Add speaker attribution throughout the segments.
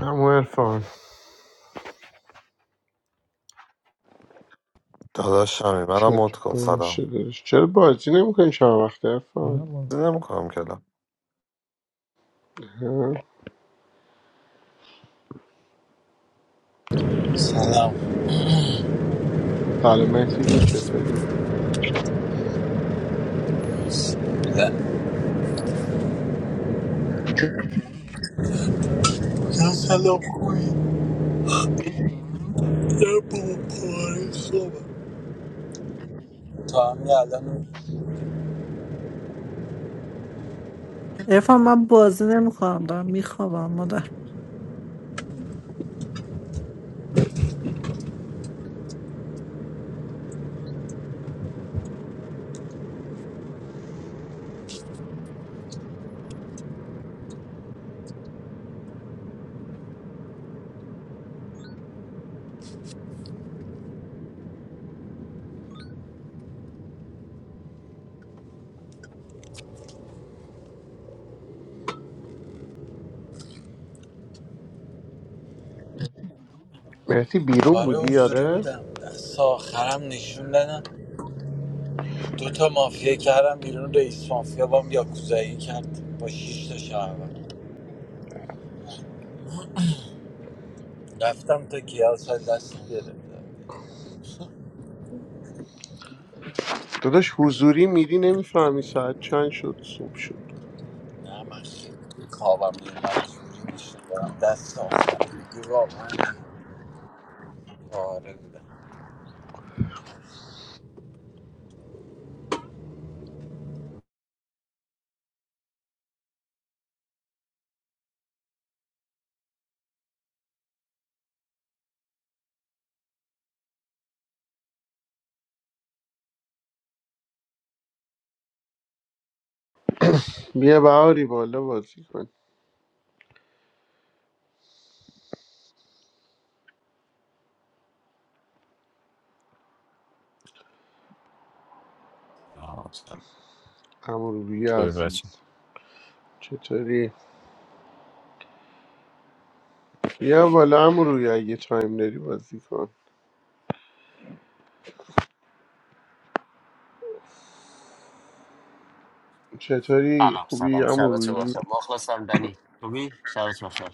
Speaker 1: همون ارفان
Speaker 2: داداشمی منم
Speaker 1: چرا
Speaker 2: مد کن سلام
Speaker 1: باشه داشت چرا بازی نمیکنی شما وقت ارفان
Speaker 2: من بازی نمیکنم کلا
Speaker 3: سلام
Speaker 1: سلام مهدی جون چطوری
Speaker 3: نه نه سلام خوبی نه بابا پاره خوبه تا همین الان
Speaker 4: عرفان من بازی نمیکنم دارم میخوابم مادر
Speaker 1: مهدی بیرون
Speaker 3: آره
Speaker 1: بودی
Speaker 3: حضوری
Speaker 1: یاره
Speaker 3: بودم دست آخرم نشون دادم دو تا مافیا کردم بیرون رئیس مافیا بام یاکوزایی کرد با شیش تا شهروند رفتم تا کیاس دست گرفتم
Speaker 1: داداش حضوری میری نمیفهمی ساعت چند شد صبح شد
Speaker 3: نه من خیلی خوابم میومد حضوری نشون دادم دست آخر دیگه واقعا دیگه آره بودم
Speaker 1: بیا بهاری بالا بازی کن
Speaker 5: آه،
Speaker 1: امروی
Speaker 5: خوبه بچه
Speaker 1: عزیز چطوری بیا بالا امروی اگه تایم داری بازی کن چطوری
Speaker 6: سلام
Speaker 1: خوبی
Speaker 6: سلام
Speaker 1: امروی
Speaker 6: شبتون بخیر مخلصم دنی خوبی شبت بخیر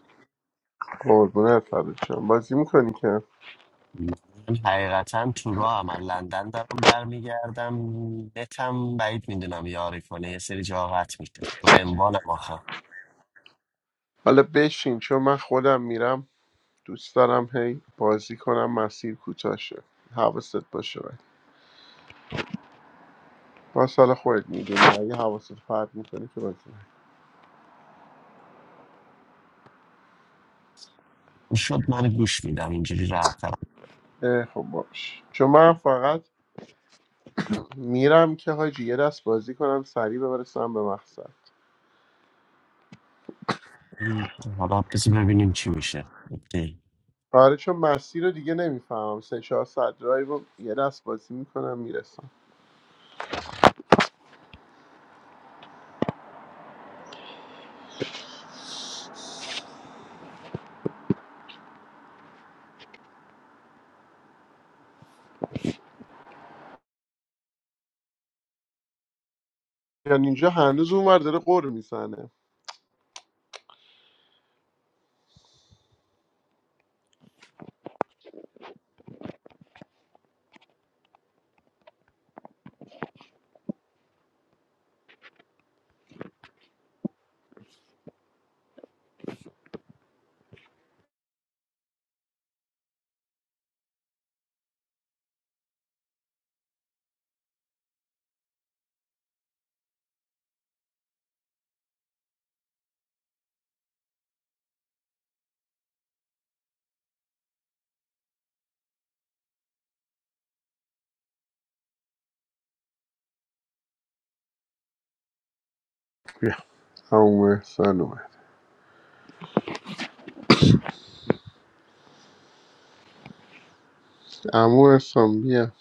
Speaker 1: قربونت فرد بازی میکنی که
Speaker 6: من حقیقتا تو راه هم لندن دارم برمیگردم نتم بعید میدونم یاری کنه یه سری جا قطع میشه تو انبانم آخه
Speaker 1: حالا بشین چون من خودم میرم دوست دارم هی بازی کنم مسیر کوتاه شه حواست باشه ولی با سال خودت میدونی اگه حواست فرد میکنی که بازی نه.
Speaker 6: شد من گوش میدم اینجوری راحت‌ترم
Speaker 1: خب باش چون من فقط میرم که حاجی یه دست بازی کنم سریع ببرسم به مقصد
Speaker 6: حالا بذار ببینیم چی میشه
Speaker 1: آره چون مسیر رو دیگه نمیفهمم سه چهار ساعت درایو رو یه دست بازی میکنم میرسم یعنی اینجا هنوز اونور داره قور میزنه بیا عمو احسان اومد عمو احسان بیا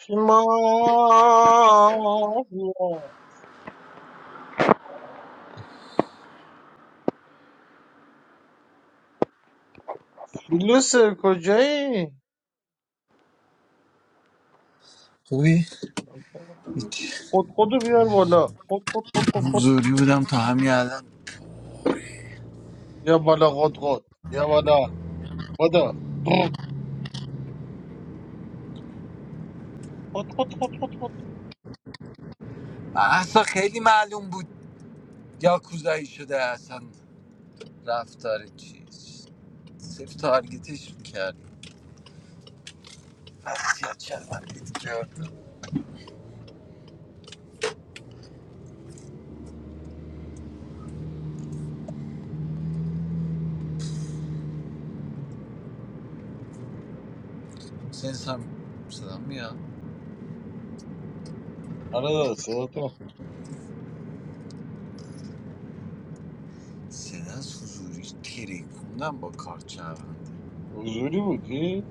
Speaker 7: شما لوسه کجایی؟
Speaker 3: خوبی؟ هیچ.
Speaker 7: خود خودو بیار بالا خود خود خود خود خود
Speaker 3: حضوری بودم تا همین الان
Speaker 7: یا بالا خود خود یا بالا خدا خود خود خود خود خود
Speaker 3: اصلا خیلی معلوم بود یاکوزایی شده اصلا رفتار چیز صرف تارگتش میکرد وضعیت شرمندید کرد سنس هم صدا میاد
Speaker 7: آره داداش، صدا
Speaker 3: سنس از حضوری تریکوندم با کارت شرمند
Speaker 7: حضوری بودی؟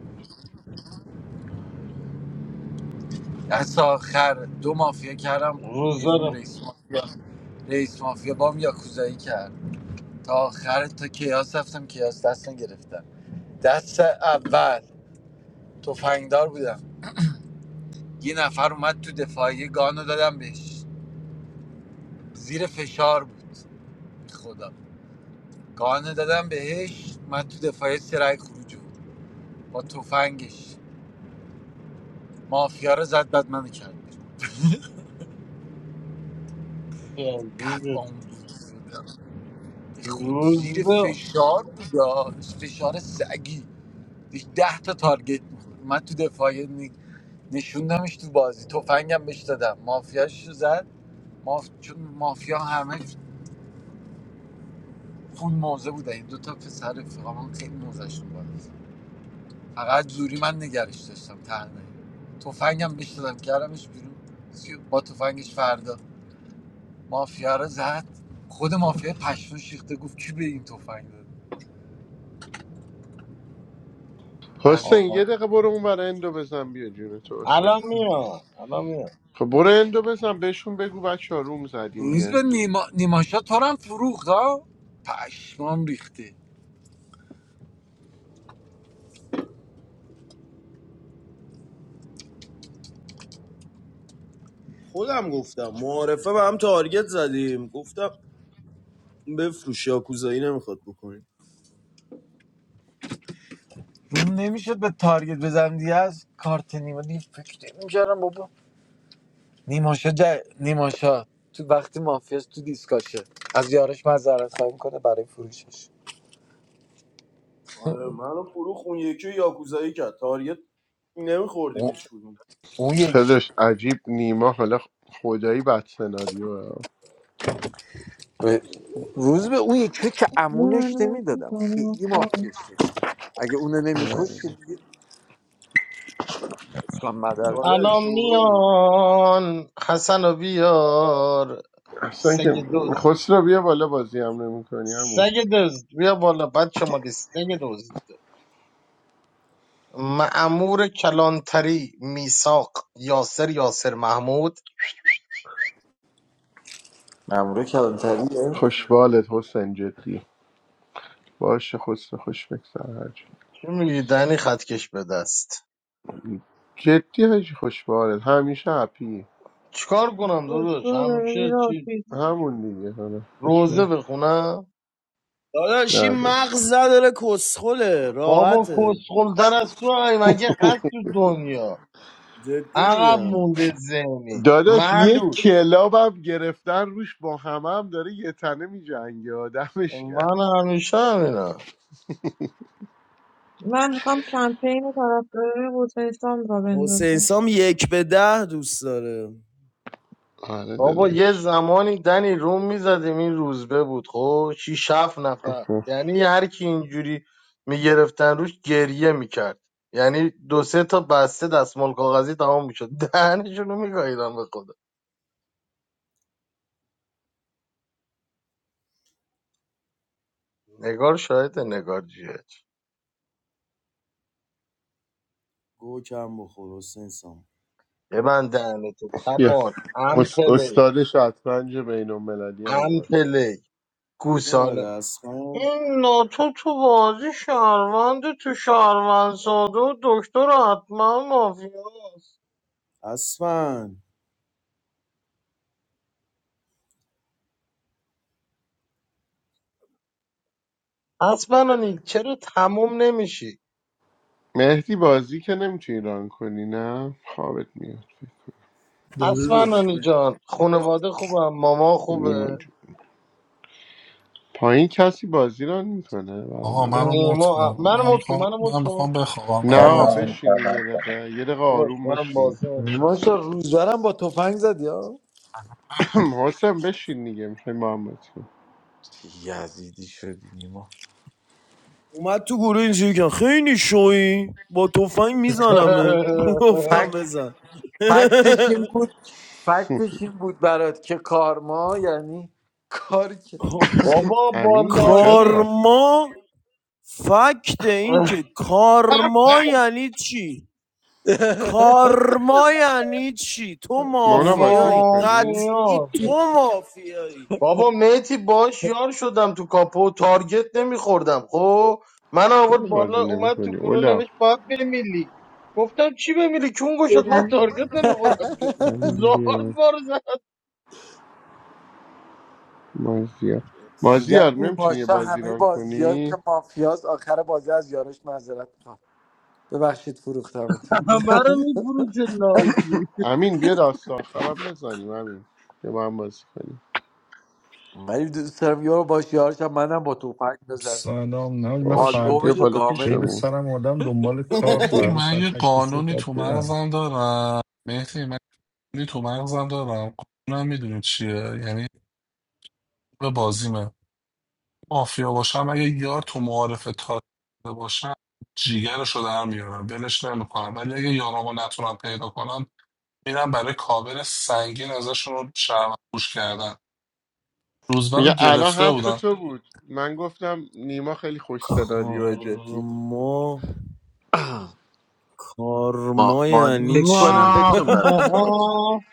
Speaker 3: از آخر دو مافیا کردم
Speaker 7: روز
Speaker 3: بیرون
Speaker 7: دارم
Speaker 3: رئیس مافیا رئیس مافیا بام یاکوزایی کرد تا آخر تا کیاس رفتم کیاس دست نگرفتم دست اول تفنگدار بودم یه نفر اومد تو دفاعی گانو دادم بهش زیر فشار بود خدا گانه دادم بهش من تو دفاعی سرعی خروج بود با تفنگش مافیا رو زد بعد منو کرد قد آن بود به خود زیر
Speaker 7: روز به
Speaker 3: فشار بود فشار سگی داشت ده تا تارگت میخورد من تو دفاعی نی- نشوندمش تو بازی تفنگم بهش دادم مافیاش رو زد ماف... چون مافیا همه خون موزه بودن این دوتا پسر رفیقامون خیلی موزشون بود فقط زوری من نگرش داشتم تنهایی تفنگم بهش دادم کردمش بیرون سی- با تفنگش فردا مافیا رو زد خود مافیا پشتون شیخته گفت کی به این تفنگ داد بعدش
Speaker 1: حسین
Speaker 7: آقا
Speaker 1: یه
Speaker 3: من-
Speaker 1: دقیقه برو اون برای اندو بزن بیا جون تو حسین.
Speaker 7: الان میان الان میان
Speaker 1: خب برو اندو بزن بهشون بگو بچه ها روم زدیم
Speaker 3: روز
Speaker 1: بیاین
Speaker 3: به نیما... نیماشا تو رو هم فروخت ها پشمام ریخته
Speaker 8: خودم گفتم معارفه به هم تارگت زدیم گفتم بفروش یاکوزایی نمیخواد بکنیم
Speaker 3: روم نمیشد به تارگت بزنم دیگه از کارت نیما دیگه فکر نمیکردم بابا نیماشا جا... نیماشا تو وقتی مافیاس تو دیسکاشه از یارش معذرت خواهی میکنه برای فروشش
Speaker 8: آره منو فروخ اون یکی یاکوزایی کرد تارگت نمیخوردیم
Speaker 3: اون,
Speaker 8: هیچ کدوم
Speaker 3: اون یکی
Speaker 1: خیلیش عجیب نیما حالا خدایی بد سناریو
Speaker 3: آره. روز به اون یکی که امونش
Speaker 9: نمی‌دونم
Speaker 3: نمیدادم
Speaker 9: می‌کنم
Speaker 3: خیلی
Speaker 9: کارم.
Speaker 3: مافیاش داشتم اگه اونو نمیکش که دیگه من مدر
Speaker 8: آره
Speaker 7: الان
Speaker 8: شورول بود
Speaker 7: میان حسن رو بیار
Speaker 1: اصلا
Speaker 7: سگ
Speaker 1: که
Speaker 7: دوز
Speaker 1: خسرو بیا بالا بازی هم نمی کنی همون
Speaker 7: سگ دوز بیا بالا بچه مالی سگ دوز معمور کلانتری میساق یاسر یاسر محمود
Speaker 3: مامورا کلانتریه
Speaker 1: خوشبالت حسین جدی باشه خسرو خوش بگذر هر جا.
Speaker 7: چی میگی دنی خطکش به دست
Speaker 1: جدی هجی خوشبالت همیشه هپی
Speaker 7: چیکار کنم داداش
Speaker 9: خسرو داره
Speaker 7: همیشه
Speaker 9: میره
Speaker 7: چی
Speaker 9: آفیس.
Speaker 1: همون دیگه حالا خوشبال
Speaker 7: روزه بخونم
Speaker 8: داداش این
Speaker 1: نه
Speaker 8: مغز داره کسخله
Speaker 7: بابا
Speaker 8: راحته
Speaker 7: کسخلتر از تو هم مگه هست تو دنیا
Speaker 8: جدی
Speaker 7: عقب
Speaker 8: میگم
Speaker 7: مونده ذهنی
Speaker 1: داداش یک
Speaker 7: معلول
Speaker 1: کلاب هم گرفتن روش با همه هم داره یه تنه می جنگه آدمش کم
Speaker 7: من همیشه همینا
Speaker 9: من میخوام کمپین طرفداری بوتنستان را
Speaker 8: حسین
Speaker 9: بندازم.
Speaker 8: سام یک به ده دوست داره
Speaker 1: آره
Speaker 7: بابا یه
Speaker 1: داداش
Speaker 7: زمانی دنی روم میزدیم این روزبه بود خب شیش هفت نفر یعنی هر کی اینجوری میگرفتن روش گریه میکرد یعنی دو سه تا بسته دستمال کاغذی تمام میشد دهنشون رو میگاهیدم به خدا نگار شاید نگار جیهچ
Speaker 8: گو کم بخور حسین سام
Speaker 7: ببند دهنتو
Speaker 1: بیا
Speaker 7: تپان
Speaker 1: اس-
Speaker 7: امپلی
Speaker 1: استادش شطرنج بین المللی هم اومد
Speaker 7: امپلی
Speaker 8: نومده
Speaker 7: گوساله
Speaker 8: اسفن
Speaker 7: این ناتو تو بازی شهروند تو شهروند ساده و دکتر حتما مافیاست
Speaker 8: اسفن
Speaker 7: اسفنانی چرا تموم نمیشی
Speaker 1: مهدی بازی که نمیتونی ران کنی نه خوابت میاد
Speaker 3: داداش
Speaker 7: اسفنانی
Speaker 3: به
Speaker 7: جان خانواده خوبه ماما
Speaker 1: نیما
Speaker 7: خوبه
Speaker 1: جون پایین کسی بازی ران میکنه
Speaker 10: آها
Speaker 7: این
Speaker 10: منو
Speaker 1: برامون
Speaker 10: مت
Speaker 7: نیما
Speaker 10: کن من
Speaker 7: منو مت کن
Speaker 10: میخوام
Speaker 7: منو مت
Speaker 10: من
Speaker 7: کن
Speaker 10: میخوام بخوابم منو
Speaker 1: نه
Speaker 10: مت کن
Speaker 11: سلام
Speaker 1: بشینین یه
Speaker 11: سلام سلام
Speaker 1: دقیقه یه دقیقه
Speaker 7: باش
Speaker 1: آروم
Speaker 7: منم
Speaker 1: باشین
Speaker 7: بازی نمی‌کنم.
Speaker 3: نیما شا روزبرم با تفنگ زد یا
Speaker 1: حسن بشین دیگه میخوای محمد کن
Speaker 3: چه یزیدی شدی نیما
Speaker 8: اومد تو گروه اینجوری که خیلی شوی با تفنگ میزنمت گفتم
Speaker 3: فکت
Speaker 8: بزن
Speaker 3: فکتش این بود فکتش این بود برات که کارما یعنی کاری که
Speaker 8: کا-
Speaker 7: بابا با
Speaker 1: امین کجا
Speaker 7: لاشی
Speaker 1: رفت
Speaker 8: کارما فکت این که کارما یعنی چی کارما یعنی چی تو
Speaker 1: مونا بازی
Speaker 8: مافیایی
Speaker 1: میکنی
Speaker 8: قطعی
Speaker 7: مافیا
Speaker 8: تو مافیایی
Speaker 7: بابا میتی باش یار شدم تو کاپو تارگت نمیخوردم خب من
Speaker 1: چرا
Speaker 7: آورد بالا
Speaker 1: بازی
Speaker 7: اومد تو
Speaker 1: نمیکنی
Speaker 7: گروه
Speaker 1: اولا
Speaker 7: نوشت باید بره میلی گفتم چی بمیری چون گشت من
Speaker 12: بدن
Speaker 7: تارگت نمیخورم که
Speaker 1: امین
Speaker 7: زارد
Speaker 1: بیا
Speaker 7: بار
Speaker 1: مازیار
Speaker 3: میگم
Speaker 1: مازیار
Speaker 3: نیما
Speaker 1: نمیتونی یه
Speaker 3: شا
Speaker 1: بازی
Speaker 3: همه
Speaker 1: ران
Speaker 3: بازی
Speaker 1: کنی
Speaker 3: که مافیاز آخر بازی از یارش معذرت ببخشید فروختمتون
Speaker 7: همه رو میفروشه نازی
Speaker 1: امین بیا داستان خراب نزنیم امین بیا با هم بازی کنیم
Speaker 3: ولی دوست دارم یار باش یارشم منم با توپک بزنم
Speaker 13: سلام نه من
Speaker 1: باش خب
Speaker 13: فردا
Speaker 1: بیا
Speaker 3: آلبومش رو
Speaker 1: بالا
Speaker 3: کامل
Speaker 13: غیر
Speaker 3: کنم
Speaker 1: پیشمون
Speaker 13: سرم آدم دنبال کار
Speaker 10: مهدی
Speaker 1: ماشیه
Speaker 13: فردا
Speaker 10: من
Speaker 13: ساعت
Speaker 10: یه
Speaker 13: هشت صبح
Speaker 10: قانونی
Speaker 13: باید
Speaker 10: تو
Speaker 13: برم
Speaker 10: مغزم دارم مهدی من یه قانونی تو مغزم دارم قانونم میدونی چیه یعنی به بازیمه مافیا باشم اگه یار تو معارف تا باشم جیگرشو در میارم ولش نمیکنم ولی اگه یارامو نتونم پیدا کنم میرم برای کاور سنگین ازشون رو شرم پوش کردن روزبه رو
Speaker 1: میگه الان
Speaker 10: گرفته
Speaker 1: حرف
Speaker 10: بودم
Speaker 1: تو بود من گفتم نیما خیلی خوش سناریو جدی
Speaker 8: کارما
Speaker 3: ما
Speaker 8: کارما
Speaker 3: مانی
Speaker 8: یعنی
Speaker 3: فکر
Speaker 8: چی
Speaker 3: کنم بتون
Speaker 7: زخمه
Speaker 3: براتون بازی رو.
Speaker 7: ها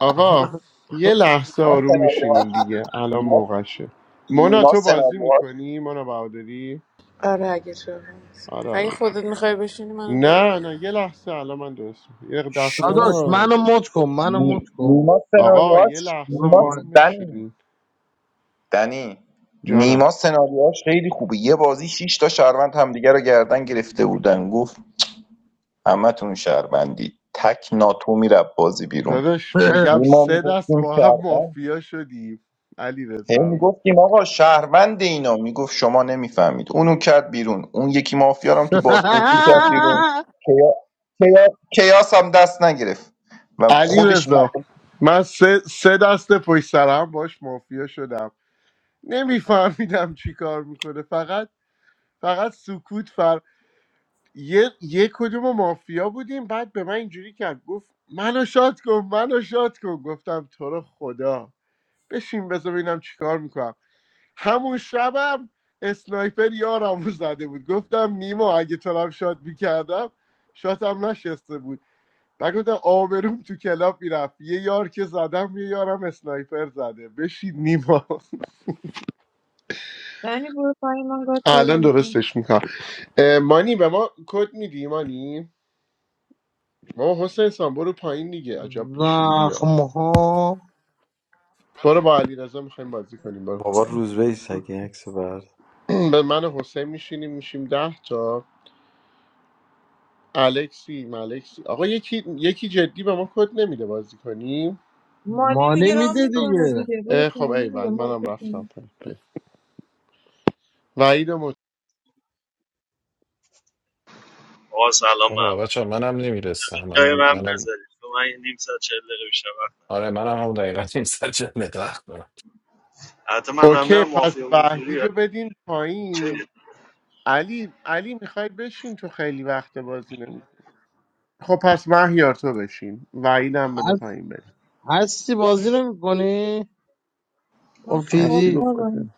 Speaker 1: آقا یه لحظه
Speaker 11: ما
Speaker 1: آروم
Speaker 11: سناریوهاش
Speaker 1: میشینین دیگه الان
Speaker 11: نیما
Speaker 1: موقعشه مونا
Speaker 11: نیما
Speaker 1: تو بازی
Speaker 11: سناریوهاش
Speaker 1: میکنی مونا بهادری آره آره
Speaker 12: اگه
Speaker 1: اوکی.
Speaker 12: خودت میخوای بشینی منو بیار
Speaker 1: نه
Speaker 12: بالا.
Speaker 1: نه یه لحظه الان من درست می‌کنم. یه دقیقه دست به
Speaker 7: داداش
Speaker 1: دست
Speaker 8: شونا
Speaker 7: منو
Speaker 1: نزن
Speaker 7: مت کن منو مت
Speaker 11: نی-
Speaker 7: کن
Speaker 11: نیما
Speaker 1: آقا یه
Speaker 11: سناریوهاش
Speaker 1: لحظه
Speaker 7: برو
Speaker 11: نیما
Speaker 1: آروم
Speaker 7: پایین
Speaker 11: دنی
Speaker 1: بشینین
Speaker 11: دنی
Speaker 1: جانم
Speaker 11: نیما سناریوهاش خیلی خوبه یه بازی شیش تا شهروند همدیگه رو گردن گرفته بودن گفت همتون شهروندی تک ناتو میره بازی بیرون
Speaker 1: داداش میگم
Speaker 11: نیما
Speaker 1: سه دست
Speaker 11: میگفتیم
Speaker 1: با هم
Speaker 11: شهروند
Speaker 1: مافیا شدیم علی
Speaker 11: هی
Speaker 1: رضا
Speaker 11: میگفتیم آقا شهروند اینا میگفت شما نمیفهمید اونو کرد بیرون اون یکی مافیارم تو بازپرسی کرد بیرون کیا... کیا... کیاس هم دست نگرفت و
Speaker 1: علی
Speaker 11: خودش
Speaker 1: رضا
Speaker 11: م-
Speaker 1: من سه, سه دست پشت سر هم باش مافیا شدم نمیفهمیدم چی کار میکنه فقط فقط سکوت فر یه, یه کدوم مافیا بودیم بعد به من اینجوری کرد گفت منو شاد کن منو شاد کن گفتم تو رو خدا بشین بذار ببینم چی کار میکنم همون شبم اسنایپر یارمو زده بود گفتم نیما اگه ترام شات میکردم شاتم نشسته بود و گفتم آبروم تو کلاب میرفت یه یار که زدم یه یارم اسنایپر زده بشید نیما
Speaker 9: یعنی برو پایین، من گاز پیدا
Speaker 1: الان
Speaker 9: میکنم.
Speaker 1: درستش میکنم مانی به ما کد میدی مانی ما حسین سان برو پایین دیگه عجب بیشوری ها
Speaker 7: زخمه ها
Speaker 1: برو با علی رضا میخوایم بازی کنیم برو
Speaker 3: بابا
Speaker 14: چی
Speaker 3: روزبه ایست
Speaker 14: گفت
Speaker 3: اگه این عکس بر
Speaker 1: به من و حسین میشینیم میشیم ده تا الکسی ملکسی آقا یکی یکی جدی به ما کد نمیده بازی کنیم
Speaker 9: مانی
Speaker 7: مانه
Speaker 9: میگه رام
Speaker 7: میده
Speaker 9: میکنه
Speaker 7: دیگه
Speaker 9: دیگه، برو
Speaker 1: اه، خب
Speaker 9: پایین دیگه.
Speaker 1: ایول
Speaker 9: ما
Speaker 1: منم رفتم
Speaker 9: بکنیم،
Speaker 1: پی پی وحید مت...
Speaker 15: آقا سلام به
Speaker 5: آقا
Speaker 15: همه
Speaker 5: بچه منم نمیرسم
Speaker 15: جای
Speaker 5: منم
Speaker 15: من
Speaker 5: منم
Speaker 15: بذارید تو من یه نیم ساعت چهل دقیقه بیشتر وقت ندارم.
Speaker 5: آره منم هم دقیقا این سر جنت وقت دارم
Speaker 15: حتی من دارم
Speaker 1: اوکی
Speaker 15: میرم
Speaker 1: پس
Speaker 15: مافیا حضوری
Speaker 1: وحید رو بدین
Speaker 15: چه
Speaker 1: پایین
Speaker 15: بود؟
Speaker 1: علی علی میخوای بشین تو خیلی وقت بازی نمی خب پس مهیار تو بشین وحید هم بده
Speaker 7: هست-
Speaker 1: پایین بره
Speaker 7: هستی بازی نمیکنی
Speaker 9: من
Speaker 1: هستی
Speaker 7: افیدی
Speaker 1: گفت باشه.
Speaker 9: خوابم،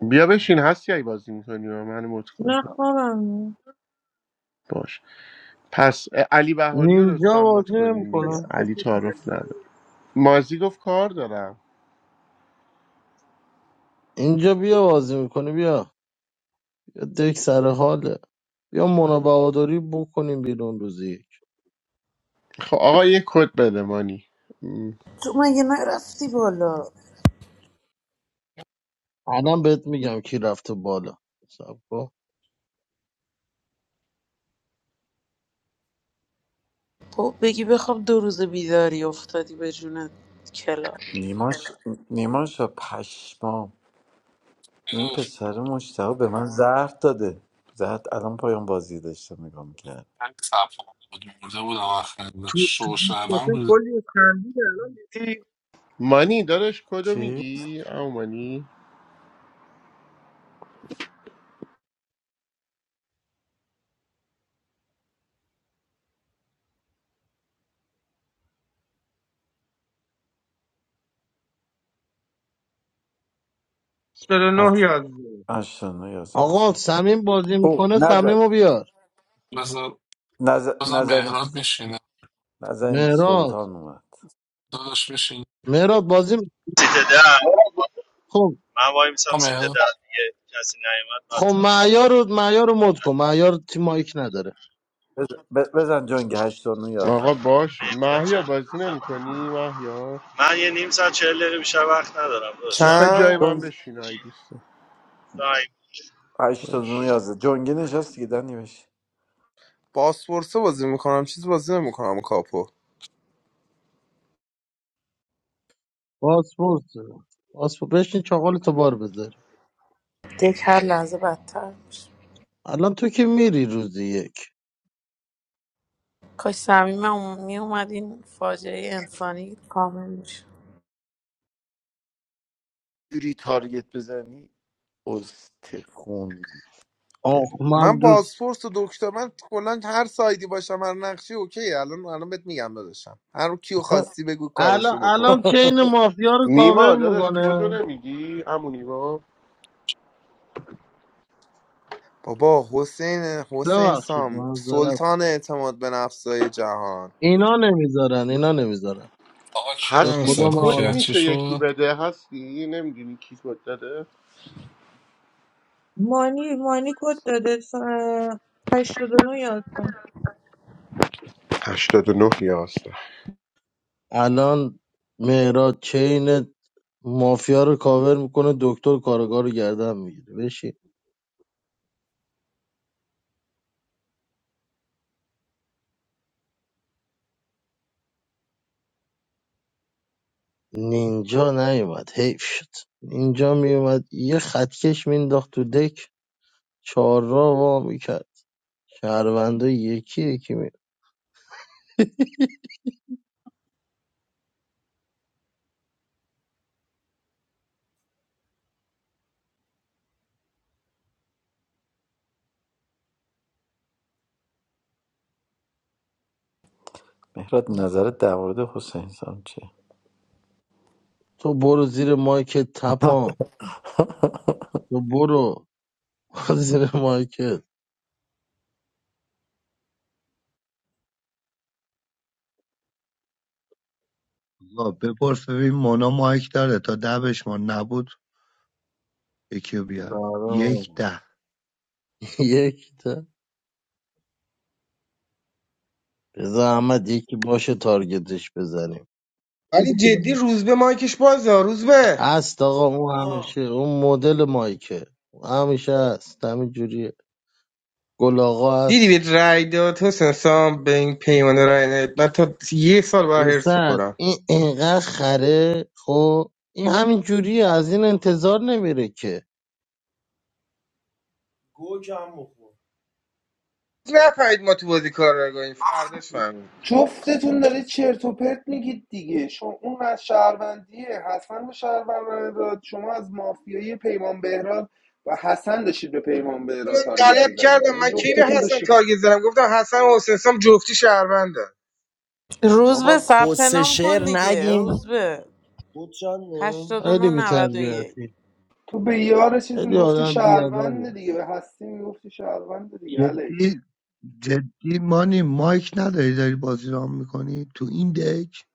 Speaker 1: بیا بشین هستی ای بازی میکنی و من مت کن
Speaker 9: نه خوابم میاد.
Speaker 1: باش پس اه، علی بهاری رو
Speaker 7: نینجا
Speaker 1: لطفا مت
Speaker 7: بازی
Speaker 1: کنین دیگه
Speaker 7: نمیکنم
Speaker 16: کسیفش
Speaker 1: علی
Speaker 16: می‌گیره
Speaker 1: تعارف
Speaker 16: بالا.
Speaker 1: نداره مازی گفت کار دارم
Speaker 7: اینجا بیا بازی میکنی بیا بیا دک سر حاله بیا مونا بهادری بکنیم بیرون روزی یک
Speaker 1: خب آقا یه کد بده مانی م.
Speaker 12: تو مگه نرفتی بالا
Speaker 7: الان بهت میگم کی رفته بالا صبر کن
Speaker 12: با بگی بخواب دو روز بیداری افتادی به جون کلا
Speaker 3: نیماش نیماش پشمام این
Speaker 10: خیلی
Speaker 3: پسر مشتاق به من زهر داده زهر الان پایان بازی داشته نگاه میکرد
Speaker 10: تفاهم بود مرده بودم آخر
Speaker 16: تو تو
Speaker 10: شو شعبم
Speaker 16: دیسکشن
Speaker 10: بود
Speaker 16: کلی خندید الان دیدی
Speaker 1: مانی داداش کدو
Speaker 3: چی؟
Speaker 1: میگی او مانی
Speaker 16: 49
Speaker 3: هفت
Speaker 16: یازده
Speaker 3: اشتانه یاسه
Speaker 7: آقا
Speaker 3: بزن
Speaker 7: سمیم بازی
Speaker 3: او
Speaker 7: میکنه سمیم
Speaker 3: نزد
Speaker 7: رو بیار
Speaker 10: بازم
Speaker 3: نظر
Speaker 10: بازم
Speaker 3: نظرین
Speaker 10: مهراد میشینه
Speaker 3: نظرین
Speaker 7: مهراد
Speaker 3: سلطان اومد
Speaker 10: داداش میشینه
Speaker 7: مهراد بازی می-
Speaker 15: سیت ده
Speaker 7: خب
Speaker 15: من وای میسم
Speaker 10: آقا
Speaker 15: سیت ده
Speaker 10: مهراد
Speaker 15: دیگه کسی نیومد بعد
Speaker 7: خب
Speaker 15: ثبت نام.
Speaker 7: معیار رو معیار رو مد کن معیار تیم مایک نداره
Speaker 3: بزن, بزن جنگ 89 11
Speaker 1: آقا باش
Speaker 15: نیم ساعت
Speaker 1: مهیار بازی
Speaker 15: چهل دقیقه بیشتر.
Speaker 1: نمیکنی مهیار
Speaker 15: من یه نیم ساعت چهل دقیقه بیشتر وقت ندارم داداش دارم
Speaker 1: میخوای
Speaker 15: میرم
Speaker 1: جای
Speaker 17: چند
Speaker 1: من
Speaker 3: جنگ
Speaker 15: مافیا
Speaker 1: بشین ای
Speaker 15: حضوری.
Speaker 1: دوستم باش
Speaker 3: 89 11 جنگی نشست دیگه دنی بشه
Speaker 17: بازپرسه بازی میکنم چیز بازی نمیکنم کاپو
Speaker 7: پاسپورت پاسپورت بشین چاقال تو بار بذاری
Speaker 12: دک هر لحظه بدتر میشه
Speaker 7: الان تو که میری روزی یک
Speaker 12: کاش صمیم میومد این فاجعه انسانی کامل میشه
Speaker 3: جوری تارگت بزنی استخون
Speaker 7: آخ
Speaker 3: بریم
Speaker 7: من
Speaker 17: من
Speaker 7: دوست
Speaker 17: بازپرس و دکتر من کلا هر سایدی باشم هر نقشی اوکی الان الان بهت میگم داداشم هر کیو خواستی بگو
Speaker 7: الان
Speaker 17: کاراشو
Speaker 7: الان
Speaker 17: بکنم
Speaker 7: چین مافیا رو کاور
Speaker 1: نیما داداش کدو
Speaker 7: میکنه
Speaker 1: نمیگی امو نیما
Speaker 17: بابا حسین حسین
Speaker 7: ببخشید
Speaker 17: سام
Speaker 7: معذرت
Speaker 17: سلطان اعتماد به نفسای جهان
Speaker 7: اینا نمیذارن اینا نمیذارن
Speaker 10: آقا کی
Speaker 7: به
Speaker 10: منو
Speaker 1: هستی
Speaker 7: خدا من
Speaker 10: صدا
Speaker 1: کد
Speaker 10: کرد
Speaker 7: الان
Speaker 10: چی
Speaker 1: میشه
Speaker 10: شد
Speaker 1: یکی بده هستی نمیدونی کی کد داده
Speaker 9: مانی مانی کد داده س- اه، هشتاد و نه یازده،
Speaker 1: هشتاد و نه یا هست
Speaker 7: الان مهراد چین مافیا رو کاور میکنه دکتر کارگاه رو گردن میگیره بشین نینجا نیومد حیف شد نینجا میومد یه خطکش مینداخت تو دک چهار را وا میکرد شهرونده یکی یکی می
Speaker 3: مهرات نظرت در مورد حسین سام چیه
Speaker 7: تو برو زیر مایکت تپان تو برو زیر مایکت
Speaker 18: آقا بپرس ببین مونا مایک داره تا ده بشمار نبود یکی رو بیار یک
Speaker 7: برام.
Speaker 18: ده
Speaker 7: یک تا بذار احمد یکی باشه تارگتش بزنیم
Speaker 16: ولی جدی روزبه مایکش بازه روزبه
Speaker 7: هست آقا اون
Speaker 8: آه
Speaker 7: همیشه اون مدل مایکه اون همیشه هست همین جوریه گل آقا
Speaker 16: دیدی بهت
Speaker 7: هست
Speaker 16: رای داد حسین سام به این پیمان رای نداد. من تا یه سال برای هرس
Speaker 7: پسر
Speaker 16: بخورم
Speaker 7: این انقدر خره خب این همین جوریه از این انتظار نمیره که
Speaker 8: گوگم بخور.
Speaker 16: نفهمید ما تو بازی کار رو نگاهیم فرداش فهمید
Speaker 17: جفتتون داره چرت و پرت میگید دیگه شما اون از شهروندیه حسن به شهروند داد شما از مافیای پیمان بهراد و حسن داشتید به پیمان
Speaker 16: من
Speaker 17: بهراد تارگت
Speaker 16: غلط
Speaker 17: میزدید
Speaker 16: کردم
Speaker 17: یعنی
Speaker 16: من کی به
Speaker 17: جفتتون
Speaker 16: حسن
Speaker 17: داشتید
Speaker 16: تارگت زدم گفتم حسن و حسین سام جفتی شهروندن
Speaker 12: روز به
Speaker 8: بابا
Speaker 12: ثبت
Speaker 8: کس
Speaker 12: نام کن
Speaker 8: شعر
Speaker 12: دیگه
Speaker 8: نگیم
Speaker 12: روز به
Speaker 8: بود چنده؟
Speaker 7: خیلی
Speaker 12: 89 91
Speaker 7: بی‌تربیتی
Speaker 17: تو به یار چیز
Speaker 7: خیلی
Speaker 17: میگفتی
Speaker 7: آدم بیادبی
Speaker 17: شهروند دیگه
Speaker 7: است
Speaker 17: به هستی میگفتی شهروند دیگه الکس
Speaker 18: جدی جدی مانی مایک نداری داری بازی رام میکنی تو این دک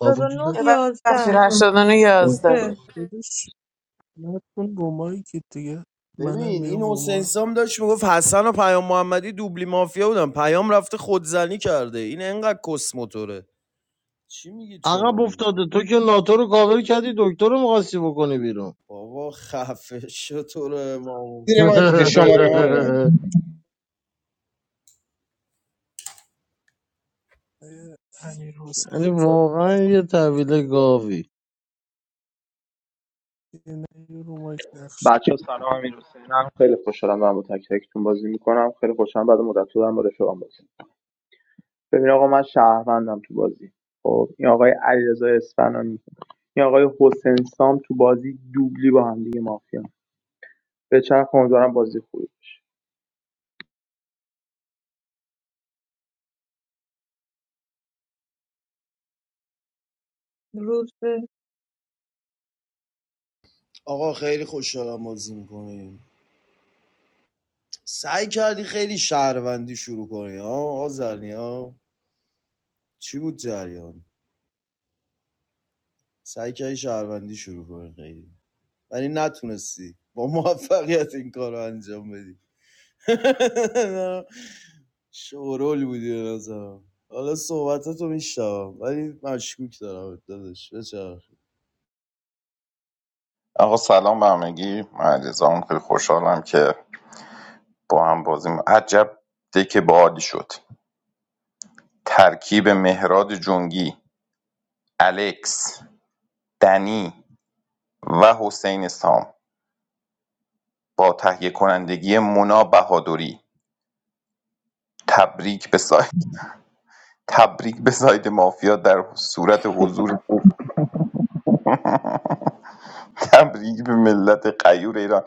Speaker 18: با
Speaker 9: و
Speaker 18: وجود
Speaker 9: نه
Speaker 12: ببخشید
Speaker 9: یازده.
Speaker 12: 89
Speaker 18: خود
Speaker 12: یازده
Speaker 9: روزه
Speaker 14: داداش نکن رو مایکت دیگه منم
Speaker 8: ببین این
Speaker 14: بیام رو
Speaker 8: حسین
Speaker 14: مایک
Speaker 8: سام داشت میگفت حسن و پیام محمدی دوبلی مافیا بودن پیام رفته خودزنی کرده این انقدر کس موتوره چی میگید
Speaker 7: عقب
Speaker 8: شما دیگه؟
Speaker 7: افتاده تو که ناتو رو کاور کردی دکتر رو میخواستی بکنی بیرون
Speaker 8: بابا خفه شو تو رو امام.
Speaker 16: زیر مایکتون شماره ها اومد
Speaker 14: آیه امیر حسین
Speaker 7: یعنی
Speaker 14: بفهم
Speaker 7: واقعا یه تحویل گاوی
Speaker 14: دیگه نه یه رو مایک نقش
Speaker 19: بچه سلام امیر حسینم خیلی خوشحالم دارم با تک تکتون بازی میکنم خیلی خوشحالم بعد مدت دارم با رفیقام بازی می‌کنم. ببین آقا من شهروندم تو بازی خب این آقای علیرضا اصفهانی این آقای حسین سام تو بازی دوبلی با هم دیگه مافیا به چرخ امیدوارم بازی خوبی باشه.
Speaker 9: روزه
Speaker 8: آقا خیلی خوشحالم بازی میکنیم سعی کردی خیلی شهروندی شروع کنی ها آقا زرنی ها چی بود جریان سعی کردی شهروندی شروع کنی خیلی ولی نتونستی با موفقیت این کار رو انجام بدی شورول بودی به نظرم حالا صحبتتو میشتم ولی مشکوک دارم دادش بچه
Speaker 11: آقا سلام به همگی من علیرضام. خیلی خوشحالم که با هم بازی م- عجب دک بادی شد ترکیب مهراد جنگی الکس دنی و حسین سام با تهیه کنندگی مونا بهادری تبریک به سایت تبریک به سایت مافیا در صورت حضور تبریک به ملت غیور ایران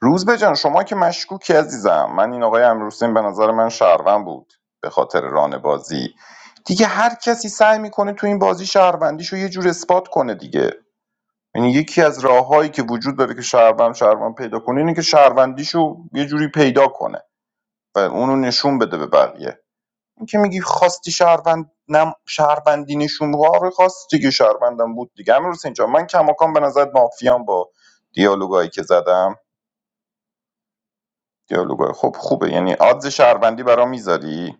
Speaker 11: روزبه جان شما که مشکوکی عزیزم من این آقای امروسین به نظر من شهروند بود به خاطر ران بازی دیگه هر کسی سعی میکنه تو این بازی شهروندیشو یه جور اثبات کنه دیگه یعنی یکی از راههایی که وجود داره که شهروند شهروند پیدا کنه اینه که شهروندیشو یه جوری پیدا کنه و اونو نشون بده به بقیه این که میگی خواستی شهروند نم شهروندی نشون بده. آره خواستی که شهروندم بود دیگه امیر حسین جان من کماکان به نظر مافیام با دیالوگایی که زدم دیالوگای خب خوبه یعنی آدز شهروندی برام میذاری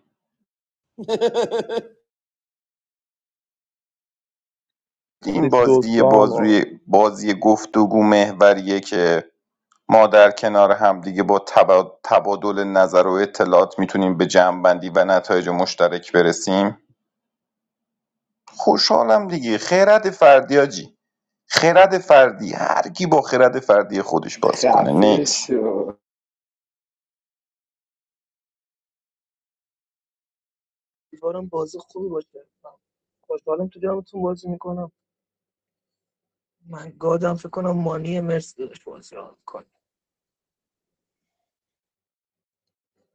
Speaker 11: این
Speaker 19: خیلی سوسو
Speaker 11: بازی
Speaker 19: هم واقعا
Speaker 11: بازوی بازی گفتگو محوریه که ما در کنار هم دیگه با تبا- تبادل نظر و اطلاعات میتونیم به جمعبندی و نتایج مشترک برسیم خوشحالم دیگه خیرت فردیاجی خرد فردی هر کی با خرد فردی خودش بازی کنه
Speaker 17: خفه
Speaker 11: نکس
Speaker 17: شو
Speaker 20: امیدوارم بازی خوبی باشه من خوشحالم تو جمعتون بازی میکنم من گادم فکر کنم مانی مرسی داشت بازی رو میکنم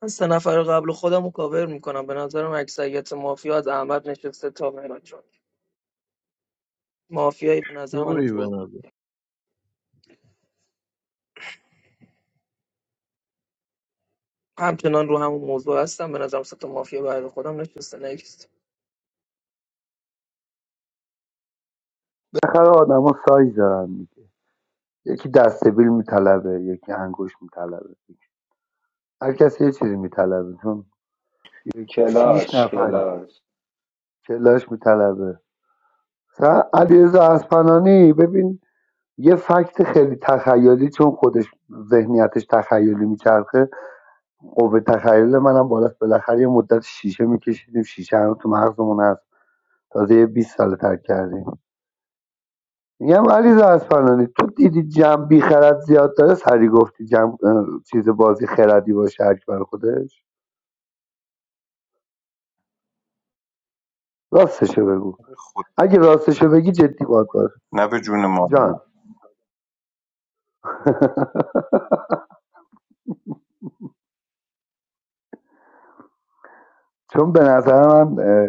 Speaker 20: من سه نفر قبل خودم رو کاور میکنم به نظرم اکثریت مافیا از احمد نشسته تا مهران جان مافیایی به نظر من
Speaker 7: یوی
Speaker 20: تو
Speaker 7: بنده
Speaker 20: همچنان رو همون موضوع هستم به نظرم سه تا مافیا بعد خودم نشسته نیست
Speaker 18: بالاخره آدما سایز دارن دیگه یکی دستبیل میطلبه یکی انگوش میطلبه هر کسی یه چیزی میطلبه چون یک- شیش
Speaker 17: کلاش
Speaker 18: نفر
Speaker 17: کلاش
Speaker 18: کلاش میطلبه مثلا علیرضا اصفهانی ببین یه فکت خیلی تخیلی چون خودش ذهنیتش تخیلی میچرخه قوه تخیل منم بالاست بالاخره یه مدت شیشه میکشیدیم شیشه هم تو مغزمون هست تازه یه 20 سال ترک کردیم میگم علی اصفهانی تو دیدی جمع بی خرد زیاد داره سری گفتی جمع اه، چیز بازی خردی باشه هر کی برای خودش راستشو بگو
Speaker 11: خود
Speaker 18: اگه راستشو بگی جدی باید باز
Speaker 11: نه به جون ما
Speaker 18: جان چون به نظر من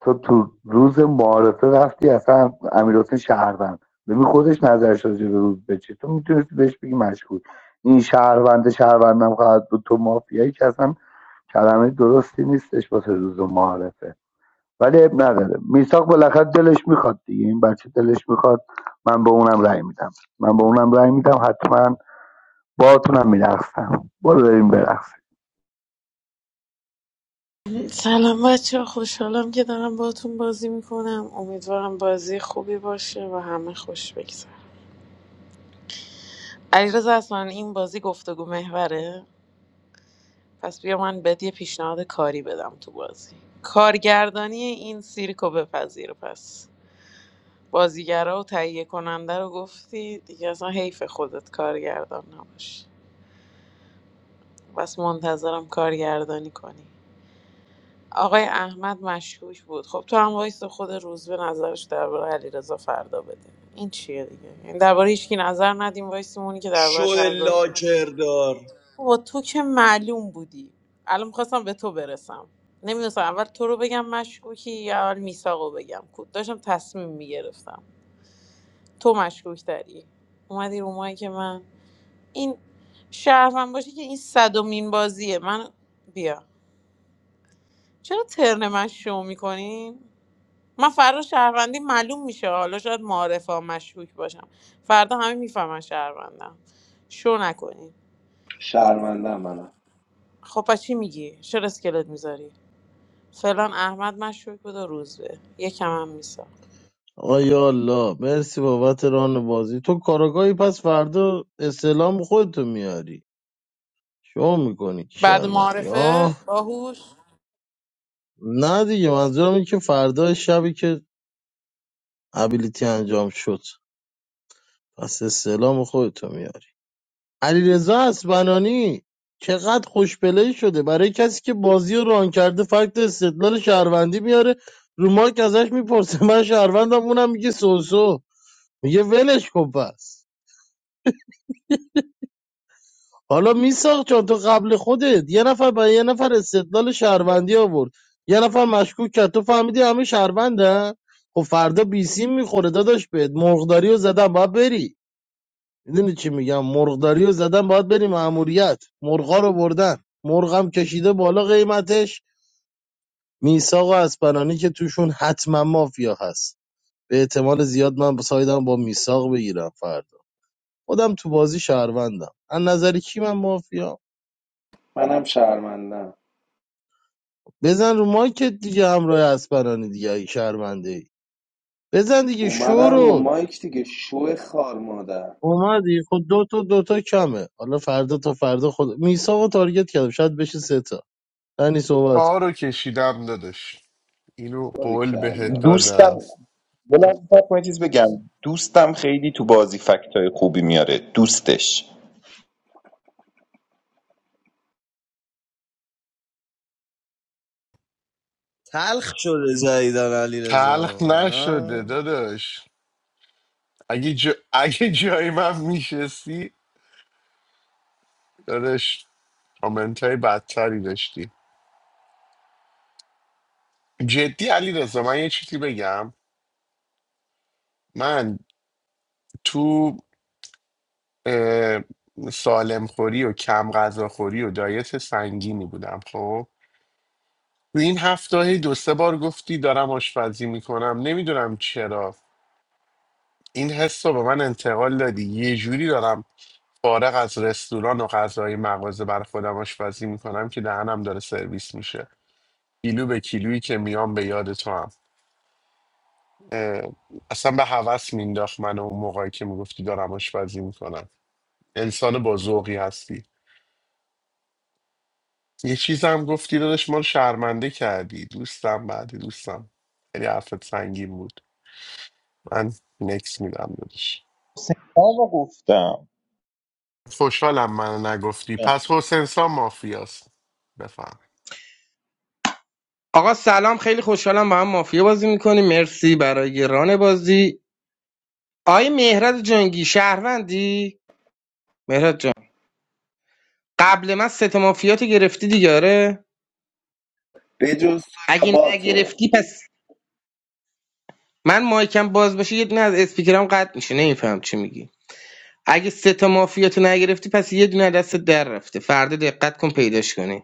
Speaker 18: تو تو روز معارفه رفتی اصلا امیرحسین شهروند ببین خودش نظرش راجع به روز به چیه. تو میتونستی بهش بگی مشکوک این شهروند شهروندم خواهد بود تو مافیایی که اصلا کلمه درستی نیستش واسه روز معارفه ولی اب نداره میساق بالاخره دلش میخواد دیگه این بچه دلش میخواد من به اونم رأی میدم من به اونم رأی میدم حتما باهاتونم میرقصم برو بریم برقصیم
Speaker 12: سلام بچه خوشحالم که دارم باهاتون بازی میکنم امیدوارم بازی خوبی باشه و همه خوش بگذره علیرضا اصلا این بازی گفتگو محوره پس بیا من بهت یه پیشنهاد کاری بدم تو بازی کارگردانی این سیرکو بپذیر پس بازیگرا و تهیه کننده رو گفتی دیگه اصلا حیف خودت کارگردان نباشی بس منتظرم کارگردانی کنی آقای احمد مشکوک بود خب تو هم وایس خود روز به نظرش درباره علیرضا فردا بده این چیه دیگه یعنی درباره هیچکی نظر ندیم وایسیمونی که
Speaker 8: شد
Speaker 12: دربارش هر دو
Speaker 8: لاکردار
Speaker 12: با تو که معلوم بودی الان میخواستم به تو برسم نمیدونستم اول تو رو بگم مشکوکی یا اول میساقو بگم کو- داشتم تصمیم میگرفتم تو مشکوک تری اومدی رو مایی که من این شهرون باشه که این صدومین بازیه من بیا چرا ترن من شو میکنین من فردا شهروندی معلوم میشه حالا شاید معارفه ها مشکوک باشم فردا همه میفهمن شهروندم شو نکنین
Speaker 17: شرمندم منم
Speaker 12: خب پس چی میگی چرا اسکلت میذاری فلان احمد مشکوک بود و روزبه یکم هم میسا
Speaker 7: آیا الله مرسی بابت ران بازی تو کاراگاهی پس فردا استعلام خودتو میاری شو میکنی
Speaker 12: بعد
Speaker 7: شرمنده
Speaker 12: معارفه باهوش
Speaker 7: نه دیگه منظورم اینه که فردا شبی که ابیلیتی انجام شد پس استعلام خودتو میاری علیرضا اسبنانی چقدر خوشپلی شده برای کسی که بازی رو ران کرده فکت استدلال شهروندی میاره رو مارک ازش میپرسه من شهروندم اونم میگه سوسو میگه ولش کن پس حالا میساق جان تو قبل خودت یه نفر با یه نفر استدلال شهروندی آورد یه نفر مشکوک کرد تو فهمیدی همه شهروندن خب فردا بیسیم میخوره داداش بهت مرغداری رو زدن باید بری میدونی چی میگم مرغداری رو زدن باید بری ماموریت مرغا رو بردن مرغم کشیده بالا قیمتش میساق و اسپنانی که توشون حتما مافیا هست به احتمال زیاد من سایدم با میساق بگیرم فردا خودم تو بازی شهروندم از نظر کی من مافیا
Speaker 17: منم شرمندم
Speaker 7: بزن رو مایکت دیگه همراه اسپرانی دیگه اگه شرمنده ای بزن دیگه
Speaker 17: اومدم رو
Speaker 7: شورون
Speaker 17: مایک دیگه شو خار مادر
Speaker 7: اومدی خود دو تا دو تا کمه حالا فردا تا فردا خود میساق و تارگت کردم شاید بشه سه تا دنی صحبت کن.
Speaker 1: کارو کشیدم داداش اینو قول بهت
Speaker 17: باریکلا
Speaker 11: دوستم
Speaker 1: دادم
Speaker 11: یه لحظه صبر کن، یه چیز بگم دوستم خیلی تو بازی فکتای خوبی میاره دوستش
Speaker 8: تلخ شده جدیدن علی
Speaker 1: تلخ
Speaker 8: رزا
Speaker 1: نشده
Speaker 8: نه
Speaker 1: داداش اگه, جا... اگه جای من میشستی داداش کامنت های بدتری داشتی جدی علی رضا من یه چیزی بگم من تو اه، سالم خوری و کم غذا خوری و دایت سنگینی بودم خب تو این هفته هی دو سه بار گفتی دارم آشپزی میکنم نمیدونم چرا این حس رو به من انتقال دادی یه جوری دارم فارغ از رستوران و غذای مغازه بر خودم آشپزی میکنم که دهنم داره سرویس میشه کیلو به کیلویی که میام به یاد تو هم اه، اصلا به هوس مینداخت من اون موقعی که میگفتی دارم آشپزی میکنم انسان با ذوقی هستی یه چیزم گفتی داداش ما رو شرمنده کردی دوستم بعدی دوستم خیلی حرفت سنگین بود من نکس میدم داداش
Speaker 11: حسین رو گفتم
Speaker 1: خوشحالم منو نگفتی پس حسین سام مافیاست بفهم
Speaker 16: آقا سلام خیلی خوشحالم با هم مافیا بازی میکنیم مرسی برای ران بازی آقای مهراد جنگی شهروندی مهراد جان قبل من سه تا مافیاتو گرفتی دیگه آره
Speaker 17: بجز تو یا
Speaker 16: اگه
Speaker 17: با تو
Speaker 16: نگرفتی پس من مایکم باز باشه یه دونه از اسپیکرام قطع میشه نمیفهم چی میگی اگه سه تا مافیاتو نگرفتی پس یه دونه از دستت در رفته فردا دقت کن پیداش کنی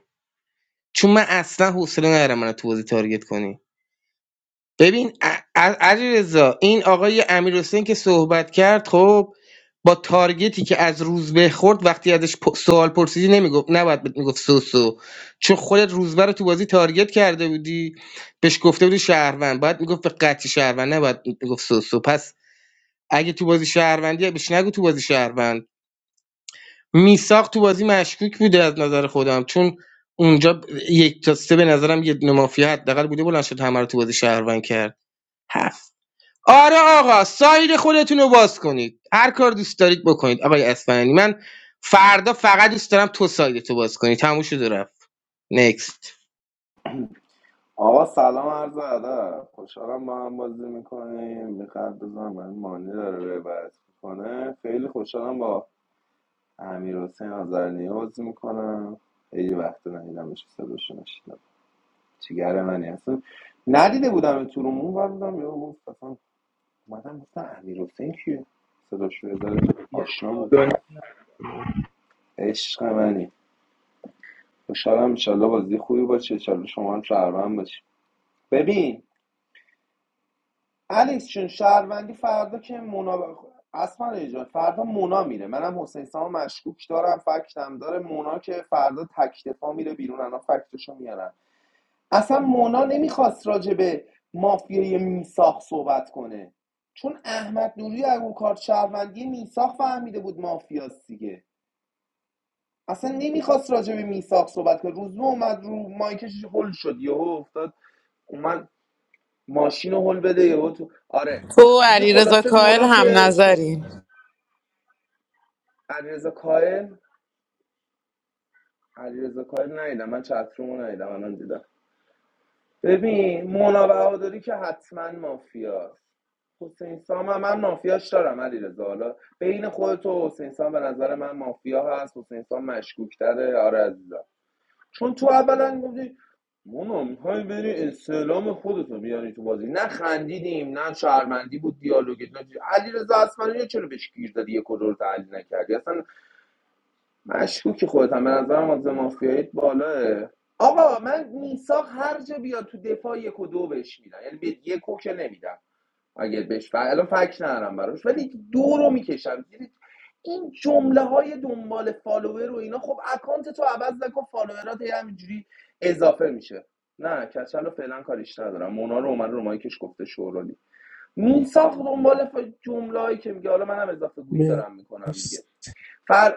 Speaker 16: چون من اصلا حوصله ندارم منو تو بازی تارگت کنی ببین علی رضا این آقای امیر که صحبت کرد خب با تارگتی که از روزبه خورد وقتی ازش پ- سوال پرسیدی نمیگفت نباید بهت میگفت سوسو چون خودت روزبه رو تو بازی تارگت کرده بودی بهش گفته بودی شهروند باید میگفت به قطعی شهروند نباید میگفت سوسو پس اگه تو بازی شهروندی بهش نگو تو بازی شهروند میساق تو بازی مشکوک بوده از نظر خودم چون اونجا یک تا سه به نظرم یه دونه مافیا حداقل بوده بلند شد همه رو تو بازی شهروند کرد آره آقا ساید خودتون رو باز کنید هر کار دوست دارید بکنید آقای اسفنانی من فردا فقط دوست دارم تو سایدتو باز کنی تموم شد و رفت نکست
Speaker 17: آقا سلام عرض ادب خوشحالم با هم بازی میکنیم میخواد بزنم من مانی داره ربط میکنه خیلی خوشحالم با امیر حسین آزرنیا بازی میکنم خیلی وقت ندیدمش صداشو نشیدم جیگر منی اصلا ندیده بودم تو رومون و بودم یا گفت اصلا اومدم گفتم امیر حسین کیه صداشو یه ذره
Speaker 19: یه
Speaker 17: آشنا بود
Speaker 19: سال
Speaker 17: عشق منی خوشحالم انشالله بازی خوبی باشه انشالله شما هم شهروند باشی ببین الکس چون شهروندی فردا که مونا ب- اصلا ایجاد فردا مونا میره منم حسین سام مشکوک دارم فکتم داره مونا که فردا تک دفاع میره بیرون الان فکتشو میارم اصلا مونا نمیخواست راجع به مافیای میساخ صحبت کنه چون احمد نوری از اون کارت شهروندی میساخ فهمیده بود مافیاست دیگه اصلا نمیخواست راجع به میساخ صحبت کنه روز اومد رو مایکش هل شد یهو افتاد اومد ماشین رو هل بده یهو تو آره
Speaker 12: تو و
Speaker 17: دیگه
Speaker 12: علیرضا
Speaker 17: خلاصه
Speaker 12: کاهل
Speaker 17: مونا
Speaker 12: هم
Speaker 17: که شو...
Speaker 12: نظرین
Speaker 17: علیرضا کاهن علیرضا کاهن ندیدم من چترومو ندیدم الان دیدم ببین مونا بهادری که حتما مافیاست حسین سام هم من مافیاش دارم علی حالا بین خودت و حسین سام به نظر من مافیا هست حسین سام مشکوکتره آره عزیزم چون تو اولا گفتی مونا میخوای بری استعلام خودتو بیاری تو بازی نه خندیدیم نه شرمندی بود دیالوگت نه علی رضا اصلا چرا بهش گیر دادی یه کدور تحلیل نکردی اصلا مشکوکی خودت هم به نظرم از مافیایی بالاه آقا من میساق هر جا بیاد تو دفاع یک و دو بهش میدم یعنی به یک و که نمیدم اگه بهش ف... الان فکر ندارم براش ولی دو رو میکشم این جمله های دنبال فالوور و اینا خب اکانت تو عوض نکن فالوورات هی همینجوری اضافه میشه نه کچل رو فعلا کاریش ندارم مونا رو اومد رو مایکش گفته شورالی میساق دنبال ف... جمله هایی که میگه حالا منم اضافه گویی دارم میکنم دیگه
Speaker 14: مرس-
Speaker 17: فر...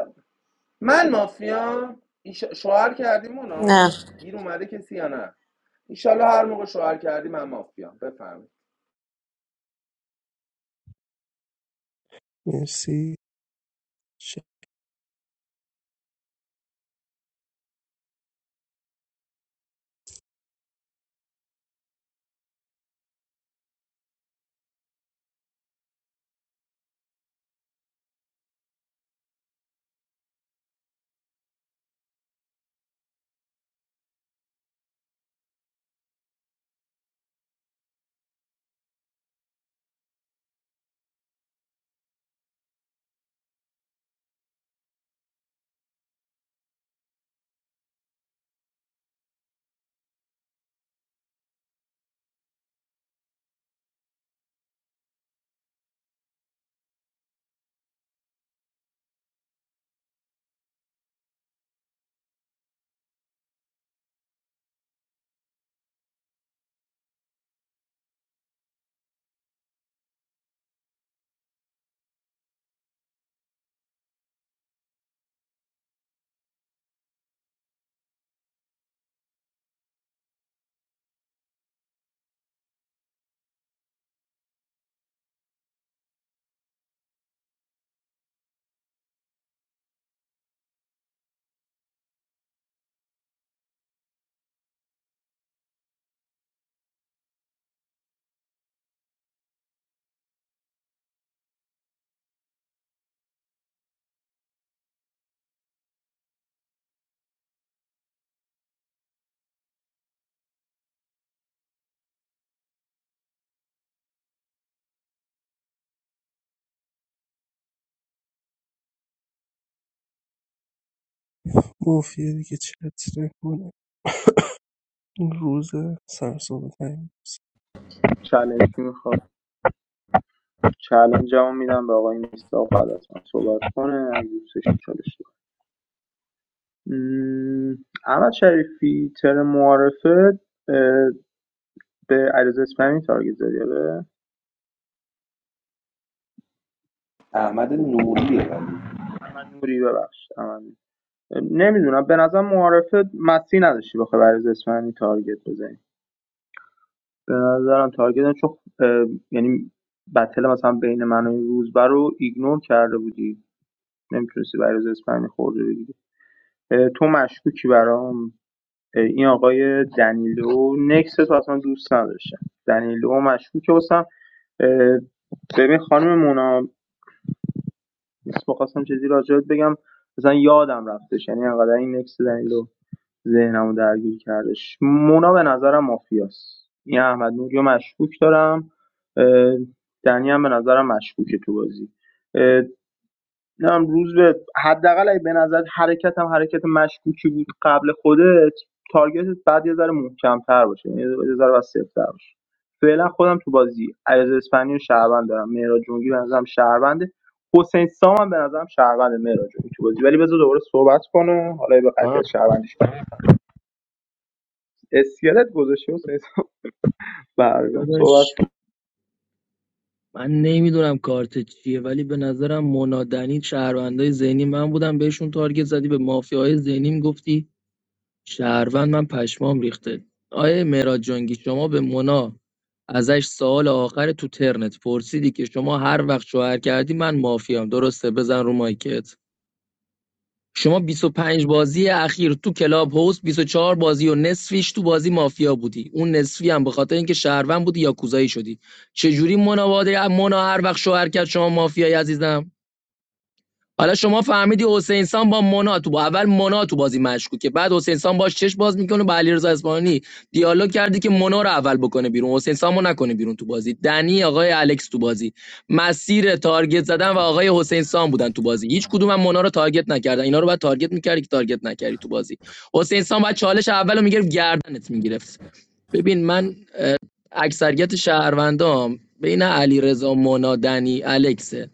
Speaker 17: من مافیا ایش... شوهر کردیم
Speaker 12: نه
Speaker 17: اونا گیر اومده کسی یا نه ایشالا هر موقع شوهر کردیم من مافیا بفهمید
Speaker 14: مرسی چه مافیه دیگه چت نکنه این روز سرسام تایم
Speaker 19: چالش میخواد چالش هم میدم به آقای میساق بعد از من صحبت کنه اگه دوستش چالش داره. م، احمد شریفی تر معارفه به علیرضا اسپانی تارگت زدی آره
Speaker 17: احمد نوریه ولی
Speaker 19: من نوری ببخشید من نمیدونم به نظر معارفه مسی نداشتی بخوای به علیرضا اسپانی تارگت بزنی به نظرم تارگت هم چون اه، یعنی بتل مثلا بین من و این رو ایگنور کرده بودی نمیتونستی برای علیرضا اسپانی خورده بگیری تو مشکوکی برام این آقای دنیلو نکس تو اصلا دوست نداشتم دنیلو مشکوکه واسم اه، ببین خانم مونا نیست میخواستم چیزی راجعت بگم مثلا یادم رفتش یعنی انقدر این نکس دنیلو ذهنمو درگیر کردش مونا به نظرم مافیاست این احمد نوری رو مشکوک دارم دنی هم به نظرم مشکوکه تو بازی نمیدونم روز به حداقل اگه به نظر حرکت هم حرکت مشکوکی بود قبل خودت تارگتت بعد یه ذره محکمتر باشه یعنی یه ذره سفت‌تر باشه فعلا خودم تو بازی عرض اسپانی و شهروند دارم مهراد جونگی به نظرم شهرونده حسین سام هم به نظرم شهرونده مهراد جونگی تو بازی ولی بذار دوباره صحبت کنه حالا به
Speaker 1: به
Speaker 19: قطعیت
Speaker 1: به.
Speaker 19: شهروندیش برس اسکلت گذاشته حسین سام برگم صحبت
Speaker 20: داداش من نمیدونم کارت چیه ولی به نظرم منادنی شهروندای ذهنی من بودم بهشون تارگت زدی به مافیاهای ذهنیم گفتی شهروند من پشمام ریخته آیه مهراد جنگی شما به مونا ازش سوال آخر تو ترنت پرسیدی که شما هر وقت شوهر کردی من مافیام درسته بزن رو مایکت شما 25 بازی اخیر تو کلاب هوس 24 بازی و نصفیش تو بازی مافیا بودی اون نصفی هم به خاطر اینکه شهروند بودی یا کوزایی شدی چجوری مونا واده مونا هر وقت شوهر کرد شما مافیایی عزیزم حالا شما فهمیدی حسین سان با مونا تو با اول مونا تو بازی مشکوکه که بعد حسین سان باش چش باز میکنه با علیرضا اصفهانی دیالوگ کردی که مونا رو اول بکنه بیرون حسین سامو نکنه بیرون تو بازی دنی آقای الکس تو بازی مسیر تارگت زدن و آقای حسین سان بودن تو بازی هیچ کدوم هم مونا رو تارگت نکردن اینا رو بعد تارگت میکردی که تارگت نکردی تو بازی حسین سان بعد چالش اولو میگرفت گردنت میگرفت ببین من اکثریت شهروندام بین علیرضا مونا دنی الکسه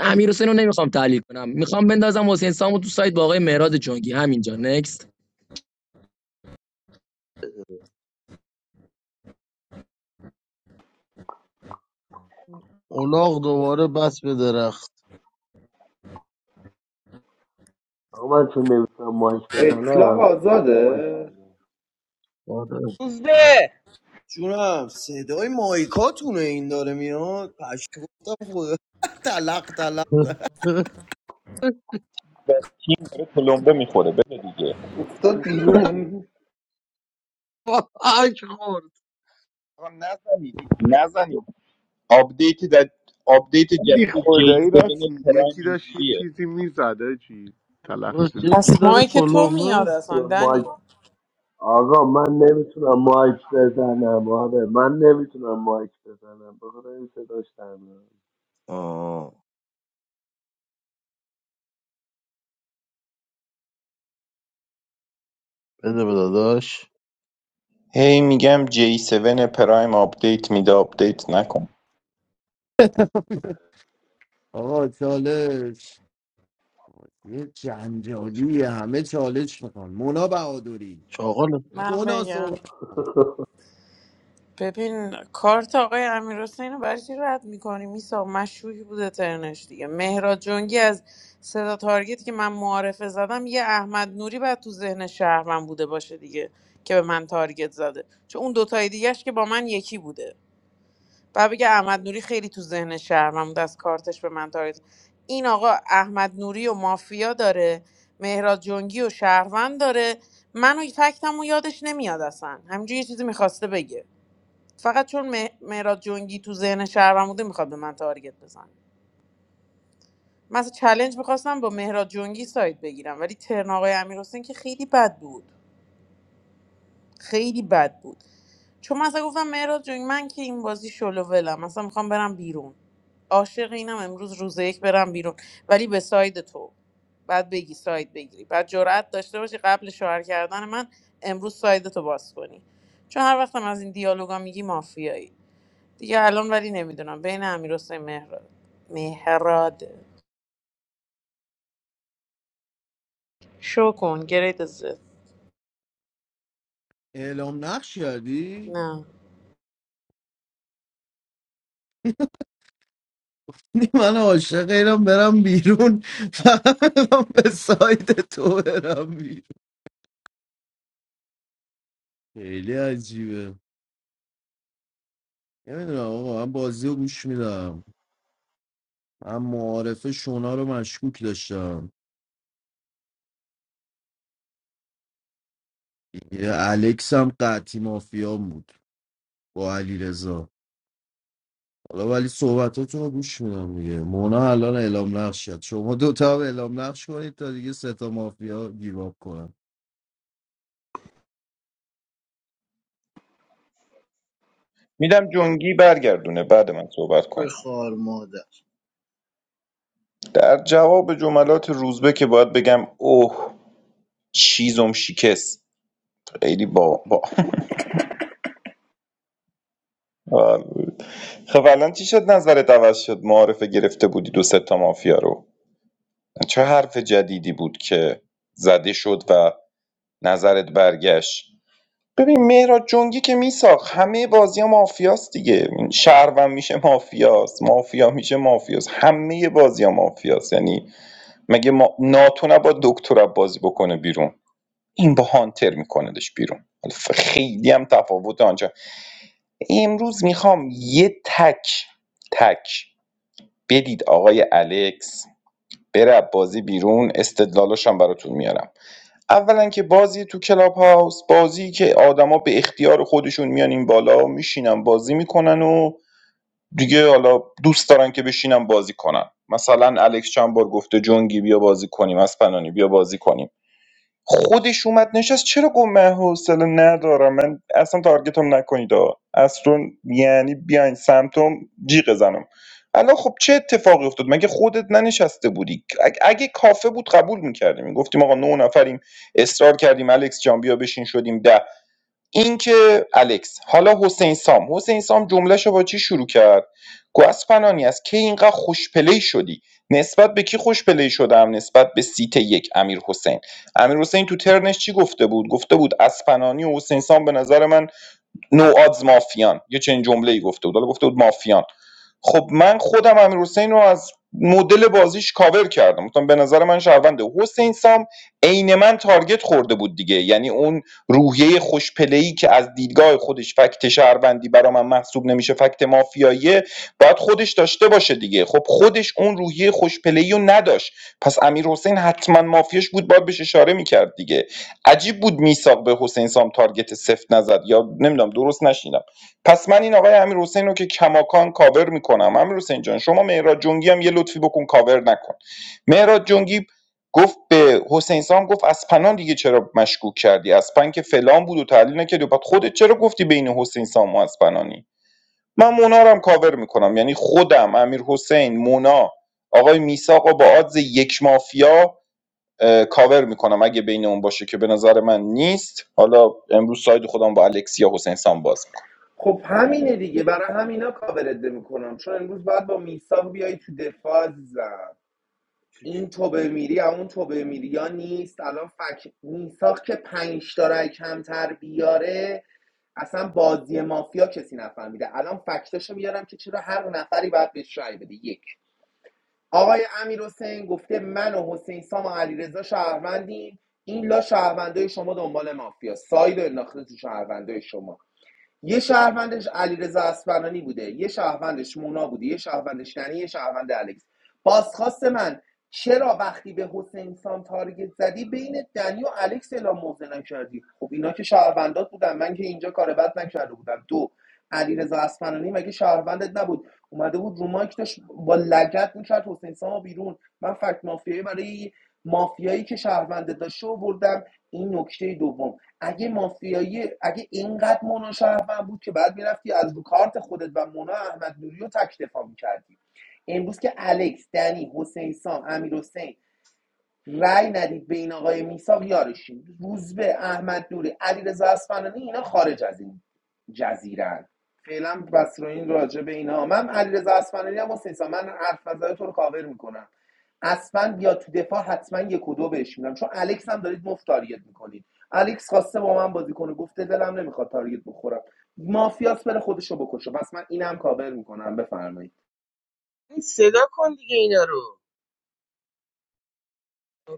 Speaker 20: امیر حسین رو نمیخوام تحلیل کنم میخوام بندازم حسین سامو تو سایت با آقای مهراد جنگی همینجا نکست
Speaker 7: اولاغ دوباره بس به درخت
Speaker 18: آقا من چون نمیتونم مایک
Speaker 17: اطلاق
Speaker 18: بزنم صدای مایک هم
Speaker 17: آزاده
Speaker 7: آره
Speaker 16: روزبه
Speaker 8: جونم صدای مایکاتونه این داره میاد پشت گفتم خدا تلق تلق
Speaker 11: و تیم داره تلمبه میخوره بده دیگه
Speaker 17: افتاد
Speaker 18: میاد.
Speaker 17: بیرون
Speaker 7: خاک خورد
Speaker 11: آقا نزنید نزنید آپدیت در آپدیت
Speaker 1: ولی
Speaker 11: جدید
Speaker 1: خدایی راست
Speaker 11: J7 پرایم
Speaker 1: یکی داشت یه
Speaker 11: اینجوریه
Speaker 1: چیزی میزد چی تلخ
Speaker 7: باش
Speaker 1: جلو
Speaker 12: پس
Speaker 7: یکی داره
Speaker 12: مایی که تو
Speaker 7: تلمبه
Speaker 12: میاد اصلا
Speaker 18: مایک
Speaker 12: دنی
Speaker 18: آقا من نمیتونم مایک بزنم آره من نمیتونم مایک بزنم بخدا این صداش در میاد.
Speaker 7: آه بده به داداش
Speaker 11: هی میگم J7 پرایم آپدیت میده آپدیت نکن
Speaker 8: آقا چالش یه جنجالی همه چالش میخوان مونا بهادری
Speaker 7: چاقال
Speaker 12: من
Speaker 8: دونا
Speaker 12: بگم
Speaker 8: صحبت
Speaker 12: ببین کارت آقای امیر حسین رو برای چی رد میکنی میسا مشکوکی بوده ترنش دیگه مهراد جنگی از صدا تارگت که من معارفه زدم یه احمد نوری بعد تو ذهن شهر من بوده باشه دیگه که به من تارگت زده چون اون دوتای دیگهش که با من یکی بوده و بگه احمد نوری خیلی تو ذهن شهرم بود از کارتش به من تارید این آقا احمد نوری و مافیا داره مهراد جنگی و شهروند داره منو فکتم و یادش نمیاد اصلا همینجور یه چیزی میخواسته بگه فقط چون مه- مهراد جنگی تو ذهن شهرم بوده میخواد به من تارگت بزن من اصلا چلنج میخواستم با مهراد جنگی سایت بگیرم ولی ترن آقای امیر که خیلی بد بود خیلی بد بود چون مثلا گفتم مهراد جون من که این بازی شلوولم مثلا میخوام برم بیرون عاشق اینم امروز روز یک برم بیرون ولی به ساید تو بعد بگی ساید بگیری بعد جرأت داشته باشی قبل شوهر کردن من امروز ساید تو باز کنی چون هر وقتم از این دیالوگا میگی مافیایی دیگه الان ولی نمیدونم بین امیر حسین مهراد مهراد شو کن گرید زد
Speaker 8: اعلام نقش کردی
Speaker 12: نه
Speaker 8: من عاشق اینم برم بیرون فقط می‌خوام به سایت تو برم بیرون خیلی عجیبه نمیدونم آقا من بازی رو گوش میدم من معارف شونا رو مشکوک داشتم یه الکس هم قطی مافیا بود با علی رضا حالا ولی صحبتاتون رو گوش میدم دیگه مونا الان اعلام نقش شد شما دوتا هم اعلام نقش کنید تا دیگه سه تا مافیا گیواب کنن
Speaker 11: میدم جنگی برگردونه بعد من صحبت کن
Speaker 7: توی مادر
Speaker 11: در جواب جملات روزبه که باید بگم اوه چیزم شکست خیلی با با خب الان چی شد نظرت عوض شد معارفه گرفته بودی دو سه تا مافیا رو چه حرف جدیدی بود که زده شد و نظرت برگشت ببین مهراد جنگی که میساخت همه بازی ها مافیاست دیگه شهروند میشه مافیاست مافیا میشه مافیاست همه بازی ها مافیاست یعنی مگه ما... ناتو نباید دکتر بازی بکنه بیرون این با هانتر میکندش بیرون حالا ف- خیلی هم تفاوت آنجا امروز میخوام یه تک تک بدید آقای الکس بره بازی بیرون استدلالاش هم براتون میارم اولا که بازی تو کلاب هاوس بازی که آدما به اختیار خودشون میان این بالا میشینن بازی میکنن و دیگه حالا دوست دارن که بشینن بازی کنن مثلا الکس چند بار گفته جونگی بیا بازی کنیم از پنانی بیا بازی کنیم خودش اومد نشست چرا گفت من حوصله ندارم من اصلا تارگتم نکنید آقا اصلا یعنی بیاین سمتم جیغ زنم الان خب چه اتفاقی افتاد مگه خودت ننشسته بودی اگه, اگه کافه بود قبول میکردیم گفتیم آقا نه نفریم اصرار کردیم الکس جان بیا بشین شدیم ده این که الکس حالا حسین سام حسین سام جملهشو با چی شروع کرد گفت اسپنانی از کی اینقدر خوشپلی شدی نسبت به کی خوشپلی شدم نسبت به سیت یک امیر حسین امیر حسین تو ترنش چی گفته بود گفته بود اسپنانی و حسین سام به نظر من نو آدز مافیان یه چنین جمله ای گفته بود حالا گفته بود مافیان خب من خودم امیر حسین رو از مدل بازیش کاور کردم گفتم به نظر من شهرونده حسین سام عین من تارگت خورده بود دیگه یعنی اون روحیه خوشپلهی که از دیدگاه خودش فکت شهروندی برا من محسوب نمیشه فکت مافیاییه باید خودش داشته باشه دیگه خب خودش اون روحیه خوشپلهی رو نداشت پس امیر حسین حتما مافیاش بود باید بهش اشاره میکرد دیگه عجیب بود میساق به حسین سام تارگت سفت نزد یا نمیدونم درست نشیدم پس من این آقای امیر حسین رو که کماکان کاور میکنم امیر حسین جان شما مهراد جنگی هم یه لطفی بکن کاور نکن مهراد جنگی گفت به حسین سام گفت اسپنان دیگه چرا مشکوک کردی اسپن که فلان بود و تحلیل نکردی بعد خودت چرا گفتی بین حسین سام و اسپنانی من مونا رو هم کاور میکنم یعنی خودم امیر حسین مونا آقای میساق و با آدز یک مافیا کاور میکنم اگه بین اون باشه که به نظر من نیست حالا امروز ساید خودم با الکسیا حسین سام باز میکنم
Speaker 17: خب همینه دیگه برای همینا کاورت میکنم چون امروز باید با میساق بیای تو دفاع عزیزم این توبه میری اون توبه میری یا نیست الان فک میساق که پنج تا رای کمتر بیاره اصلا بازی مافیا کسی نفهمیده الان فکتاشو میارم که چرا هر نفری باید بهش رأی بده یک آقای امیر گفته من و حسین سام و علیرضا شهروندیم این لا شهروندای شما دنبال مافیا ساید و انداخته تو شهروندای شما یه شهروندش علیرضا اصفهانی بوده یه شهروندش مونا بوده یه شهروندش یعنی یه شهروند الکس بازخواست من چرا وقتی به حسین سام تارگت زدی بین دنی و الکس اعلام موضع نکردی خب اینا که شهروندات بودن من که اینجا کار بد نکرده بودم دو علیرضا اصفهانی مگه شهروندت نبود اومده بود رو مایک داشت با لگت میکرد حسین سامو بیرون من فکت مافیایی برای مافیایی که شهروندت داشت آوردم این نکته دوم اگه مافیایی اگه اینقدر مونا شهروند بود که بعد میرفتی از رو کارت خودت و مونا احمد نوری رو تک دفاع میکردی امروز که الکس دنی حسین سام امیر حسین، رأی ندید به این آقای میساق یارشین روزبه احمد نوری علیرضا اصفهانی اینا خارج از این جزیرن فعلا بس رو این راجع به اینا من علیرضا اصفهانی هم حسین سام. من حرف نزده تو رو کاور میکنم اصلا یا تو دفاع حتما یک و دو بهش میدم چون الکس هم دارید مفت تارگت میکنید الکس خواسته با من بازی کنه گفته دلم نمیخواد تارگت بخورم مافیاس بره خودشو بکشه بس من اینم کاور میکنم بفرمایید
Speaker 16: این صدا کن دیگه اینا رو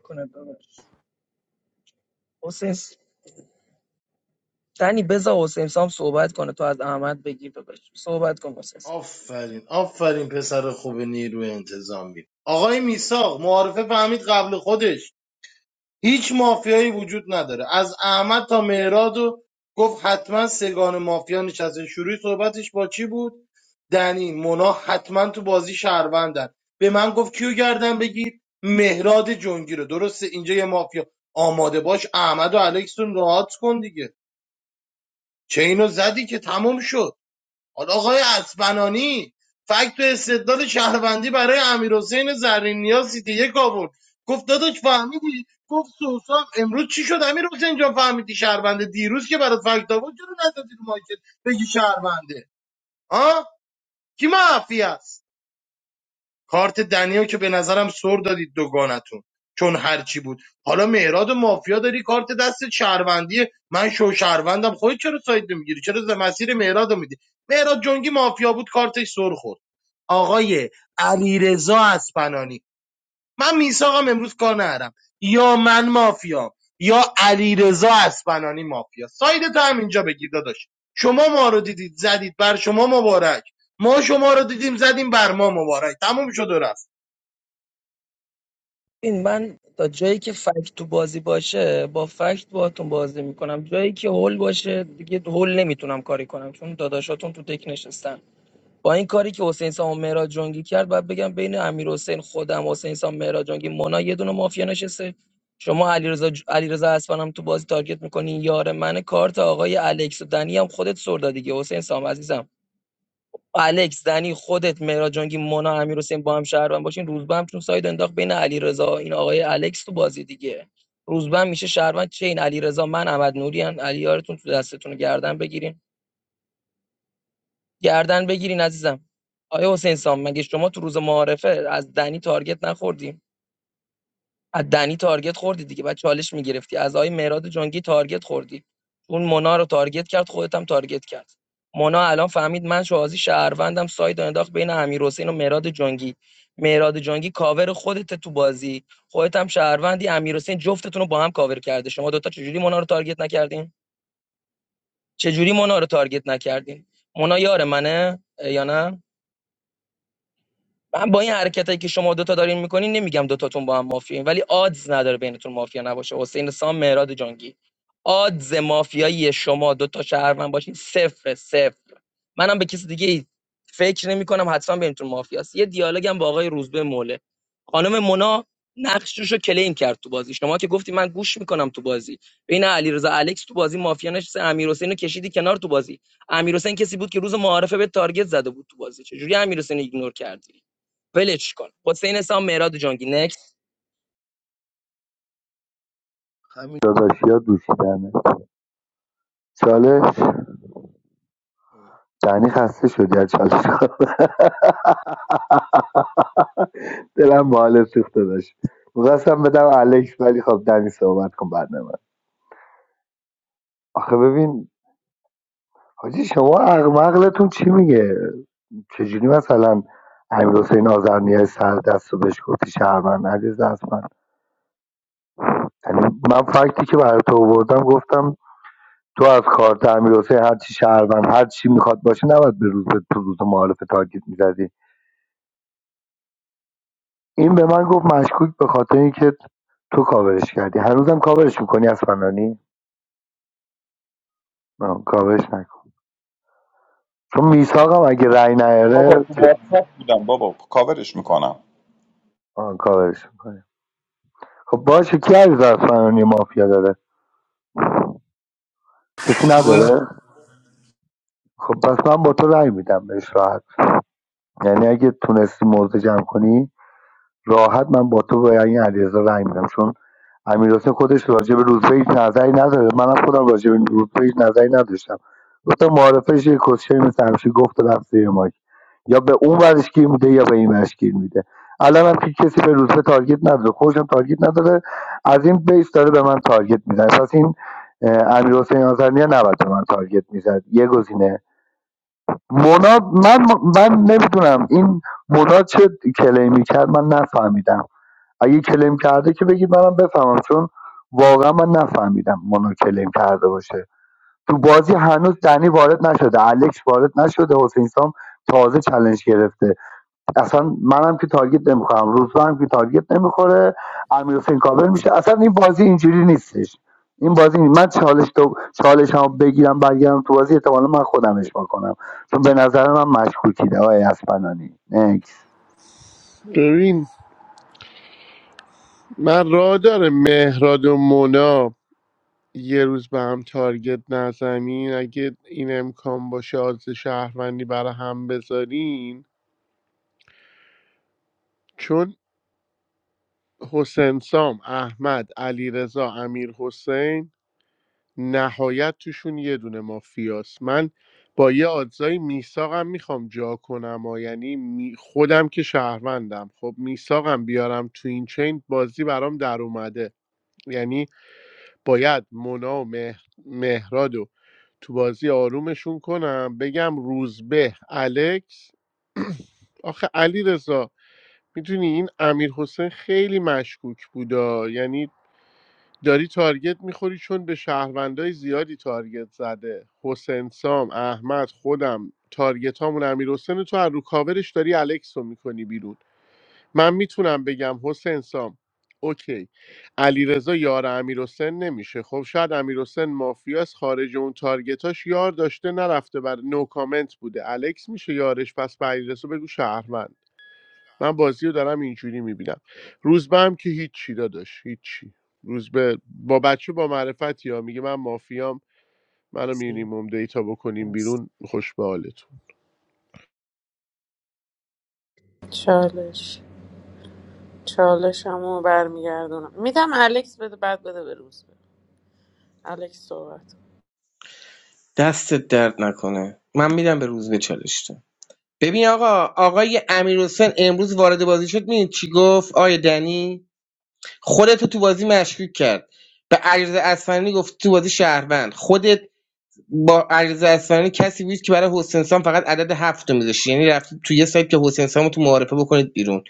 Speaker 20: کنه داداش حسین دنی بذار حسین سام صحبت کنه تو از احمد بگیر داداش صحبت کن حسین سام.
Speaker 7: آفرین آفرین پسر خوب نیروی انتظامی آقای میساق معارفه فهمید قبل خودش هیچ مافیایی وجود نداره از احمد تا مهراد و گفت حتما سگان مافیا نشسته شروع صحبتش با چی بود دنی مونا حتما تو بازی شهروندن به من گفت کیو گردن بگیر مهراد جنگی رو درسته اینجا یه مافیا آماده باش احمد و الکس رو راحت کن دیگه چه اینو زدی که تمام شد حالا آقای اسبنانی فکت و استدلال شهروندی برای امیرحسین زرینیا سیتی یک آورد گفت داداش فهمیدی گفت سوسام امروز چی شد امیر حسین جان فهمیدی شهرونده دیروز که برات فکت آورد چرا ندادی رو مایکت بگی شهرونده ها کی معفی است کارت دنیو که به نظرم سر دادید دوگانتون چون هرچی بود حالا مهراد و مافیا داری کارت دست شهروندی من شو شهروندم خودت چرا ساید نمیگیری چرا ز مسیر مهراد رو میدی مهراد جنگی مافیا بود کارتش سر خورد آقای علیرضا اسپنانی من میثاقم امروز کار نرم یا من مافیام یا علیرضا اسپنانی مافیا ساید تو هم اینجا بگیر داداش شما ما رو دیدید زدید بر شما مبارک ما شما رو دیدیم زدیم بر ما مبارک تموم شد و رفت
Speaker 20: این من تا جایی که فکت تو بازی باشه با فکت باهاتون بازی میکنم جایی که هول باشه دیگه هول نمیتونم کاری کنم چون داداشاتون تو دک نشستن با این کاری که حسین سام و مهراد جنگی کرد باید بگم بین امیر حسین خودم حسین سام مهراد جنگی مونا یه دونه مافیا نشسته شما علیرضا ج- علیرضا اصفهان هم تو بازی تارگت میکنین یار من کارت آقای الکس و دنی هم خودت سر دادی دیگه حسین سام عزیزم الکس دنی خودت مهراد جنگی مونا امیر حسین با هم شهروند باشین روزبه هم چون ساید انداخت بین علیرضا این آقای الکس تو بازی دیگه روزبه هم میشه شهروند چه این علیرضا من احمد نوری ان علی یارتون تو دستتون رو گردن بگیرین گردن بگیرین عزیزم آیا حسین سام مگه شما تو روز معارفه از دنی تارگت نخوردی از دنی تارگت خوردی دیگه بعد چالش میگرفتی از آقای مهراد جنگی تارگت خوردی اون مونا رو تارگت کرد خودت هم تارگت کرد مونا الان فهمید من شوازی شهروندم ساید انداخت بین امیر و مهراد جنگی مهراد جنگی کاور خودت تو بازی خودت هم شهروندی امیر حسین جفتتون رو با هم کاور کرده شما دوتا چجوری مونا رو تارگت نکردین چجوری مونا رو تارگت نکردین مونا یار منه یا نه من با این حرکتایی که شما دوتا دارین میکنین نمیگم دوتاتون با هم مافیاین ولی آدز نداره بینتون مافیا نباشه حسین سام مهراد جانگی آدز مافیایی شما دوتا شهروند باشین صفر صفر منم به کسی دیگه ای فکر نمی کنم حتما بینتون مافیاست یه دیالوگم با آقای روزبه موله خانم مونا نقشش رو کلیم کرد تو بازی شما که گفتی من گوش میکنم تو بازی بین علیرضا الکس تو بازی مافیا نشسته امیرحسین رو کشیدی کنار تو بازی امیرحسین کسی بود که روز معارفه به تارگت زده بود تو بازی چجوری امیرحسین رو ایگنور کردی ولش کن حسین سام مهراد جانگی نکس
Speaker 18: همین داداشی ها دوشیدنه چالش دنی خسته شدی از چالش دلم به حال سوخت داشت میخواستم بدم الکس ولی خب دنی صحبت کن بعد من آخه ببین حاجی شما عقل مغلتون چی میگه چجوری مثلا امیرحسین آذرنیا سر دست و بهش گفتی شهروند عزیز دست من یعنی من فکتی که برای تو آوردم گفتم تو از کارت امیرحسین هر چی شهروند هر چی میخواد باشه نباید به روز تو روز معارف تارگت میزدی این به من گفت مشکوک به خاطر اینکه تو کاورش کردی هنوزم کاورش میکنی از فنانی آه، کاورش نکن چون میساقم اگه رأی
Speaker 11: بابا
Speaker 18: نیاره
Speaker 11: تو
Speaker 18: جد-
Speaker 11: واتساپ بودم بابا کاورش میکنم
Speaker 18: آه، کاورش میکنی خب باشه کی عزیز از مافیا داره کسی نداره خب پس من با تو رأی میدم بهش راحت یعنی اگه تونستی موضع جمع کنی راحت من با تو به این علیرضا رأی میدم چون امیر خودش راجع به رتبه هیچ نظری نداره منم خودم راجع به رتبه هیچ نظری نداشتم گفتم معارفش یه کوشر مثل همیشه گفت و رفت زیر مایک یا به اون ورش گیر میده یا به این ورش گیر میده الان هم که کسی به رتبه تارگت نداره خودشم تارگت نداره از این بیس داره به من تارگت میزنه پس این امیر حسین آزرنیا نباید به من تارگت میزد یه گزینه مونا من من نمیدونم این مونا چه کلیمی کرد من نفهمیدم اگه کلیم کرده که بگید منم بفهمم چون واقعا من نفهمیدم مونا کلیم کرده باشه تو بازی هنوز دنی وارد نشده الکس وارد نشده حسین سام تازه چالش گرفته اصلا منم که تارگت نمیخوام روزبه هم که تارگت نمیخوره امیر حسین کابل میشه اصلا این بازی اینجوری نیستش این بازی نیست. من چالش تو چالش هم بگیرم برگردم تو بازی احتمالا من خودم اشبا کنم چون به نظر من مشکوکیده آقای اسپنانی نکس
Speaker 1: ببین من راه داره مهراد و مونا یه روز به هم تارگت نزنین اگه این امکان باشه آز شهروندی برای هم بذارین چون حسین سام احمد علی رضا امیر حسین نهایت توشون یه دونه مافیاست من با یه آدزایی میساقم میخوام جا کنم و یعنی می- خودم که شهروندم خب میساقم بیارم تو این چین بازی برام در اومده یعنی باید مونا و مه- مهراد و تو بازی آرومشون کنم بگم روزبه الکس آخه علی رضا میدونی این امیر حسین خیلی مشکوک بودا یعنی داری تارگت میخوری چون به شهروندای زیادی تارگت زده حسین سام احمد خودم تارگت هامون امیر حسین تو از رو کاورش داری الکس رو میکنی بیرون من میتونم بگم حسین سام اوکی علیرضا یار امیرحسین نمیشه خب شاید امیرحسین مافیاس خارج اون تارگتاش یار داشته نرفته بر نو کامنت بوده الکس میشه یارش پس به علیرضا بگو شهروند من بازی رو دارم اینجوری میبینم روزبه هم که هیچی داداش هیچی روزبه با بچه با معرفت یا میگه من مافیام منو
Speaker 14: مرسی
Speaker 1: مینیمم دیتا بکنیم
Speaker 14: مرسی
Speaker 1: بیرون خوش به حالتون
Speaker 12: چالش چالش همو برمیگردونم میدم الکس بده بعد بده به روز بده. الکس صحبت
Speaker 16: دستت درد نکنه من میرم به روزبه چالش چالشتم ببین آقا آقای امیر حسین امروز وارد بازی شد میدید چی گفت آیا دنی خودتو تو بازی مشکوک کرد به عجز اسفنانی گفت تو بازی شهروند خودت با علیرضا اصفهانی کسی بود که برای حسین سام فقط عدد هفت رو میذاشت یعنی رفتید تو یه سایت که حسین سامو تو معارفه بکنید بیرون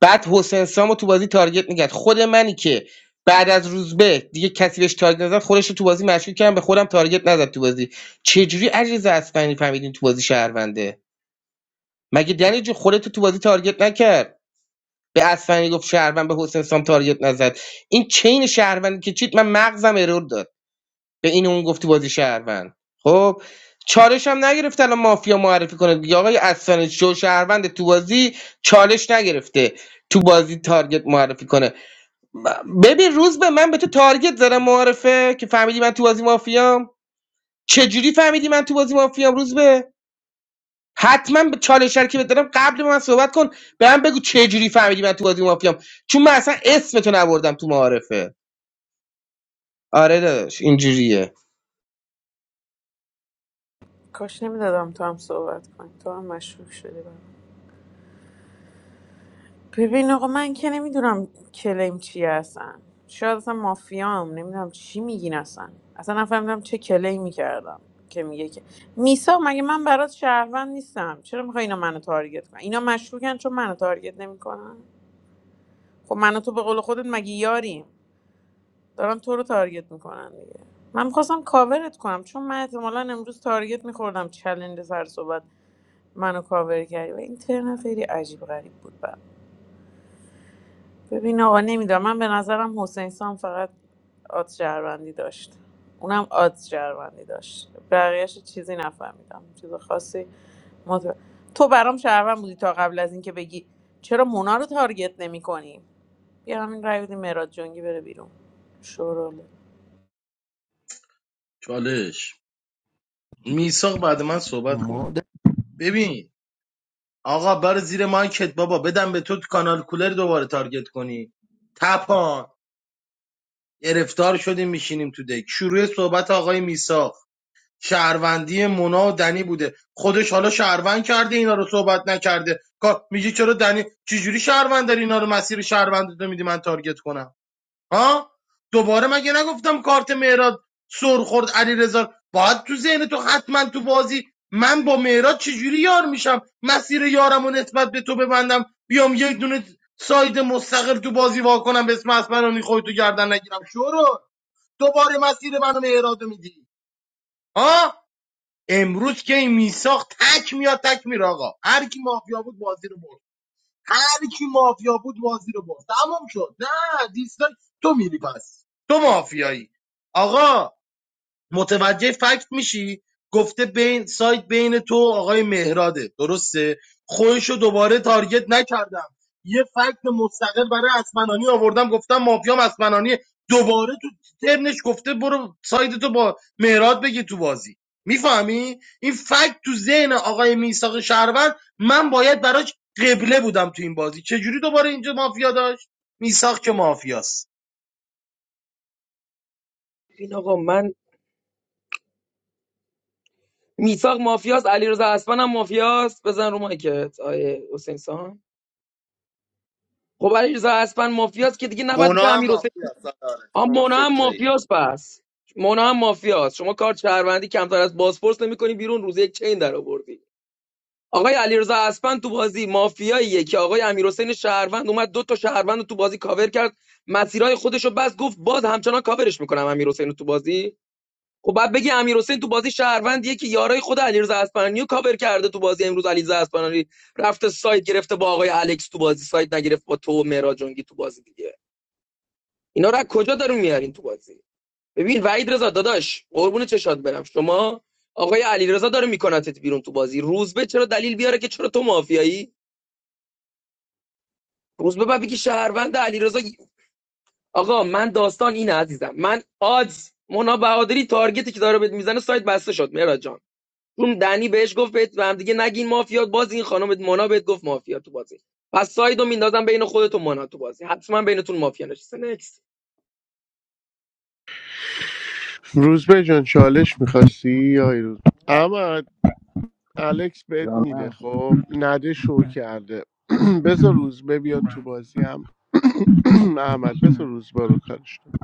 Speaker 16: بعد حسین سامو تو بازی تارگت میکرد خود منی که بعد از روزبه دیگه کسی بهش تارگت نزد خودش رو تو بازی مشکوک کردم به خودم تارگت نزد تو بازی چجوری علیرضا اصفهانی فهمیدین تو بازی شهرونده مگه دنی جو خودت تو بازی تارگت نکرد به اصفهانی گفت شهروند به حسین سام تارگت نزد این چین شهروندی که چیت من مغزم ارور داد به این اون گفتی بازی شهروند خب چالش هم نگرفت الان مافیا معرفی کنه دیگه آقای اسفند شو شهروند تو بازی چالش نگرفته تو بازی تارگت معرفی کنه ب- ببین روز به من به تو تارگت زدم معرفه که فهمیدی من تو بازی مافیام چجوری فهمیدی من تو بازی مافیام روز به حتما به چالش هر که بهت دادم قبل من صحبت کن به من بگو چجوری فهمیدی من تو بازی مافیام چون من اصلا اسم تو نبردم تو معارفه آره داداش اینجوریه
Speaker 12: کاش نمیدادم تو هم صحبت کنی تو هم مشکوک شدی برام ببین آقا من که نمیدونم کلیم چیه اصلا شاید اصلا مافیام نمیدونم چی میگین اصلا اصلا نفهمیدم چه کلیمی کردم که میگه که میسا مگه من برات شهروند نیستم چرا میخوای اینا منو تارگت کنن اینا مشکوکن چون منو تارگت نمیکنن خب من و تو به قول خودت مگه یاریم دارن تو رو تارگت میکنن دیگه من میخواستم کاورت کنم چون من احتمالا امروز تارگت میخوردم چلنج سر صحبت منو کاور کردی و این ترن خیلی عجیب غریب بود برام. ببین آقا نمیدونم من به نظرم حسین سام فقط آد شهروندی داشت اونم آد شهروندی داشت بقیهش چیزی نفهمیدم چیز خاصی مت... تو برام شهروند بودی تا قبل از اینکه بگی چرا مونا رو تارگت نمی کنی بیا همین رای بدیم مراد جنگی بره بیرون شوروله
Speaker 7: چالش میساق بعد من صحبت کن
Speaker 8: ما
Speaker 7: ببین آقا بر زیر مایکت بابا بدم به تو کانال کولر دوباره تارگت کنی تپان گرفتار شدیم میشینیم تو دک شروع صحبت آقای میساق شهروندی مونا و دنی بوده خودش حالا شهروند کرده اینا رو صحبت نکرده کا- میگه چرا دنی چجوری شهروند داری اینا رو مسیر شهروند تو میدی من تارگت کنم ها دوباره مگه نگفتم کارت مهراد سر خورد علیرضا باید تو ذهن تو حتما تو بازی من با مهراد چجوری یار میشم مسیر یارم و نسبت به تو ببندم بیام یک دونه ساید مستقل تو بازی وا کنم به اسم اسمرانی خودتو تو گردن نگیرم شورو دوباره مسیر منو مهراد میدی ها امروز که این میساخت تک میاد تک میره آقا هر کی مافیا بود بازی رو برد هر کی مافیا بود بازی رو برد تمام شد نه دیسلایک تو میری پس تو مافیایی آقا متوجه فکت میشی گفته بین سایت بین تو آقای مهراده درسته خودشو دوباره تارگت نکردم یه فکت مستقل برای اسمنانی آوردم گفتم مافیام اسمنانی دوباره تو ترنش گفته برو سایت تو با مهراد بگی تو بازی میفهمی این فکت تو ذهن آقای میساق شهروند من باید براش قبله بودم تو این بازی چجوری دوباره اینجا مافیا داشت میساق که مافیاست
Speaker 20: این آقا من میساق مافیاس علیرضا اسپن هم مافیاس بزن رو مایکت آیه حسین سام خب علیرضا اسپن مافیاس که دیگه نباید
Speaker 17: مونا
Speaker 20: بره امیر
Speaker 17: هم
Speaker 20: حسین
Speaker 17: آفت
Speaker 20: آ
Speaker 17: شما
Speaker 20: مونا هم
Speaker 17: ستایی
Speaker 20: مافیاس پس مونا هم مافیاس شما کار شهروندی کمتر از بازپرس نمیکنی بیرون روز یک چین در آوردی آقای علیرضا اسپن تو بازی مافیاییه که آقای امیرحسین شهروند اومد دو تا شهروند رو تو بازی کاور کرد مسیرهای خودش رو بس گفت باز همچنان کاورش میکنم امیرحسین رو تو بازی خب بعد بگی امیرحسین تو بازی شهروندیه که یارای خود علیرضا اصفهانی رو کاور کرده تو بازی امروز علیرضا اصفهانی رفته سایت گرفته با آقای الکس تو بازی سایت نگرفت با تو و مهراد جنگی تو بازی دیگه اینا رو از کجا دارون میارین تو بازی ببین وحید رضا داداش قربون چشات برم شما آقای علیرضا داره میکنتت بیرون تو بازی روزبه چرا دلیل بیاره که چرا تو مافیایی روزبه بعد بگی شهروند علیرضا آقا من داستان اینه عزیزم من آدز مونا بهادری تارگتی که داره بهت میزنه سایت بسته شد مهراد جان چون دنی بهش گفت بهت به هم دیگه نگین مافیا باز این خانم مونا بهت گفت مافیا تو بازی پس سایدو میندازم بین خودت و مونا تو بازی حتما بینتون مافیا نشسته نکست
Speaker 1: روزبه جان چالش میخواستی یا روز اما الکس بهت میده
Speaker 18: جانم
Speaker 1: خب نده شو کرده بذار روزبه بیاد تو بازی هم احمد بذار روزبه رو کارش کنه.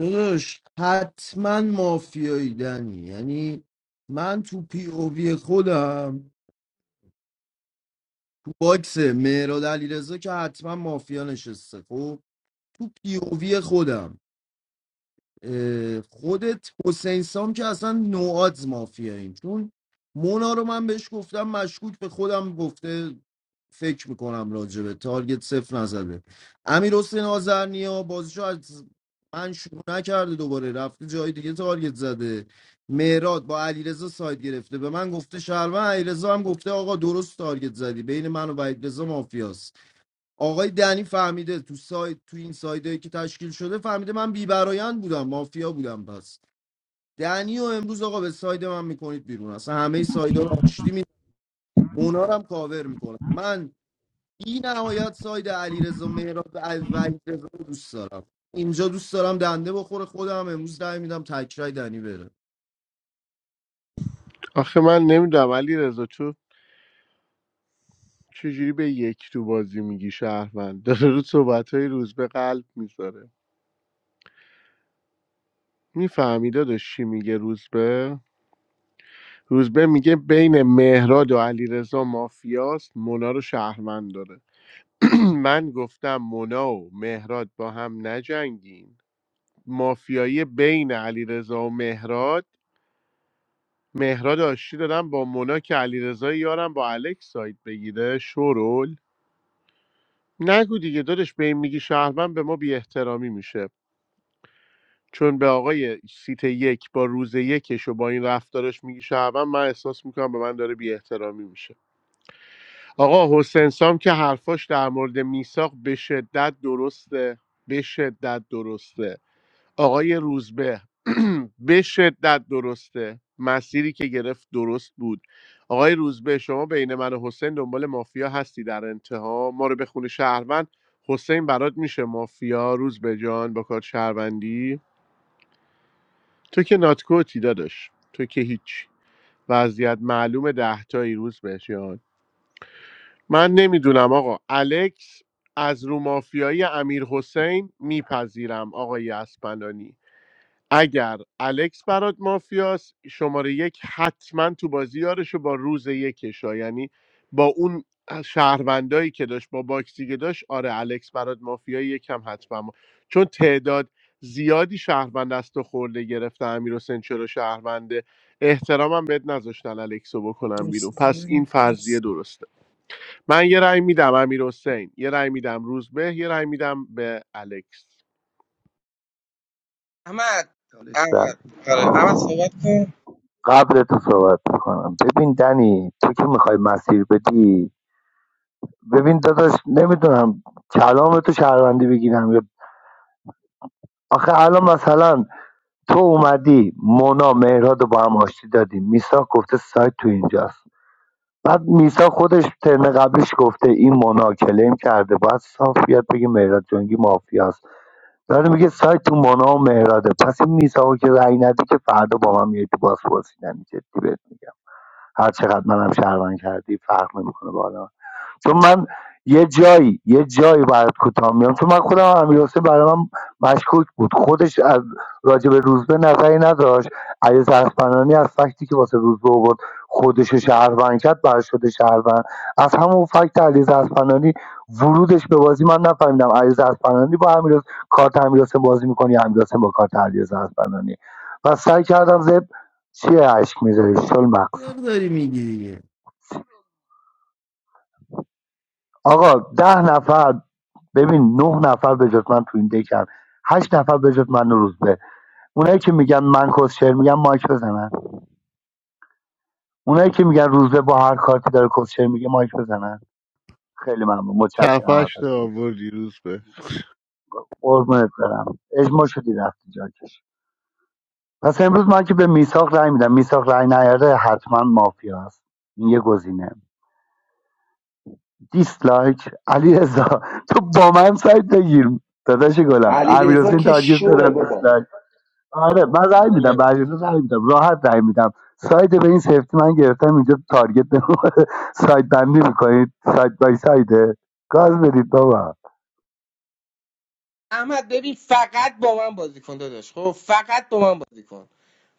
Speaker 8: داداش حتما مافیایی دنی یعنی من تو پی او وی خودم تو باکس مهراد علیرضا که حتما مافیا نشسته خب تو پی او وی خودم اه، خودت حسین سام که اصلا نوآدز مافیاییم چون مونا رو من بهش گفتم مشکوک به خودم گفته فکر میکنم راجبه تارگت صفر نزده امیر حسین آزرنیا بازیشو از من شروع نکرده دوباره رفته جای دیگه تارگت زده مهراد با علیرضا ساید گرفته به من گفته شهروند علیرضا هم گفته آقا درست تارگت زدی بین من و علیرضا مافیاست آقای دنی فهمیده تو سایت تو این سایدهایی که تشکیل شده فهمیده من بیبرایند بودم مافیا بودم پس دنی و امروز آقا به ساید من میکنید بیرون اصلا همه سایدها رو آشتی می اونا رو هم کاور میکنم من این نهایت ساید علیرضا مهراب و علیرضا رو دوست دارم اینجا دوست دارم دنده بخوره خودم امروز رای میدم تکرای دنی بره
Speaker 1: آخه من نمیدونم علی رضا تو چجوری به یک تو بازی میگی شهروند داره رو صحبت های روزبه قلب میذاره میفهمی داداش چی میگه روزبه روزبه میگه بین مهراد و علیرضا مافیاست مونا رو شهروند داره من گفتم مونا و مهراد با هم نجنگین مافیایی بین علیرضا و مهراد مهراد آشتی دادم با مونا که علیرضا یارم با الکس سایت بگیره شورول نگو دیگه دادش به این میگی شهروند به ما بی احترامی میشه چون به آقای سیت یک با روز یکش و با این رفتارش میگی شعبان من احساس میکنم به من داره بی احترامی میشه آقا حسین سام که حرفاش در مورد میساق به شدت درسته به شدت درسته آقای روزبه به شدت درسته مسیری که گرفت درست بود آقای روزبه شما بین من و حسین دنبال مافیا هستی در انتها ما رو به خونه شهروند حسین برات میشه مافیا روزبه جان با کار شهروندی تو که ناتکوتی داداش تو که هیچ وضعیت معلوم ده تا روز بهش یاد من نمیدونم آقا الکس از رو مافیای امیر حسین میپذیرم آقای اسپندانی اگر الکس برات مافیاس شماره یک حتما تو بازی یارشو با روز یکشا یعنی با اون شهروندایی که داشت با باکسی که داشت آره الکس برات مافیا یکم حتما ما. چون تعداد زیادی شهروند از و خورده گرفته امیر حسین چرا شهرونده احترامم بهت نذاشتن الکسو بکنم بیرون
Speaker 14: مرسی
Speaker 1: پس این فرضیه
Speaker 14: مرسی
Speaker 1: درسته من یه رأی میدم امیر حسین یه رأی میدم روزبه یه رأی میدم به الکس
Speaker 16: احمد
Speaker 18: چالش بله
Speaker 16: احمد آره احمد صحبت کن
Speaker 18: قبل تو صحبت میکنم ببین دنی تو که میخوای مسیر بدی ببین داداش نمیدونم کلام تو شهروندی بگیرم یا آخه الان مثلا تو اومدی مونا مهراد رو با هم آشتی دادی میساق گفته سایت تو اینجاست بعد میسا خودش ترم قبلش گفته این مونا کلیم کرده باید صاف بیاد بگه مهراد جنگی مافیاست داره میگه سایت تو مونا و مهراده پس این میساقو که رأی ندی که فردا با من میای تو بازپرسی یعنی جدی بهت میگم هر چقدر منم شهروند کردی فرق نمیکنه با آدم چون من یه جایی یه جایی برات کوتاه میام چون من خودم امیر حسین برای من مشکوک بود خودش از راجع به روزبه نظری نداشت علی زرفنانی از فکتی که واسه روزبه آورد خودش رو شهروند کرد برای شده شهروند از همون فکت علی زرفنانی ورودش به بازی من نفهمیدم علی زرفنانی با امیر حسین- کارت امیر بازی میکنی امیر حسین با کارت علی زرفنانی و سعی کردم زب چیه اشک میذاری شل مقص
Speaker 8: چرا داری میگی دیگه
Speaker 18: آقا ده نفر ببین نه نفر به جز من تو این دکن هشت نفر به جز من و روزبه اونایی که میگن من کسشر میگم مایک بزنن اونایی که میگن روزبه با هر کارتی داره کسشر میگه مایک بزنن خیلی ممنون متشکرم
Speaker 1: خفش تا
Speaker 18: ازتون
Speaker 1: آوردی روز به
Speaker 18: قربونت برم اجماع شدی رفتی جاکش پس امروز من که به میثاق رای میدم میثاق رای نیاره حتما مافیا است این یه گزینه دیسلایک علی تو با من سایت بگیر داداش گلم امیر
Speaker 17: علیرضا که
Speaker 18: تارگت دادم
Speaker 17: شوه بابا
Speaker 18: دیسلایک. آره من رای میدم
Speaker 7: آره.
Speaker 18: به علیرضا رای میدم راحت رای میدم ساید به این سفتی من گرفتم اینجا تارگت نمی‌خوره. ساید بندی میکنید ساید بای سایده گاز بدید بابا
Speaker 16: احمد ببین فقط با من بازی کن داداش خب فقط با من بازی کن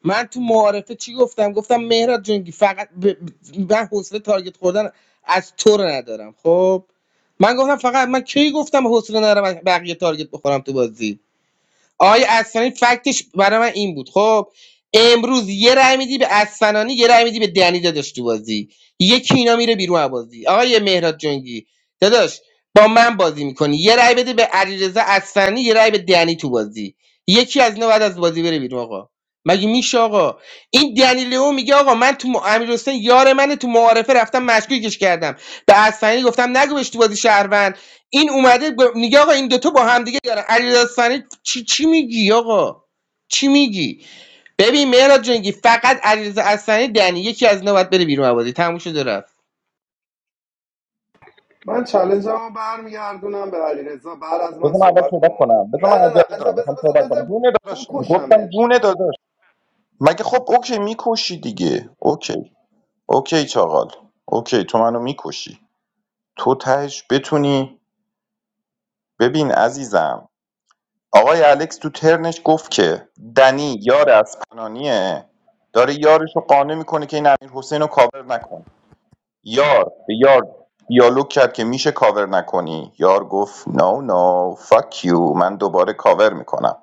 Speaker 16: من تو معارفه چی گفتم گفتم مهراد جنگی فقط ب... ب- من حوصله تارگت خوردن از تو رو ندارم خب من گفتم فقط من کی گفتم حوصله ندارم از بقیه تارگت بخورم تو بازی آقای اصلانی فکتش برای من این بود خب امروز یه رای میدی به اصفنانی یه رای میدی به دنی داداش تو بازی یکی اینا میره بیرون از بازی آقای مهراد جنگی داداش با من بازی میکنی یه رای بده به علیرضا اصفهانی یه رای به دنی تو بازی یکی از اینا بعد از بازی بره بیرون آقا مگه میشه آقا این دنی لئو میگه آقا من تو م- امیر حسین یار منه تو معارفه رفتم مشکوکش کردم به اصفهانی گفتم نگو بهش تو بازی شهروند این اومده ب... میگه آقا این دوتا با هم دیگه دارن علی داستانی چی چی میگی آقا چی میگی ببین مهراد جنگی فقط علیرضا اصلانی دنی یکی از اینا باید بره بیرون آبادی تموم شده رفت
Speaker 17: من چلنجم رو برمیگردونم به علیرضا بعد از من
Speaker 11: بذار من اول
Speaker 17: صحبت
Speaker 11: صحبت
Speaker 17: کن
Speaker 11: کنم بذار
Speaker 17: نه
Speaker 11: من
Speaker 17: نه
Speaker 11: عجله
Speaker 17: نه بذار
Speaker 11: دارم میخوام
Speaker 17: بذار
Speaker 11: صحبت
Speaker 17: بذار
Speaker 11: کنم
Speaker 17: بذار
Speaker 11: جونه داداش گفتم
Speaker 17: بکشمت
Speaker 11: جونه داداش مگه خب اوکی میکشی دیگه اوکی اوکی چاقال اوکی تو منو میکشی تو تهش بتونی ببین عزیزم آقای الکس تو ترنش گفت که دنی یار از پنانیه داره یارش رو قانع میکنه که این امیر حسین رو کاور نکن یار به یار دیالوگ کرد که میشه کاور نکنی یار گفت نو نو فاک یو من دوباره کاور میکنم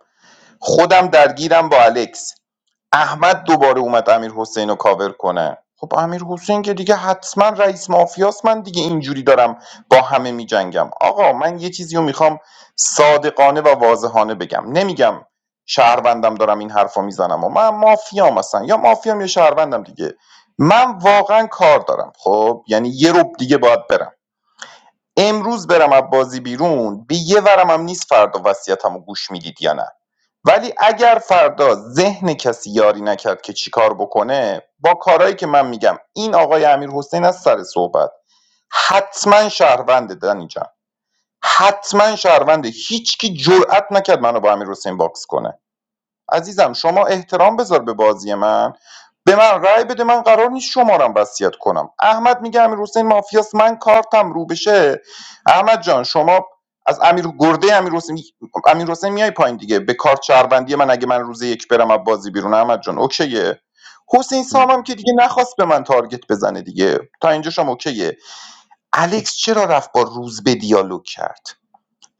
Speaker 11: خودم درگیرم با الکس احمد دوباره اومد امیرحسین رو کاور کنه خب امیرحسین که دیگه حتما رئیس مافیاست من دیگه اینجوری دارم با همه میجنگم آقا من یه چیزی رو میخوام صادقانه و واضحانه بگم نمیگم شهروندم دارم این حرفا میزنم و من مافیام مثلا یا مافیام یا شهروندم دیگه من واقعا کار دارم خب یعنی یه رب دیگه باید برم امروز برم از بازی بیرون به یه ورم هم نیست فردا وصیتمو گوش میدید یا نه ولی اگر فردا ذهن کسی یاری نکرد که چیکار بکنه با کارهایی که من میگم این آقای امیر حسین از سر صحبت حتما شهرونده دنی جان حتما شهرونده هیچکی جرأت نکرد منو با امیر حسین باکس کنه عزیزم شما احترام بذار به بازی من به من رأی بده من قرار نیست شما شمارم وصیت کنم احمد میگه امیر حسین مافیاس من کارتم رو بشه احمد جان شما از امیر گرده امیر حسین امیر حسین میای پایین دیگه به کارت شهروندی من اگه من روز یک برم از بازی بیرون احمد جان اوکیه حسین سامم که دیگه نخواست به من تارگت بزنه دیگه تا اینجا شما اوکیه الکس چرا رفت با روز به دیالوگ کرد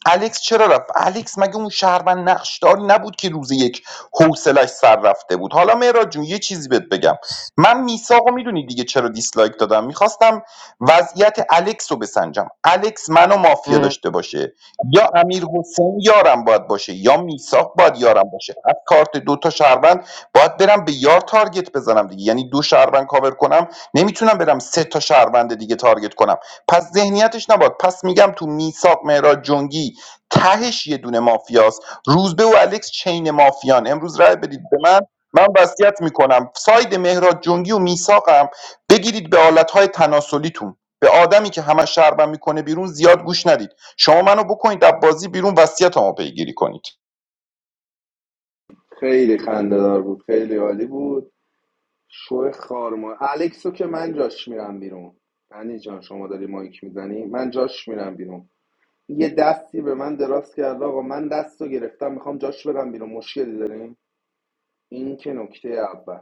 Speaker 11: الکس چرا رفت الکس مگه اون شهروند نقشداری نبود که روز یک حوصلش سر رفته بود حالا مهراد جون یه چیزی بهت بگم
Speaker 14: مرسی
Speaker 11: من میساقو میدونی دیگه چرا دیسلایک دادم میخواستم وضعیت الکس رو بسنجم الکس منو مافیا داشته باشه یا امیر حسین یارم باید باشه یا میساق باید یارم باشه از کارت دوتا شهروند باید برم به یار تارگت بزنم دیگه یعنی دو شهروند کاور کنم نمیتونم برم سه تا شهروند دیگه تارگت کنم پس ذهنیتش نباد پس میگم تو میساق مهراد جنگی تهش یه دونه مافیاست روزبه و الکس چین مافیان امروز رای بدید به من من وصیت میکنم ساید مهراد جنگی و میساقم بگیرید به آلتهای تناسلیتون به آدمی که همه شربم میکنه بیرون زیاد گوش ندید شما منو بکنید از بازی بیرون وصیتمو پیگیری کنید
Speaker 17: خیلی خنده دار بود خیلی عالی بود شو خارما الکسو که من جاش میرم بیرون یعنی جان شما داری مایک میزنی من جاش میرم بیرون یه دستی به من دراز کرد آقا من دستو رو گرفتم میخوام جاش برم بیرون مشکلی داریم این که نکته اول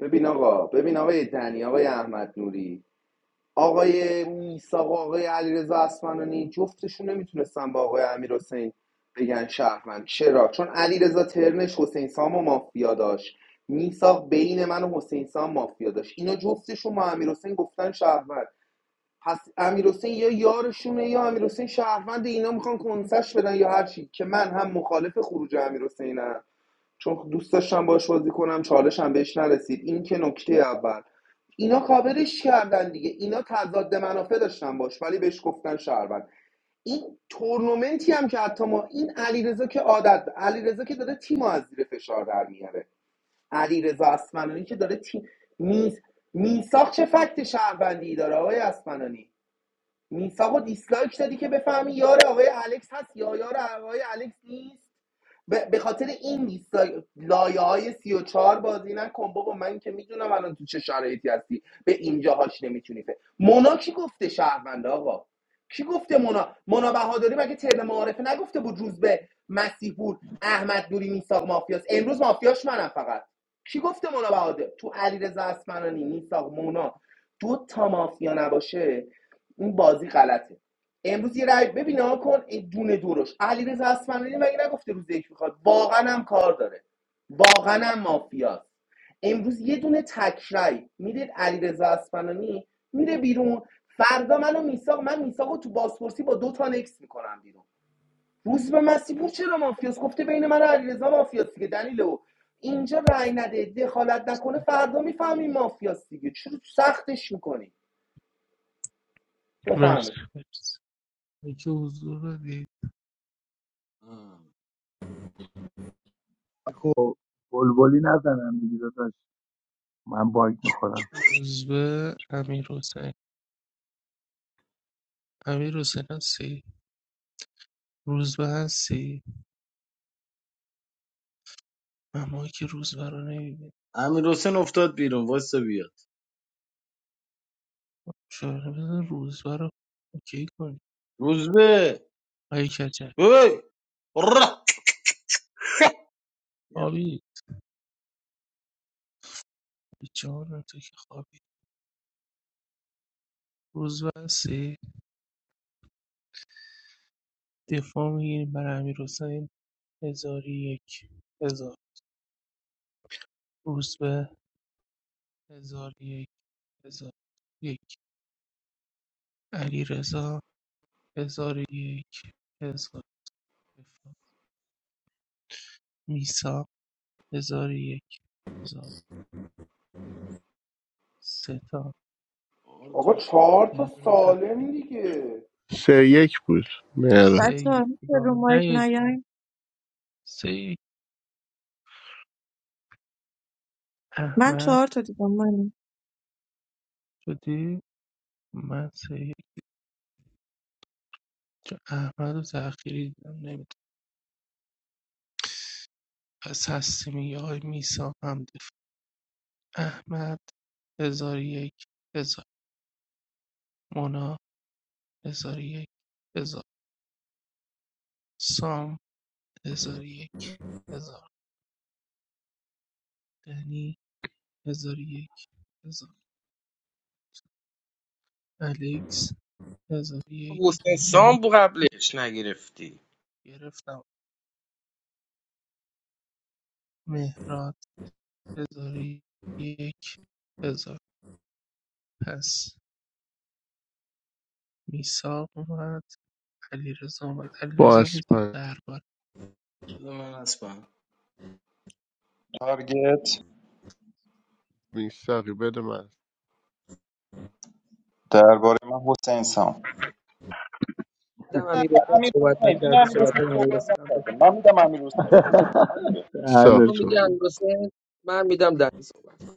Speaker 17: ببین آقا ببین آقای دنی آقای احمد نوری آقای میساق و آقای علیرضا اصفهانی جفتشون نمیتونستن با آقای امیر حسین بگن شهروند چرا چون علیرضا ترنش حسین سام و مافیا داشت میساق بین من و حسین سام مافیا داشت اینا جفتشون با امیر حسین گفتن شهروند پس امیر حسین یا یارشونه یا امیر حسین شهروند اینا میخوان کنسش بدن یا هر چی که من هم مخالف خروج امیر چون دوست داشتم باش بازی کنم چالشم بهش نرسید این که نکته اول اینا کاورش کردن دیگه اینا تضاد منافع داشتن باش ولی بهش گفتن شهروند این تورنمنتی هم که حتی ما این علیرضا که عادت علیرضا که داره تیم از زیر فشار در میاره علیرضا اسمنانی که داره تیم میز میساق چه فکت شهروندی داره آقای اسمنانی میساقو و دیسلایک دادی که بفهمی یار آقای الکس هست یا یار آقای الکس نیست ب- به خاطر این 20 لایه های 34 بازی نکن بابا من که میدونم الان تو چه شرایطی هستی به اینجاهاش نمیتونی فکر مونا کی گفته شهرونده آقا کی گفته مونا مونا بهاداری مگه ترم معارفه نگفته بود روز به مسیح احمد نوری میساق مافیاس امروز مافیاش منم فقط کی گفته مونا بهادر تو علیرضا اسمنانی میساق مونا دو تا مافیا نباشه این بازی غلطه امروز یه رای ببین ها کن این دونه دورش علیرضا اصفهانی مگه نگفته روز یک میخواد واقعا هم کار داره واقعا هم مافیاست امروز یه دونه تک رای میدید علیرضا اصفهانی میره بیرون فردا منو میساق من میساقو تو بازپرسی با دو تا نکس میکنم بیرون روز به مسیپور چرا مافیاست گفته بین من و علیرضا مافیاست دیگه دلیل او اینجا رای نده دخالت نکنه فردا میفهمی مافیاست دیگه چرا سختش میکنی بفهمه
Speaker 14: مرسی. مرسی. یکی حضور دی
Speaker 18: خب بلبلی نزنم دیگه داداش من باگ میخورم
Speaker 14: روزبه امیر حسین امیر حسین هستی روزبه هستی معماهایی که روزبه رو نمیبینه
Speaker 7: امیر حسین افتاد بیرون واسه بیا
Speaker 14: شاید بذار روزبه رو اوکی کنی
Speaker 7: روز به
Speaker 14: آیه کچل
Speaker 7: اوی را
Speaker 14: خوابی جان تو که خوابی روزبه هستی دفاع میگیریم برای امیر حسین هزار و یک هزار روزبه هزار و یک هزار یک علی رضا هزار و یک هزار دفاع میسا هزار و یک هزار سه تا
Speaker 7: آره
Speaker 17: آقا
Speaker 7: تو سوال.
Speaker 17: چهار تا
Speaker 14: یه دونه تخت.
Speaker 17: سالم دیگه
Speaker 1: سه یک بود مهر
Speaker 14: سه
Speaker 9: بچه ها،
Speaker 14: یک.
Speaker 9: میشه رو
Speaker 14: نگاه
Speaker 9: مایک
Speaker 14: نه یه دونه.
Speaker 9: نیاین.
Speaker 14: سه یک.
Speaker 9: من
Speaker 14: احمد
Speaker 9: چهار تا دیدم. مانی
Speaker 14: شدی من سری که احمد و ذخیری دیدم نمیدونم پس هستی میگه آقای میسا هم دفاع احمد هزار یک هزار مونا هزار یک هزار سام هزار یک هزار دنی هزار یک هزار الکس هزار یک
Speaker 16: حسین
Speaker 14: هزار
Speaker 16: سام بو قبلش نگرفتی
Speaker 14: گرفتم مهراد هزار یک هزار پس میساق اومد علیرضا اومد
Speaker 1: با
Speaker 14: علیرضا میساق
Speaker 1: اسپن
Speaker 14: درباره
Speaker 7: بده من اسبم
Speaker 11: تارگت
Speaker 1: میساقی بده من
Speaker 11: درباره من حسین سام
Speaker 20: دیدم امیر حسین
Speaker 11: امیر
Speaker 20: صحبت
Speaker 11: حسین این
Speaker 20: نکرده
Speaker 11: امیر
Speaker 20: صحبت
Speaker 11: حسین
Speaker 20: امیر
Speaker 11: صحبت
Speaker 20: حسین هم داشت.
Speaker 11: نکرده من میدم امیر حسین.
Speaker 20: خب
Speaker 18: آره.
Speaker 20: تو
Speaker 1: ساخت
Speaker 20: میدی
Speaker 1: تو
Speaker 20: امیر حسین من میدم دنی صحبت کن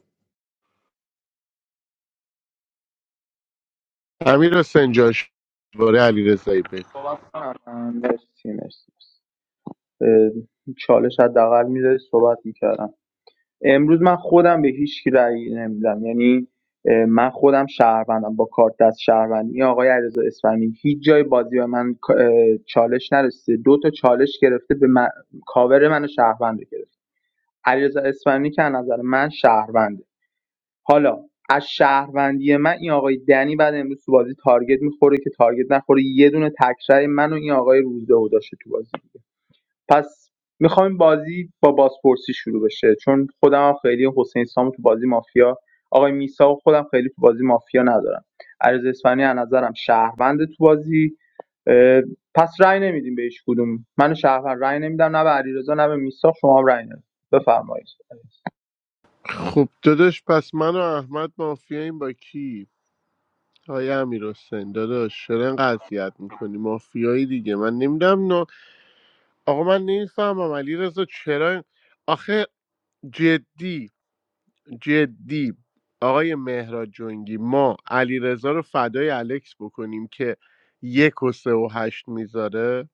Speaker 1: امیر حسین جاش باره علی رضایی بگو
Speaker 19: کنم مرسی مرسی اه، چالش حداقل میداری صحبت میکردم امروز من خودم به هیچ کی رأی نمیدم یعنی من خودم شهروندم با کارت دست شهروندی آقای علیرضا اصفهانی هیچ جای بازی به من چالش نرسیده دو تا چالش گرفته به من... کاور منو شهروند رو گرفت علیرضا اصفهانی که از نظر من شهرونده حالا از شهروندی من این آقای دنی بعد امروز تو بازی تارگت میخوره که تارگت نخوره یه دونه تکرای من و این آقای روزده داشته تو بازی پس می‌خوام بازی با بازپرسی شروع بشه چون خودم هم خیلی حسین سامو تو بازی مافیا آقای میسا و خودم خیلی تو بازی مافیا ندارم عرض اسفانی از نظرم شهروند تو بازی اه، پس رأی نمیدیم به هیچ کدوم من شهروند رأی نمیدم نه به علیرضا نه به میسا شما هم رأی ندید بفرمایید
Speaker 1: خب داداش پس من و احمد مافیاییم با کی های امیر حسین داداش چرا اینقدر اذیت میکنی مافیایی دیگه من نمیدونم نه آقا من نمیفهمم علی رضا چرا این- آخه جدی جدی آقای مهراد جنگی ما علیرضا رو فدای الکس بکنیم که یک و سه و هشت میذاره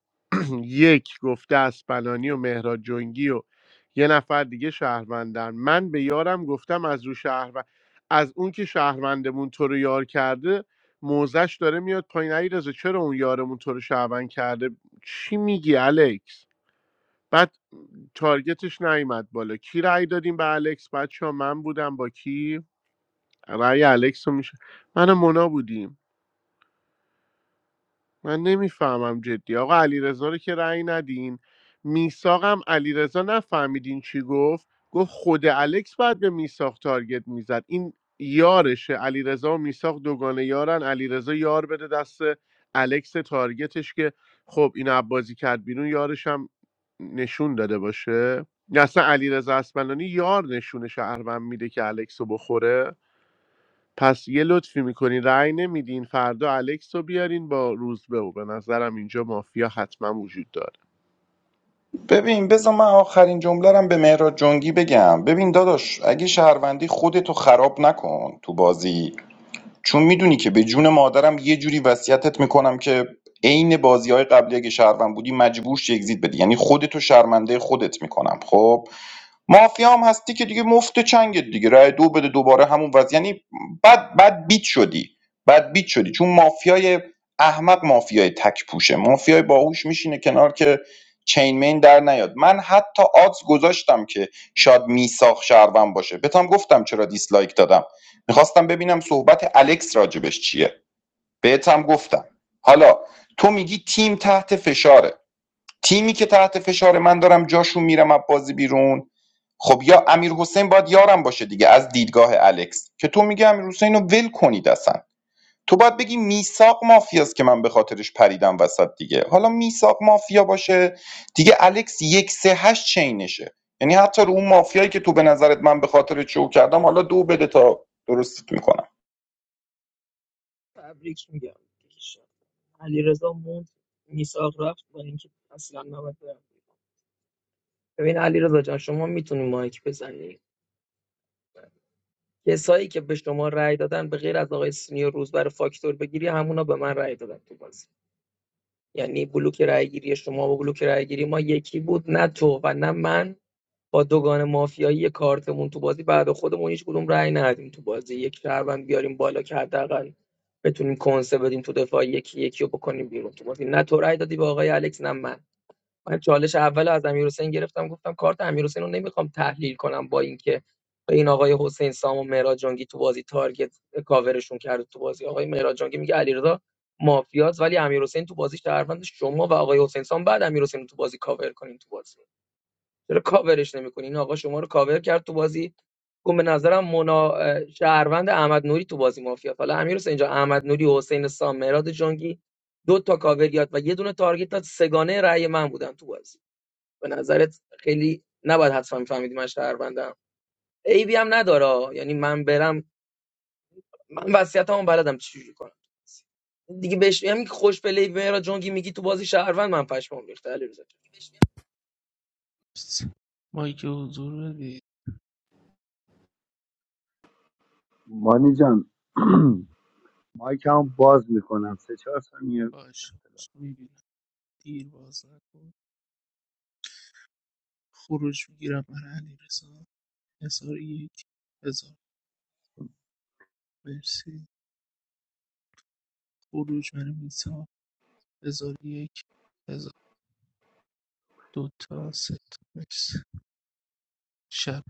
Speaker 1: یک گفته اسپنانی و مهراد جنگی و یه نفر دیگه شهروندن من به یارم گفتم از رو شهروند از اون که شهروندمون تو رو یار کرده موزش داره میاد پایین علیرضا چرا اون یارمون تو رو شهروند کرده چی میگی الکس بعد تارگتش نیومد بالا کی رأی دادیم به الکس بچه ها من بودم با کی رأی الکس رو میشه من و مونا بودیم من نمیفهمم جدی آقا علیرضا رو که رأی ندین میساقم علیرضا نفهمیدین چی گفت گفت خود الکس بعد به میساق تارگت میزد این یارشه علیرضا و میساق دوگانه یارن علیرضا یار بده دست الکس تارگتش که خب این عبازی کرد بیرون یارش هم نشون داده باشه یا اصلا علیرضا اسمنانی یار نشون شهروند میده که الکس رو بخوره پس یه لطفی میکنین رأی نمیدین فردا الکس رو بیارین با روزبه و به نظرم اینجا مافیا حتما وجود داره
Speaker 11: ببین بذار من آخرین جمله رم به مهراد جنگی بگم ببین داداش اگه شهروندی خودتو خراب نکن تو بازی چون میدونی که به جون مادرم یه جوری وصیتت میکنم که عین بازی قبلی اگه شهروند بودی مجبور شی اگزییت بدی یعنی خودتو شرمنده خودت میکنم خب مافیا هم هستی که دیگه مفت چنگت دیگه رای دو بده دوباره همون وضع یعنی بد بد بیت شدی بد بیت شدی چون مافیای احمق مافیای تک پوشه مافیای باهوش میشینه کنار که چین مین در نیاد من حتی آدز گذاشتم که شاید میساخ شهروند باشه بهتم گفتم چرا دیسلایک دادم میخواستم ببینم صحبت الکس راجبش چیه بهت هم گفتم حالا تو میگی تیم تحت فشاره تیمی که تحت فشاره من دارم جاشون میرم از بازی بیرون خب یا امیر حسین باید یارم باشه دیگه از دیدگاه الکس که تو میگی امیر حسین رو ول کنید اصلا تو باید بگی میساق مافیاست که من به خاطرش پریدم وسط دیگه حالا میساق مافیا باشه دیگه الکس یک سه هشت چینشه یعنی حتی رو اون مافیایی که تو به نظرت من به خاطر چو کردم حالا دو بده تا درستت میکنم
Speaker 20: تبریک میگم علی رضا موند میساق رفت با اینکه اصلا نباید برم ببین علیرضا جان شما میتونی مایک بزنی کسایی که به شما رأی دادن به غیر از آقای سینیور روز برای فاکتور بگیری همونا به من رأی دادن تو بازی یعنی بلوک رأیگیری شما با بلوک رأیگیری ما یکی بود نه تو و نه من با دوگان مافیایی کارتمون تو بازی بعد خودمون هیچ کدوم رأی ندیم تو بازی یک شهروند بیاریم بالا که حداقل بتونیم کنسه بدیم تو دفاع یکی یکی رو بکنیم بیرون تو بازی نه تو رأی دادی به آقای الکس نه من من چالش اول از امیرحسین گرفتم گفتم کارت امیرحسین رو نمیخوام تحلیل کنم با اینکه این آقای حسین سام و مهراد جنگی تو بازی تارگت کاورشون کرد تو بازی آقای مهراد جنگی میگه علیرضا مافیاز ولی امیرحسین تو بازی شهروند شما و آقای حسین سام بعد امیرحسین رو تو بازی کاور کنین تو بازی چرا کاورش نمیکنین این آقا شما رو کاور کرد تو بازی گفت به نظرم منا شهروند احمد نوری تو بازی مافیا حالا امیرحسین اینجا احمد نوری حسین سام مهراد جنگی دو تا کاور یاد و یه دونه تارگت داد سگانه رأی من بودن تو بازی به نظرت خیلی نباید حتما میفهمیدی من شهروندم عیبی هم نداره یعنی من برم من وصیتمو بلدم چجوری کنم دیگه بهش همین که خوش پلی میرا جونگی میگی تو بازی شهروند من پشمام ریخته علیرضا جان.
Speaker 14: مایک حضور بدید
Speaker 18: مانی جان مایک هم باز میکنم سه چهار ثانیه دو
Speaker 14: باشه باشه میبینم دیر باز نکن خروج میگیرم برای علیرضا هزار یک هزار مرسی خروج برای میسا هزار یک هزار دو سه تا مرسی شب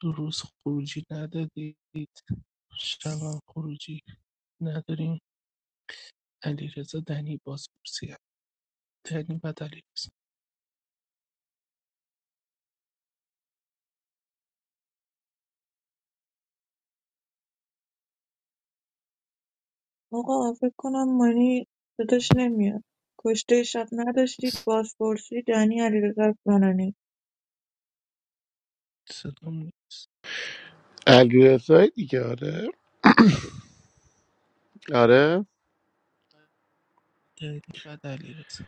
Speaker 14: دو روز خروجی ندادید شب هم خروجی نداریم علیرضا دنی بازپرسی هم. دنی بعد علیرضا
Speaker 9: Aga, I've done money. I didn't come. Yesterday, I had a street passport. Sri Daniya did it.
Speaker 14: صدا می-
Speaker 1: علیرضایی دیگه آره آره
Speaker 14: دنی بعد علیرضا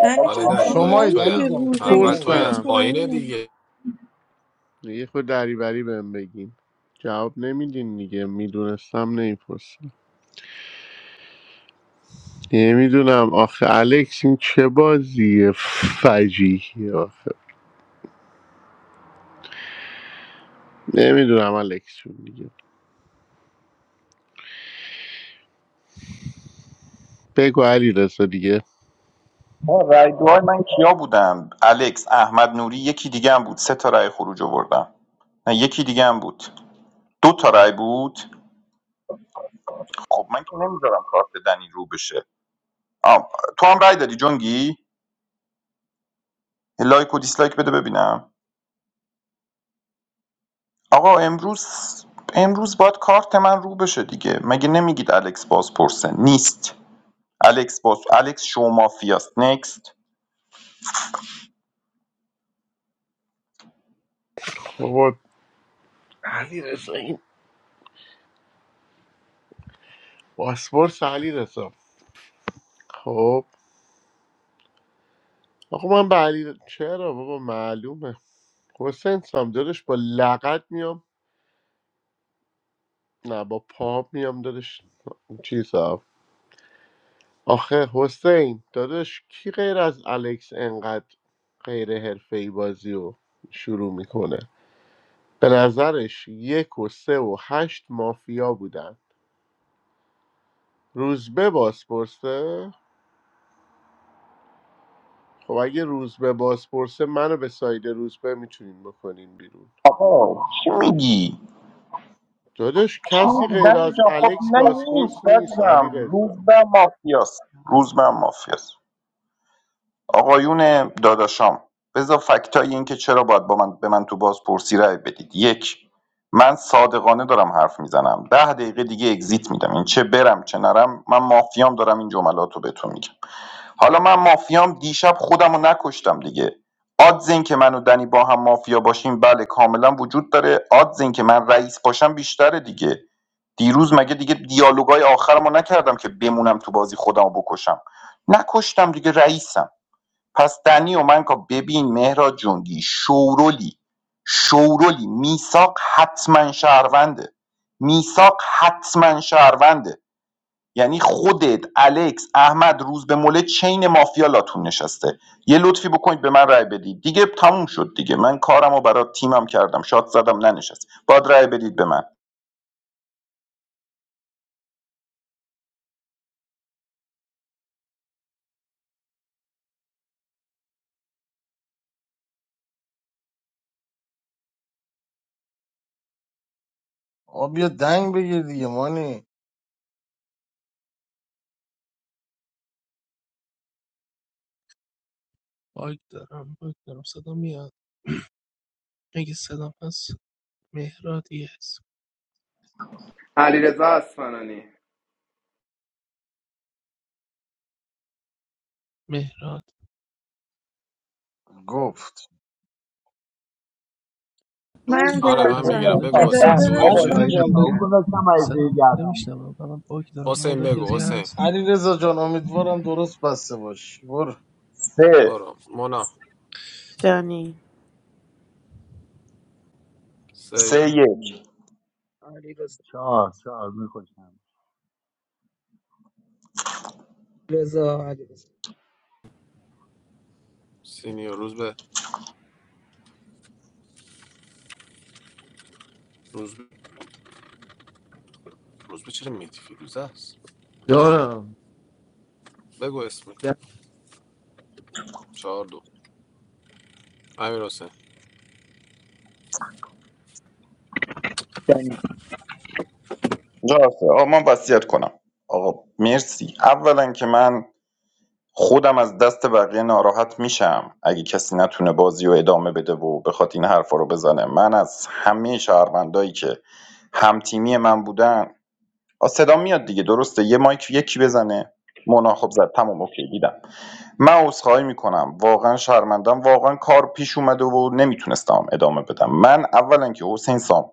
Speaker 9: Daniya,
Speaker 5: آره دنی دایی
Speaker 7: شمایی
Speaker 9: what
Speaker 5: توی
Speaker 9: is
Speaker 7: دنی
Speaker 5: اول
Speaker 9: your money?
Speaker 7: جان
Speaker 9: I'm doing
Speaker 5: اول
Speaker 9: it.
Speaker 7: شمایی
Speaker 5: توی از
Speaker 1: پرسم
Speaker 9: I'm
Speaker 5: پایینه دیگه
Speaker 1: یه خود دریوری بهم بگین جواب نمیدین دیگه میدونستم نمیپرسم نمیدونم آخه الکس این چه بازی فجیحی آخه. نمیدونم الکسون دیگه بگو علی رسا دیگه
Speaker 11: ما رای دوهای من کیا بودن الکس احمد نوری یکی دیگه هم بود سه تا رای خروج آوردم نه یکی دیگه هم بود دو تا رای بود خب من که نمیذارم کارت دنی رو بشه آم. تو هم رای دادی جنگی لایک و دیسلایک بده ببینم آقا امروز امروز باید کارت من رو بشه دیگه مگه نمیگید الکس باز پرسه نیست الکس باز الکس شو مافیاست نکست
Speaker 1: بابا علی رسا این پاسپورت علی رسا خب آقا من به علی چرا بابا معلومه حسین سام دادش با لغت میام نه با پا میام دادش چیزا آخه حسین دادش کی غیر از الکس انقدر غیر حرفه‌ای بازی رو شروع میکنه به نظرش یک و سه و هشت مافیا بودن روزبه بازپرسه خب اگه روز به بازپرسه منو به ساید روز به میتونین بکنین بیرون
Speaker 11: آقا چی میگی
Speaker 1: داداش کسی
Speaker 11: چون
Speaker 1: غیر
Speaker 11: دیدم
Speaker 1: از
Speaker 11: اینجا خب
Speaker 1: الکس
Speaker 11: نه
Speaker 1: بازپرس
Speaker 11: نیست
Speaker 1: نیست علی
Speaker 11: عزیزم روز
Speaker 1: رضا
Speaker 11: به مافیاست روز به مافیاست آقایون داداشام بذار فکتای این که چرا باید با من به من تو بازپرسی رأی بدید یک من صادقانه دارم حرف میزنم ده دقیقه دیگه اگزیت میدم این چه برم چه نرم من مافیام دارم این جملات رو بهتون میگم حالا من مافیام دیشب خودم رو نکشتم دیگه آدز این که من و دنی با هم مافیا باشیم بله کاملا وجود داره آدز این که من رئیس باشم بیشتره دیگه دیروز مگه دیگه دیالوگای آخرمو نکردم که بمونم تو بازی خودمو بکشم نکشتم دیگه رئیسم پس دنی و من که ببین مهراد جنگی شورولی شورولی میساق حتما شهرونده میساق حتما شهرونده یعنی خودت الکس احمد روز به مله چین مافیا لاتون نشسته یه لطفی بکنید به من رأی بدید دیگه تموم شد دیگه من کارمو برای تیمم کردم شاد زدم ننشست باید رأی بدید به من
Speaker 7: آ بیا دنگ بگیر دیگه مانی
Speaker 14: باگ دارم باگ دارم صدا میاد اگه صدام هست مهرادی هست
Speaker 17: علیرضا اصفهانی
Speaker 14: مهراد
Speaker 7: گفت
Speaker 9: doing
Speaker 5: آره من
Speaker 14: از
Speaker 5: میگیرم
Speaker 14: مودا
Speaker 5: بگو
Speaker 14: کسی
Speaker 5: حسین
Speaker 14: هست
Speaker 5: دوی
Speaker 18: تا
Speaker 5: چه
Speaker 7: هستی
Speaker 18: گاهی
Speaker 7: جان
Speaker 18: کاو
Speaker 7: بگیر
Speaker 9: it.
Speaker 18: گذاشتم عیزه
Speaker 14: صدام
Speaker 18: گردم
Speaker 14: نمیشنوم و من باگ دارم
Speaker 5: حسین
Speaker 14: مودا
Speaker 5: بگو
Speaker 14: کسی هست
Speaker 5: حسین
Speaker 7: علی رزا جان امیدوارم درست بسته باشی برو
Speaker 11: سه
Speaker 5: برو مونا
Speaker 12: دنی
Speaker 5: سی
Speaker 11: سه
Speaker 18: نفس-
Speaker 11: یک
Speaker 20: علیرضا
Speaker 18: چهار چهار میخوشم
Speaker 20: رضا علیرضا
Speaker 5: سینیو روز به روز به روز به چرا میتیفی روز است
Speaker 8: دارم
Speaker 5: بگو اسمی چهار دو امیر حسین
Speaker 19: دنی
Speaker 11: درسته آقا من وصیت کنم آقا مرسی اولا که من خودم از دست بقیه ناراحت میشم اگه کسی نتونه بازی رو ادامه بده و بخواد این حرفا رو بزنه من از همه شهروندایی که همتیمی من بودن آ، صدا میاد دیگه درسته یه مایک یکی بزنه مونا خب زد تمام اوکی دیدم من عذرخواهی میکنم واقعا شرمندم واقعا کار پیش اومده و نمیتونستم ادامه بدم من اولا که حسین سام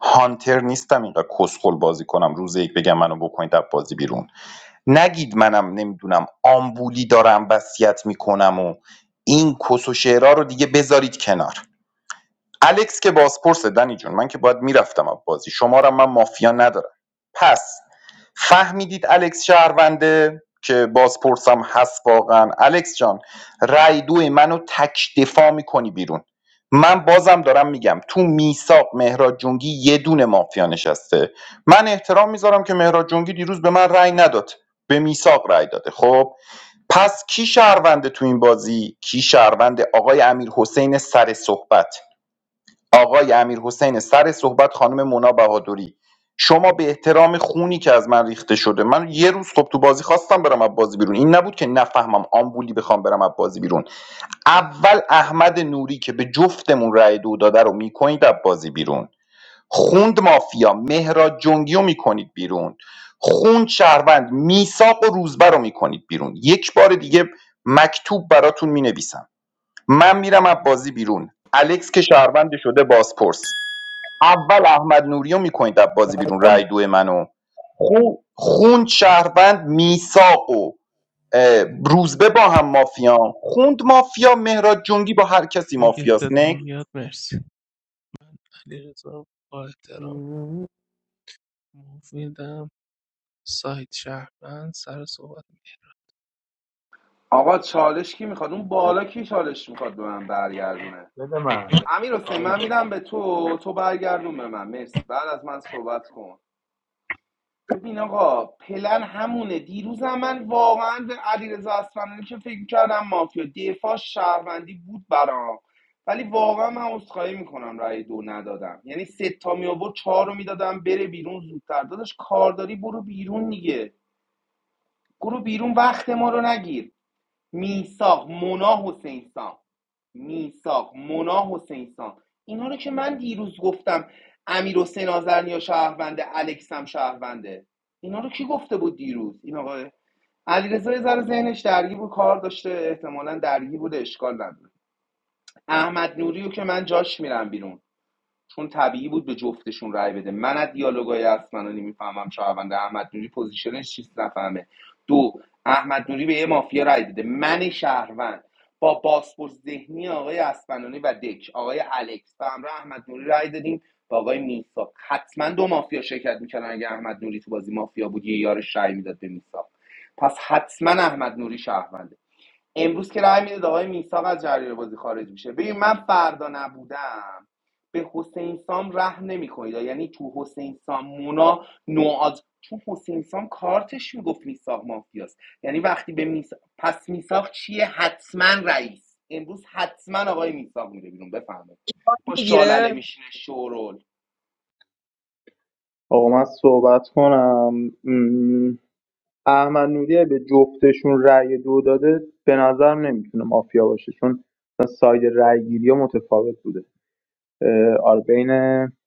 Speaker 11: هانتر نیستم اینقدر کسخل بازی کنم روز یک بگم منو بکنید از بازی بیرون نگید منم نمیدونم آمبولی دارم وصیت میکنم و این کس و شعرها رو دیگه بذارید کنار الکس که بازپرسه دنی جون من که باید میرفتم از بازی شما را من مافیا ندارم پس فهمیدید الکس شهرونده که بازپرسم هست واقعا الکس جان رای دوی منو تک دفاع میکنی بیرون من بازم دارم میگم تو میساق مهراد جنگی یه دونه مافیا نشسته من احترام میذارم که مهراد جنگی دیروز به من رأی نداد به میساق رأی داده خب پس کی شهرونده تو این بازی کی شهرونده آقای امیر حسین سر صحبت آقای امیرحسین سر صحبت خانم مونا بهادری شما به احترام خونی که از من ریخته شده من یه روز خب تو بازی خواستم برم از بازی بیرون این نبود که نفهمم آمبولی بخوام برم از بازی بیرون اول احمد نوری که به جفتمون رأی دو داده رو میکنید از بازی بیرون خوند مافیا مهراد جنگی رو میکنید بیرون خوند شهروند میساق و روزبر رو میکنید بیرون یک بار دیگه مکتوب براتون مینویسم من میرم از بازی بیرون الکس که شهروند شده بازپرس اول احمد نوری رو میکنید از بازی بیرون
Speaker 8: دارم.
Speaker 11: رای دو منو خون خوند شهروند میساق و اه، روزبه با هم مافیان خوند مافیا مهراد جنگی با هر کسی
Speaker 14: اگه
Speaker 11: مافیاست
Speaker 14: صدام میاد مرسی علی رضا با احترام مفیدم سایت شهروند سر صحبت
Speaker 17: آقا چالش کی میخواد اون بالا کی چالش میخواد به من برگردونه
Speaker 18: بده من
Speaker 17: امیر حسین من میدم به تو تو برگردون به من مرسی بعد از من صحبت کن ببین آقا پلن همونه دیروزم هم من واقعا به علیرضا اصفهانی که فکر کردم مافیا دفاع شهروندی بود برام ولی واقعا من عذرخواهی میکنم رأی دو ندادم یعنی سه تا می آورد چهار رو میدادم بره بیرون زودتر داداش کارداری برو بیرون دیگه برو بیرون وقت ما رو نگیر میساق مونا حسین سام میساق مونا حسین سام اینا رو که من دیروز گفتم امیر حسین آزرنیا شهرونده الکس هم شهرونده اینا رو کی گفته بود دیروز این آقای علیرضا یه ذره ذهنش درگیر بود کار داشته احتمالاً درگیر بوده اشکال نداره احمد نوریو که من جاش میرم بیرون چون طبیعی بود به جفتشون رای بده من از دیالوگای اسمنانی میفهمم شهروند احمد نوری پوزیشنش چیست نفهمه دو احمد نوری به یه مافیا رای داده من شهروند با پاسپورت ذهنی آقای اسمنانی و دک آقای الکس و همراه احمد نوری رای دادیم با آقای میسا حتما دو مافیا شرکت میکردن اگه احمد نوری تو بازی مافیا بود یه یارش رای میداد به میسا پس حتما احمد نوری شهرونده امروز که رای میدید آقای میساق از جریان بازی خارج میشه ببین من فردا نبودم به حسین سام ره نمیکنید یعنی تو حسین سام مونا نوعاد تو حسین سام کارتش میگفت میساق مافیاست یعنی وقتی به میساق پس میساق چیه حتما رئیس امروز حتما آقای میساق میره بیرون بفهمه با شالله
Speaker 20: میگیره
Speaker 17: میشینه شورول
Speaker 19: آقا من صحبت کنم م، احمد نوری به جفتشون رأی دو داده به نظرم نمیتونه مافیا باشه چون مثلا ساید رأیگیری ها متفاوت بوده آره بین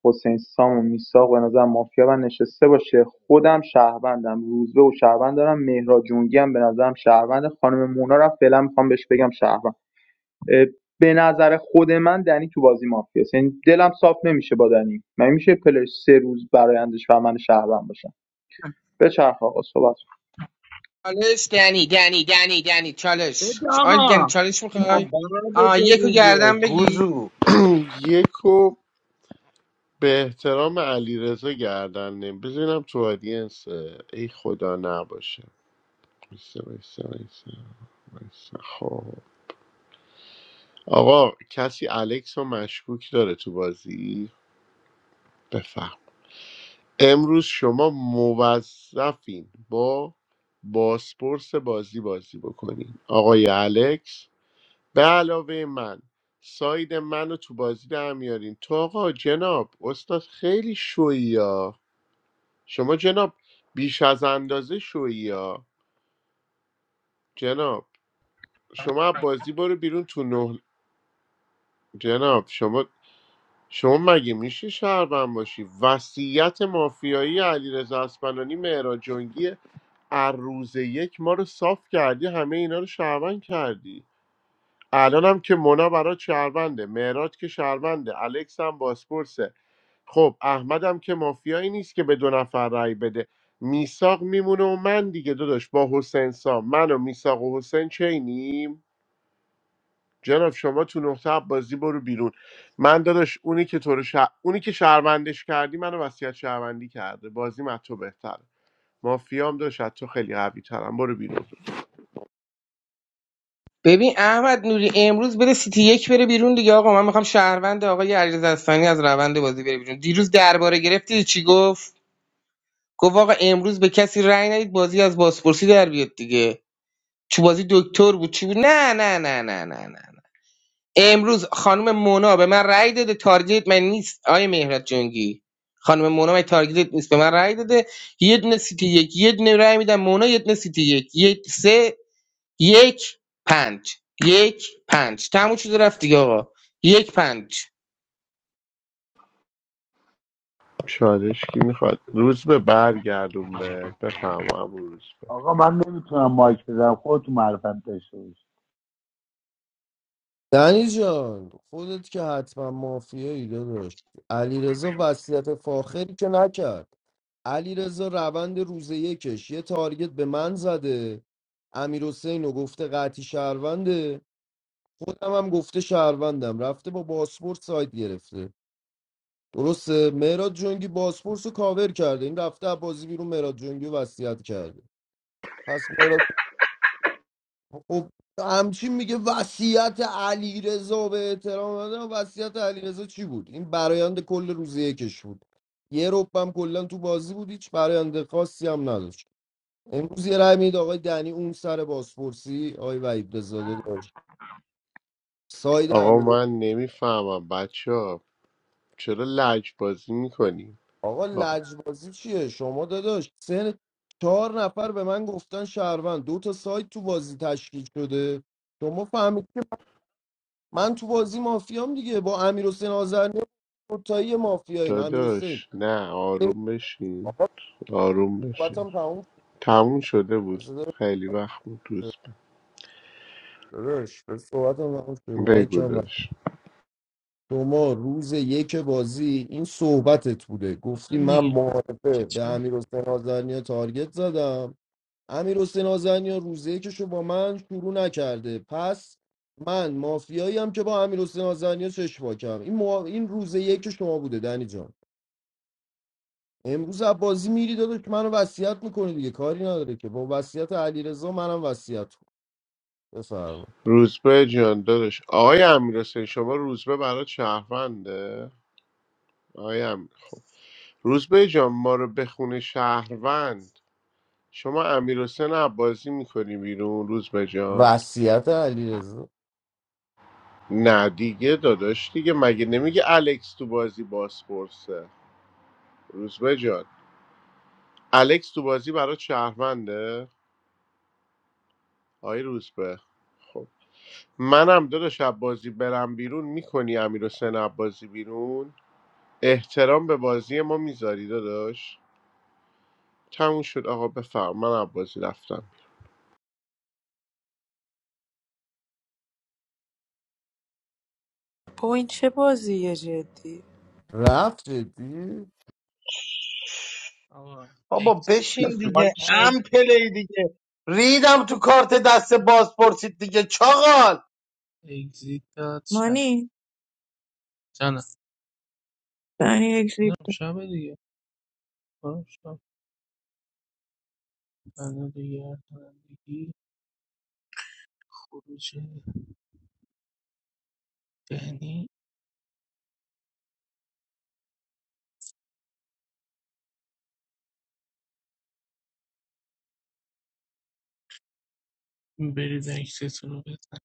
Speaker 19: حسین سام و میساق به نظر مافیا من نشسته باشه خودم شهروندم روزبه و شهروند دارم مهراد جونگی هم به نظرم شهروند خانم مونا رو هم فعلا میخوام بهش بگم شهروند به نظر خود من دنی تو بازی مافیا یعنی دلم صاف نمیشه با دنی من میشه پلش سه روز برایندش و من شهروند باشم به چرخ آقا صحبت
Speaker 16: چالش دنی دنی دنی دنی چالش
Speaker 20: بده
Speaker 16: آی دنی
Speaker 20: آقا
Speaker 16: چالش
Speaker 7: بابا
Speaker 16: میخوای
Speaker 7: بعد
Speaker 16: آ یکو
Speaker 7: تو دیگه
Speaker 16: گردن بگی
Speaker 7: گوزو
Speaker 1: یکو به احترام علی رضا گردن نیم بزنم تو آدینس ای خدا نباشه وایسا، وایسا، وایسا، وایسا. خب آقا کسی الکس رو مشکوک داره تو بازی بفهم. امروز شما موظفین با بازپرس بازی بازی بکنین آقای الکس به علاوه من ساید منو تو بازی در میارین تو آقا جناب استاد خیلی شویی ها شما جناب بیش از اندازه شویی ها جناب شما از بازی برو بیرون تو نه جناب شما شما مگه میشه شهروند باشی وصیت مافیایی علیرضا اسپنانی مهراد جنگی هر روز یک ما رو صاف کردی همه اینا رو شهروند کردی الان هم که مونا برات شهرونده معراج که شهرونده الکس هم باسپورسه خب احمد هم که مافیایی نیست که به دو نفر رأی بده میساق میمونه و من دیگه داداش با حسین سام من و میساق و حسین چینیم جناب شما تو نقطه بازی برو بیرون من داداش اونی که تو رو شه- اونی که شهروندش کردی منو وصیت شهروندی کرده بازی من تو بهتره مافیام داشت تو خیلی قوی ترم برو بیرون
Speaker 16: ببین احمد نوری امروز بره سیتی یک بره بیرون دیگه آقا من میخوام شهروند آقای علیرضا اصلانی از روند بازی بره بیرون دیروز درباره گرفتی چی گفت گفت آقا امروز به کسی رأی ندید بازی از بازپرسی در بیاد دیگه چو بازی دکتر بود چی بود نه نه نه نه نه نه نه. امروز خانم مونا به من رأی داده تارگت من نیست آیه مهرت جنگی خانم مونا من تارگت نیست به من رأی داده یه دونه سیتی یک یه دونه رأی میدم مونا یه دونه سیتی یک یک سه یک پنج یک پنج تموم شده رفت دیگه آقا یک پنج
Speaker 1: چالش کی میخواد روز به برگردون به بفهمم روز به
Speaker 18: آقا من نمیتونم مایک بزنم خودتون معرفت داشته باشید
Speaker 8: دنی جان خودت که حتما مافیایی داشت علیرضا رضا وصیت فاخری که نکرد علیرضا رضا روند روز یکش یه تارگت به من زده امیر رو گفته قطعی شهرونده خودم هم گفته شهروندم رفته با باسپورت سایت گرفته درسته مهراد جنگی باسپورس رو کاور کرده این رفته از بازی بیرون مهراد جنگی رو وصیت کرده پس مهراد خب همچین میگه وصیت علیرضا به احترام دادن وصیت علیرضا چی بود این برایند کل روز یکش بود یه ربم کلا تو بازی بود هیچ برایند خاصی هم نداشت امروز یه رای میده آقای دنی اون سر بازپرسی آقای وحید بزاده داشت ساید
Speaker 1: آقا
Speaker 8: امیر
Speaker 1: من نمیفهمم بچه ها چرا لج بازی میکنیم
Speaker 8: آقا لجبازی چیه شما داداش سن چهار نفر به من گفتن شهروند دو تا سایت تو بازی تشکیل شده شما فهمیدی من تو بازی مافیام دیگه با امیر حسین آزرنی مافیایی مافیاییم امیر حسین
Speaker 1: داداش نه آروم بشین
Speaker 8: آقا
Speaker 1: آروم بشین
Speaker 8: صحبتم تموم شد.
Speaker 1: تموم شده بود
Speaker 8: بذار-
Speaker 1: خیلی وقت بود روز به
Speaker 8: داداش به صحبتم تموم شد رو مایک
Speaker 1: بگو
Speaker 8: هم رفت.
Speaker 1: داداش
Speaker 8: شما روز یک بازی این صحبتت بوده
Speaker 14: می‌کنه.
Speaker 8: گفتی
Speaker 14: من
Speaker 8: من
Speaker 14: دیگه من که
Speaker 8: معارفه به
Speaker 14: چه
Speaker 8: امیر حسین آزرنیا تارگت زدم امیر حسین آزرنیا روز یکشو با من شروع نکرده پس من مافیایی هم که با امیر حسین آزرنیا چشم پاکم این, موا... این روز یک شما بوده دنی جان امروز از بازی میری داداش که منو وصیت میکنی دیگه کاری نداره که با وصیت علیرضا منم وصیت کن بفرما
Speaker 1: روزبه جان داداش آقای امیرحسین شما روزبه برای شهرونده آقای امیر روزبه جان ما رو بخونه شهروند شما امیرحسین عباسی میکنی بیرون روز به جان
Speaker 8: وصیت علیرضا
Speaker 1: نه دیگه داداش دیگه مگه نمیگه الکس تو بازی بازپرسه روز به جان الکس تو بازی برای شهرمنده آی روز به خب منم داداش عباسی برم بیرون میکنی امیرحسین عباسی بیرون احترام به بازی ما میذاری داداش تموم شد آقا بفرم من عباسی رفتم
Speaker 12: با این چه بازیه جدی
Speaker 8: رفت جدی
Speaker 14: آقا
Speaker 7: بابا
Speaker 14: اگزیت
Speaker 7: بشین
Speaker 14: بده
Speaker 7: دیگه
Speaker 18: مایک نیاد
Speaker 7: ام
Speaker 14: شبه
Speaker 7: پلی دیگه ریدم تو کارت دست باز پرسید دیگه چاقال
Speaker 14: اگزیت داد
Speaker 9: I'm
Speaker 14: شبه
Speaker 9: doing it.
Speaker 14: جانم
Speaker 9: Daniya, I'm doing
Speaker 14: میدونم
Speaker 9: it.
Speaker 14: شبه دیگه برام شب دیگه رانندگی خروج ذهنی برید اکتتون رو بزن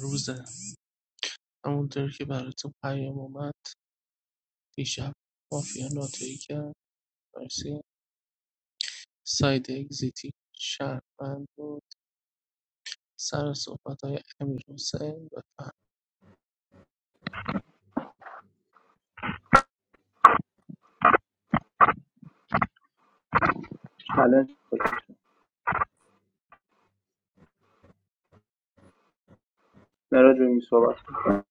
Speaker 14: روزه همونطور که براتون پیام اومد دیشب مافیا ناتوی کرد مرسی ساید اگزیتی شهروند بود سر صحبت های امیر حسین بفرم
Speaker 19: چالش مهراد جونگی صحبت کن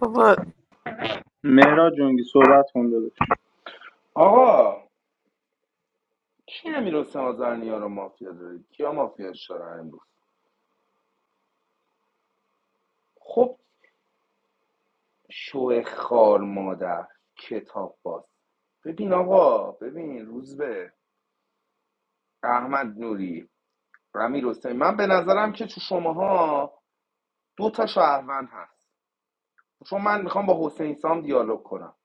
Speaker 12: بابا
Speaker 19: مهراد جونگی صحبت کن
Speaker 17: آقا کی امیر حسین آزرنیا رو مافیا دارید کیا مافیاش دارن امروز خب شو خار مادر کتاب باز ببین آقا ببین روزبه احمد نوری امیر حسین من به نظرم که تو شماها دو تا شهروند هست چون من میخوام با حسین سام دیالوگ کنم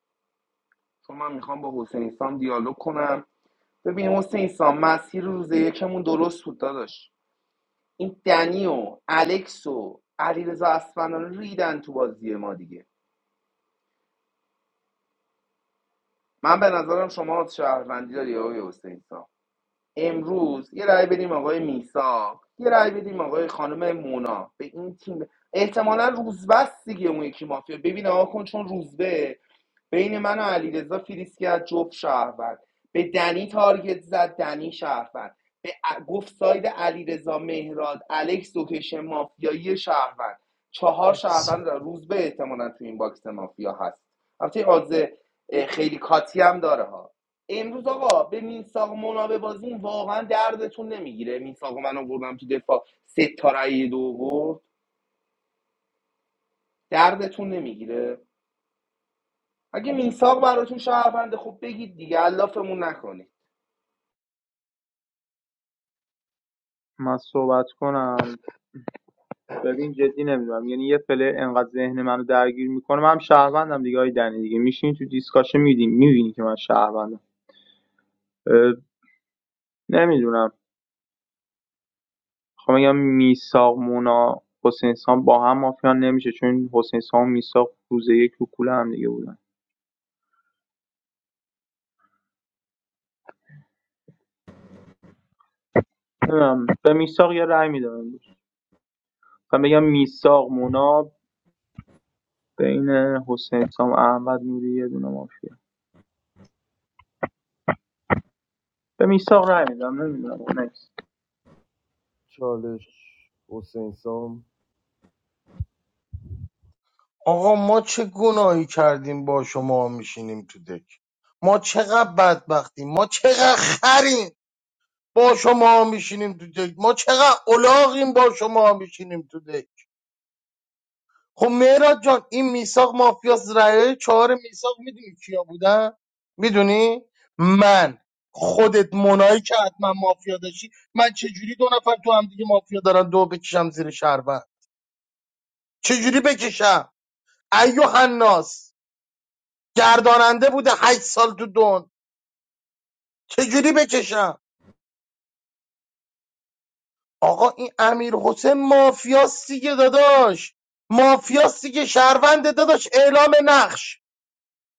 Speaker 17: چون من میخوام با حسین سام دیالوگ کنم ببین حسین سام مسیر روز یکمون درست بود داداش این دنی و الکس و علیرضا اصفهانی ریدن تو بازی ما دیگه من به نظرم شما شهروندی داری آقای حسین سام امروز یه رأی بدیم آقای میسا یه رأی بدیم آقای خانم مونا به این تیم احتمالا روزبست دیگه اون یکی مافیا ببین آقا کن چون روزبه بین من و علیرضا فریز کرد جفت شهروند به دنی تارگت زد دنی شهروند به ا- گفت ساید علیرضا مهراد الکس لوکیشن مافیایی شهروند چهار
Speaker 14: مرسی
Speaker 17: شهروند داره. روزبه احتمالا تو این باکس مافیا هست البته این آدز اه، خیلی کاتی هم داره ها امروز آقا به میساق منابه بازیم واقعا دردتون نمیگیره میساق من آوردم تو دفاع سه تا رأی دو آورد دردتون نمیگیره اگه میساق براتون شهروند خوب بگید دیگه علافمون نکنید
Speaker 19: من صحبت کنم ببین جدی نمیدونم یعنی یه پله انقدر ذهن منو درگیر میکنه من هم شهروندم دیگه های دنی دیگه میشین تو دیسکاشن میدین میبینی که من شهروندم نمیدونم خب میگم میساق مونا حسین سام با هم مافیان نمیشه چون حسین سام و میساق روز یک رو کوله هم دیگه بودن نمیدونم به میساق یه رأی میدم امروز و میگم میساق مونا بین حسین سام احمد نوری یه دونه مافیا به میساق رأی میدم نمیدونم نکس
Speaker 8: چالش حسین سام
Speaker 7: آقا ما چه گناهی کردیم با شما میشینیم تو دک ما چقدر بدبختیم ما چقدر خریم با شما میشینیم تو دک ما چقدر الاغیم با شما میشینیم تو دک خب مهراد جان این میساق مافیاس رعیه چهار میساق میدونی کیا بودن میدونی من خودت منایی که حتما مافیا داشتی من چجوری دو نفر تو هم دیگه مافیا دارن دو بکشم زیر شربت چجوری بکشم ایو حناس گرداننده بوده هشت سال تو دون چجوری بکشم آقا این امیر حسین مافیاست دیگه داداش مافیاست دیگه شهرونده داداش اعلام نقش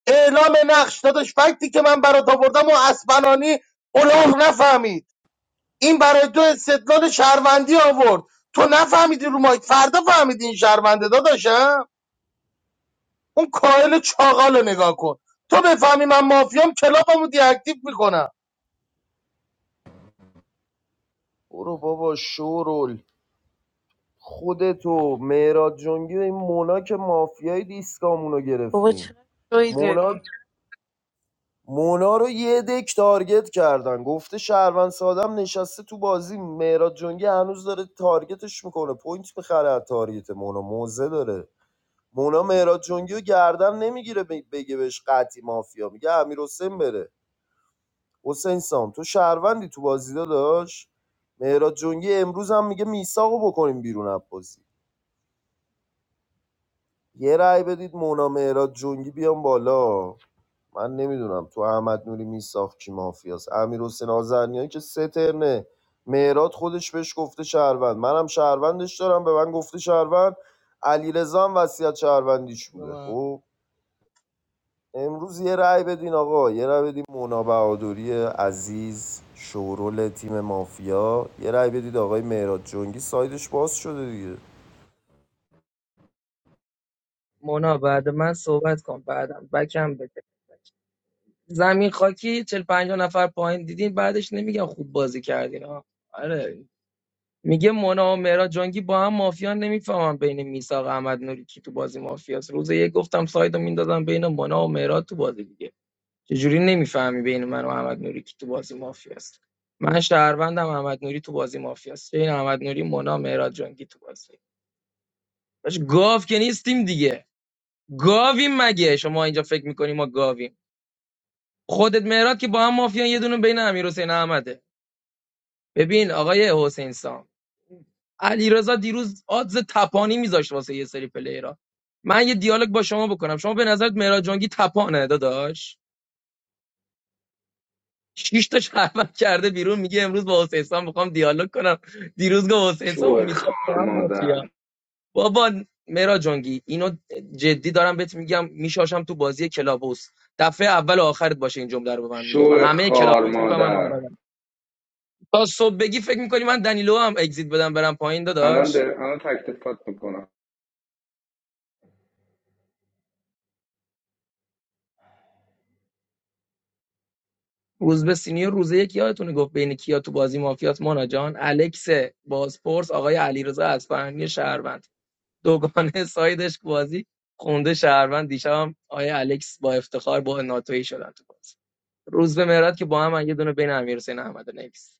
Speaker 7: اعلام نقش داداش فکتی که من برات آوردم و اسبنانی الاغ نفهمید این برای تو استدلال شهروندی آورد تو نفهمیدی رو مایک فردا فهمیدی این شهرونده داداشم اون کاهل چاقال رو نگاه کن تو بفهمی من مافیام کلاپمو دیاکتیو میکنم
Speaker 8: برو بابا شورول خودتو مهراد جنگی و این مونا که مافیای دیسکامونو
Speaker 12: بابا چه
Speaker 8: گرفتین
Speaker 12: جدی
Speaker 8: مونا مونا رو یه دک تارگت کردن گفته شهروند سادم نشسته تو بازی مهراد جنگی هنوز داره تارگتش میکنه پوینت میخره از تارگت مونا موزه داره مونا مهراد جنگی رو گردن نمیگیره بگه بهش قطعی مافیا میگه امیر حسین بره حسین سام تو شهروندی تو بازی داداش مهراد جنگی امروز هم میگه میساقو بکنیم بیرون از بازی یه رأی بدید مونا مهراد جنگی بیام بالا من نمیدونم تو احمد نوری میساخت کی مافیاست امیر حسین آزرنیان که سه ترنه مهرات خودش بهش گفته شهروند منم شهروندش دارم به من گفته شهروند علیرضا هم وصیت شهروندیش بوده خب امروز یه رأی بدین آقا یه رأی بدین مونا بهادری عزیز شورول تیم مافیا یه رأی بدید آقای مهرات جنگی سایدش باز شده دیگه
Speaker 20: مونا بعد من صحبت کن بعدم بکم زمین خاکی چهل 50 نفر پایین دیدین بعدش نمیگن خوب بازی کردین ها آره میگه مونا و مهراد جنگی با هم مافیا نمیفهمم بین میساق احمد نوری کی تو بازی مافیاست روز یک گفتم سایدو میندازم بین مونا و مهراد تو بازی دیگه چجوری نمیفهمی بین من و احمد نوری کی تو بازی مافیاست من شهروندم احمد نوری تو بازی مافیاست بین احمد نوری مونا مهراد جنگی تو بازی باش گاو که نیستیم دیگه گاویم مگه شما اینجا فکر میکنی ما گاویم خودت مهراد که با هم مافیان یه دونه بین امیر حسین احمده ببین آقای حسین سام علیرضا دیروز آدز تپانی میذاشت واسه یه سری پلیرها من یه دیالوگ با شما بکنم شما به نظرت مهراد جانگی تپانه داداش شش تا شهروند کرده بیرون میگه امروز با حسین سام میخوام دیالوگ کنم دیروز گفت حسین سام و
Speaker 17: شو
Speaker 20: میساق با
Speaker 17: خار
Speaker 20: هم
Speaker 17: مادر
Speaker 20: مافیا بابا مهراد جانگی اینو جدی دارم بهت میگم میشاشم تو بازی کلابوس دفعه اول و آخرت باشه این جمله رو به من میگی خب
Speaker 17: شو
Speaker 20: همه
Speaker 17: خار
Speaker 20: کلابوس میفهمم من
Speaker 17: مادر
Speaker 20: تا صبح بگی فکر میکنی من دنیلو هم اگزیت بدم برم پایین
Speaker 17: الان
Speaker 20: داداش
Speaker 17: در... الان تک تفات میکنم
Speaker 20: روز به سینیور روزه یک یادتونه گفت بین کیا تو بازی مافیات مونا جان الکس بازپرس آقای علیرضا اصفهانی شهروند دوگانه سایدش بازی خونده شهروند دیشبم آقای الکس با افتخار با ناتوی شدن تو بازی روز به مهراد که با هم من یه دونه بین امیر حسین احمد نکس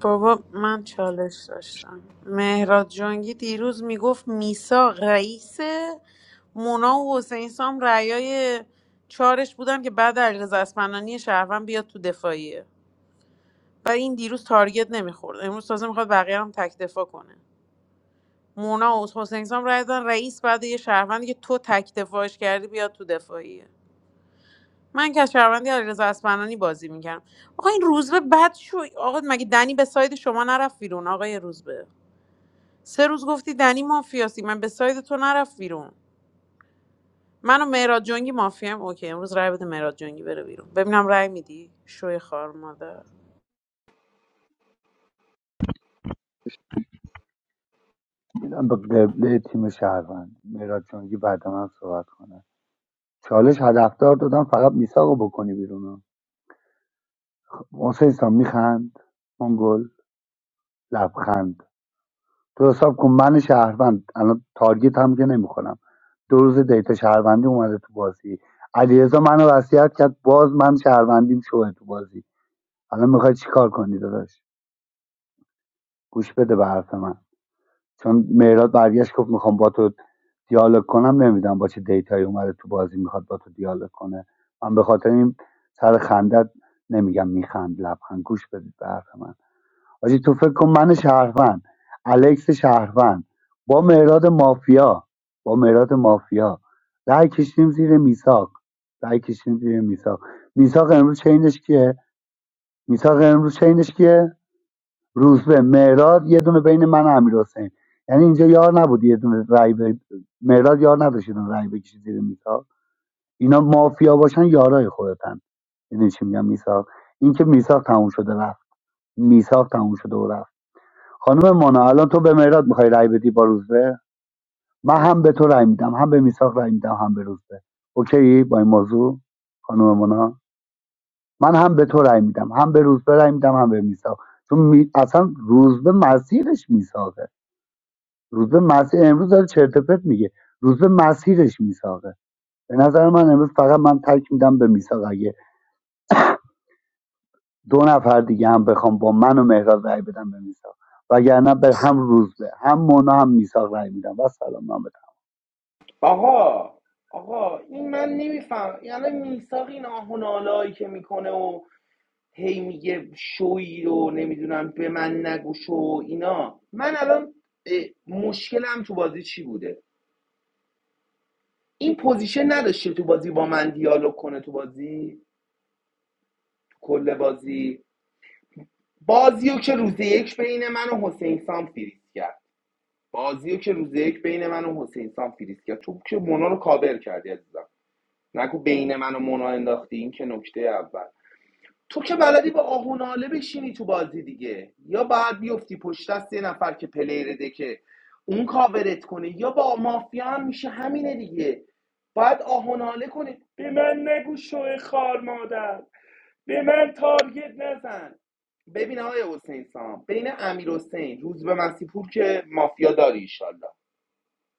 Speaker 12: بابا من چالش داشتم مهراد جانگی دیروز میگفت میسا رئیسه مونا و حسین سام رأیای چارش بودن که بعد علیرضا اسمنانی شهروند بیاد تو دفاعیه و این دیروز تارگت نمیخورد امروز تازه میخواد بقیه هم تک دفاع کنه مونا و حسین سام رأی دادن رئیس بعد یه شهروندی که تو تک دفاعش کردی بیاد تو دفاعیه من که از شهروندی علیرضا اسمنانی بازی میکردم آقا این روزبه بد شو آقا مگه دنی به ساید شما نرفت بیرون آقای روزبه سه روز گفتی دنی مافیاسی من به ساید تو نرفت بیرون من و مهراد جنگی مافیام اوکی امروز رای بده مهراد جنگی بره بیرون ببینم رای میدی شوی خار مادر
Speaker 18: میدم به قبله تیم شهروند مهراد جنگی بعد من صحبت کنه چالش هدفدار دادم فقط میساقو بکنی بیرون حسین سام میخند منگل لبخند تو حساب کن من شهروند الان تارگت هم که نمیخونم دو روز دیتا شهروندی اومده تو بازی علیرضا منو وصیت کرد باز من شهروندیم شوه تو بازی الان میخوای چیکار کنی داداش گوش بده به حرف من چون مهراد برگشت گفت میخوام با تو دیالوگ کنم نمیدونم با چه دیتایی اومده تو بازی میخواد با تو دیالوگ کنه من به خاطر این سر خندت نمیگم میخند لبخند گوش بدید به حرف من حاجی تو فکر کن من شهروند الکس شهروند با مهراد مافیا با مهراد مافیا رأی کشیم زیر میساق رأی کشیم زیر میساق میساق امروز چینش کیه میساق امروز چینش کیه روز به مهراد یه دونه بین من و امیر حسین یعنی اینجا یار نبود یه دونه رای به مهراد یار نداشت یه دونه رای بکشه زیر میساق اینا مافیا باشن یارای خودتن یعنی چی میگم میساق این که میساق تموم شده رفت میساق تموم شده و رفت خانم مانا الان تو به مهراد میخوای رای بدی با روزبه من هم به تو رای میدم هم به میساق رای میدم هم به روزبه اوکی با این موضوع خانم مانا من هم به تو رای میدم هم به روزبه رای میدم هم به میساق چون می... اصلا روزبه مسیرش میساقه روزبه مسیر امروز داره چرت و پرت میگه روزبه مسیرش میساقه به نظر من امروز فقط من تک میدم به میساق اگه دو نفر دیگه هم بخوام با من و مهراد رای بدم به میساق وگرنه به هم روزبه هم مونا هم میساق رای میدم و سلام من بدم
Speaker 17: آقا آقا این من نمیفهم یعنی میساق این آهنالایی که میکنه و هی میگه شوی رو نمیدونم به من نگو شو اینا من الان مشکلم تو بازی چی بوده این پوزیشن نداشته تو بازی با من دیالوگ کنه تو بازی کل بازی بازیو که روز یک بین من و حسین سام فریز کرد بازیو که روز یک بین من و حسین سام فریز کرد تو که مونا رو کابر کردی عزیزم نگو بین من و مونا انداختی این که نکته اول تو که بلدی با آهوناله بشینی تو بازی دیگه یا باید بیفتی پشت دست یه نفر که پلیر ده که اون کاورت کنه یا با مافیا هم میشه همینه دیگه باید آهوناله کنه به من نگو شوه خار مادر به من تارگت نزن ببین آقای حسین سام بین امیر حسین روز به مسیح پور که مافیا داری ان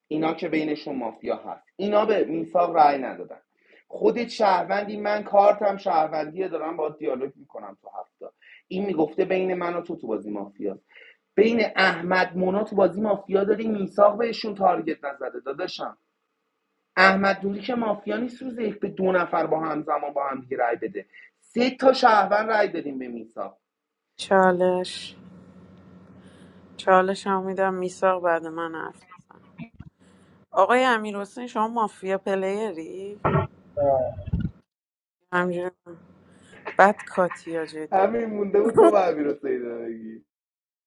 Speaker 17: اینا که بینشون مافیا هست اینا به میثاق رأی ندادن خودت شهروندی من کارتم شهروندیه دارم با دیالوگ میکنم تو هفته این میگفته بین من و تو تو بازی مافیا بین احمد مونا تو بازی مافیا داری میثاق بهشون تارگت نزده داداشم احمد دوری که مافیا نیست روز یک به دو نفر با هم زمان با هم دیگه رأی بده سه تا شهروند رأی دادیم به میثاق
Speaker 12: چالش چالش هم میدم میساق بعد من حرف بزن آقای امیر حسین شما مافیا پلیری همجوری بد کاتیا جدی
Speaker 17: همین مونده بود تو به امیر حسین بگی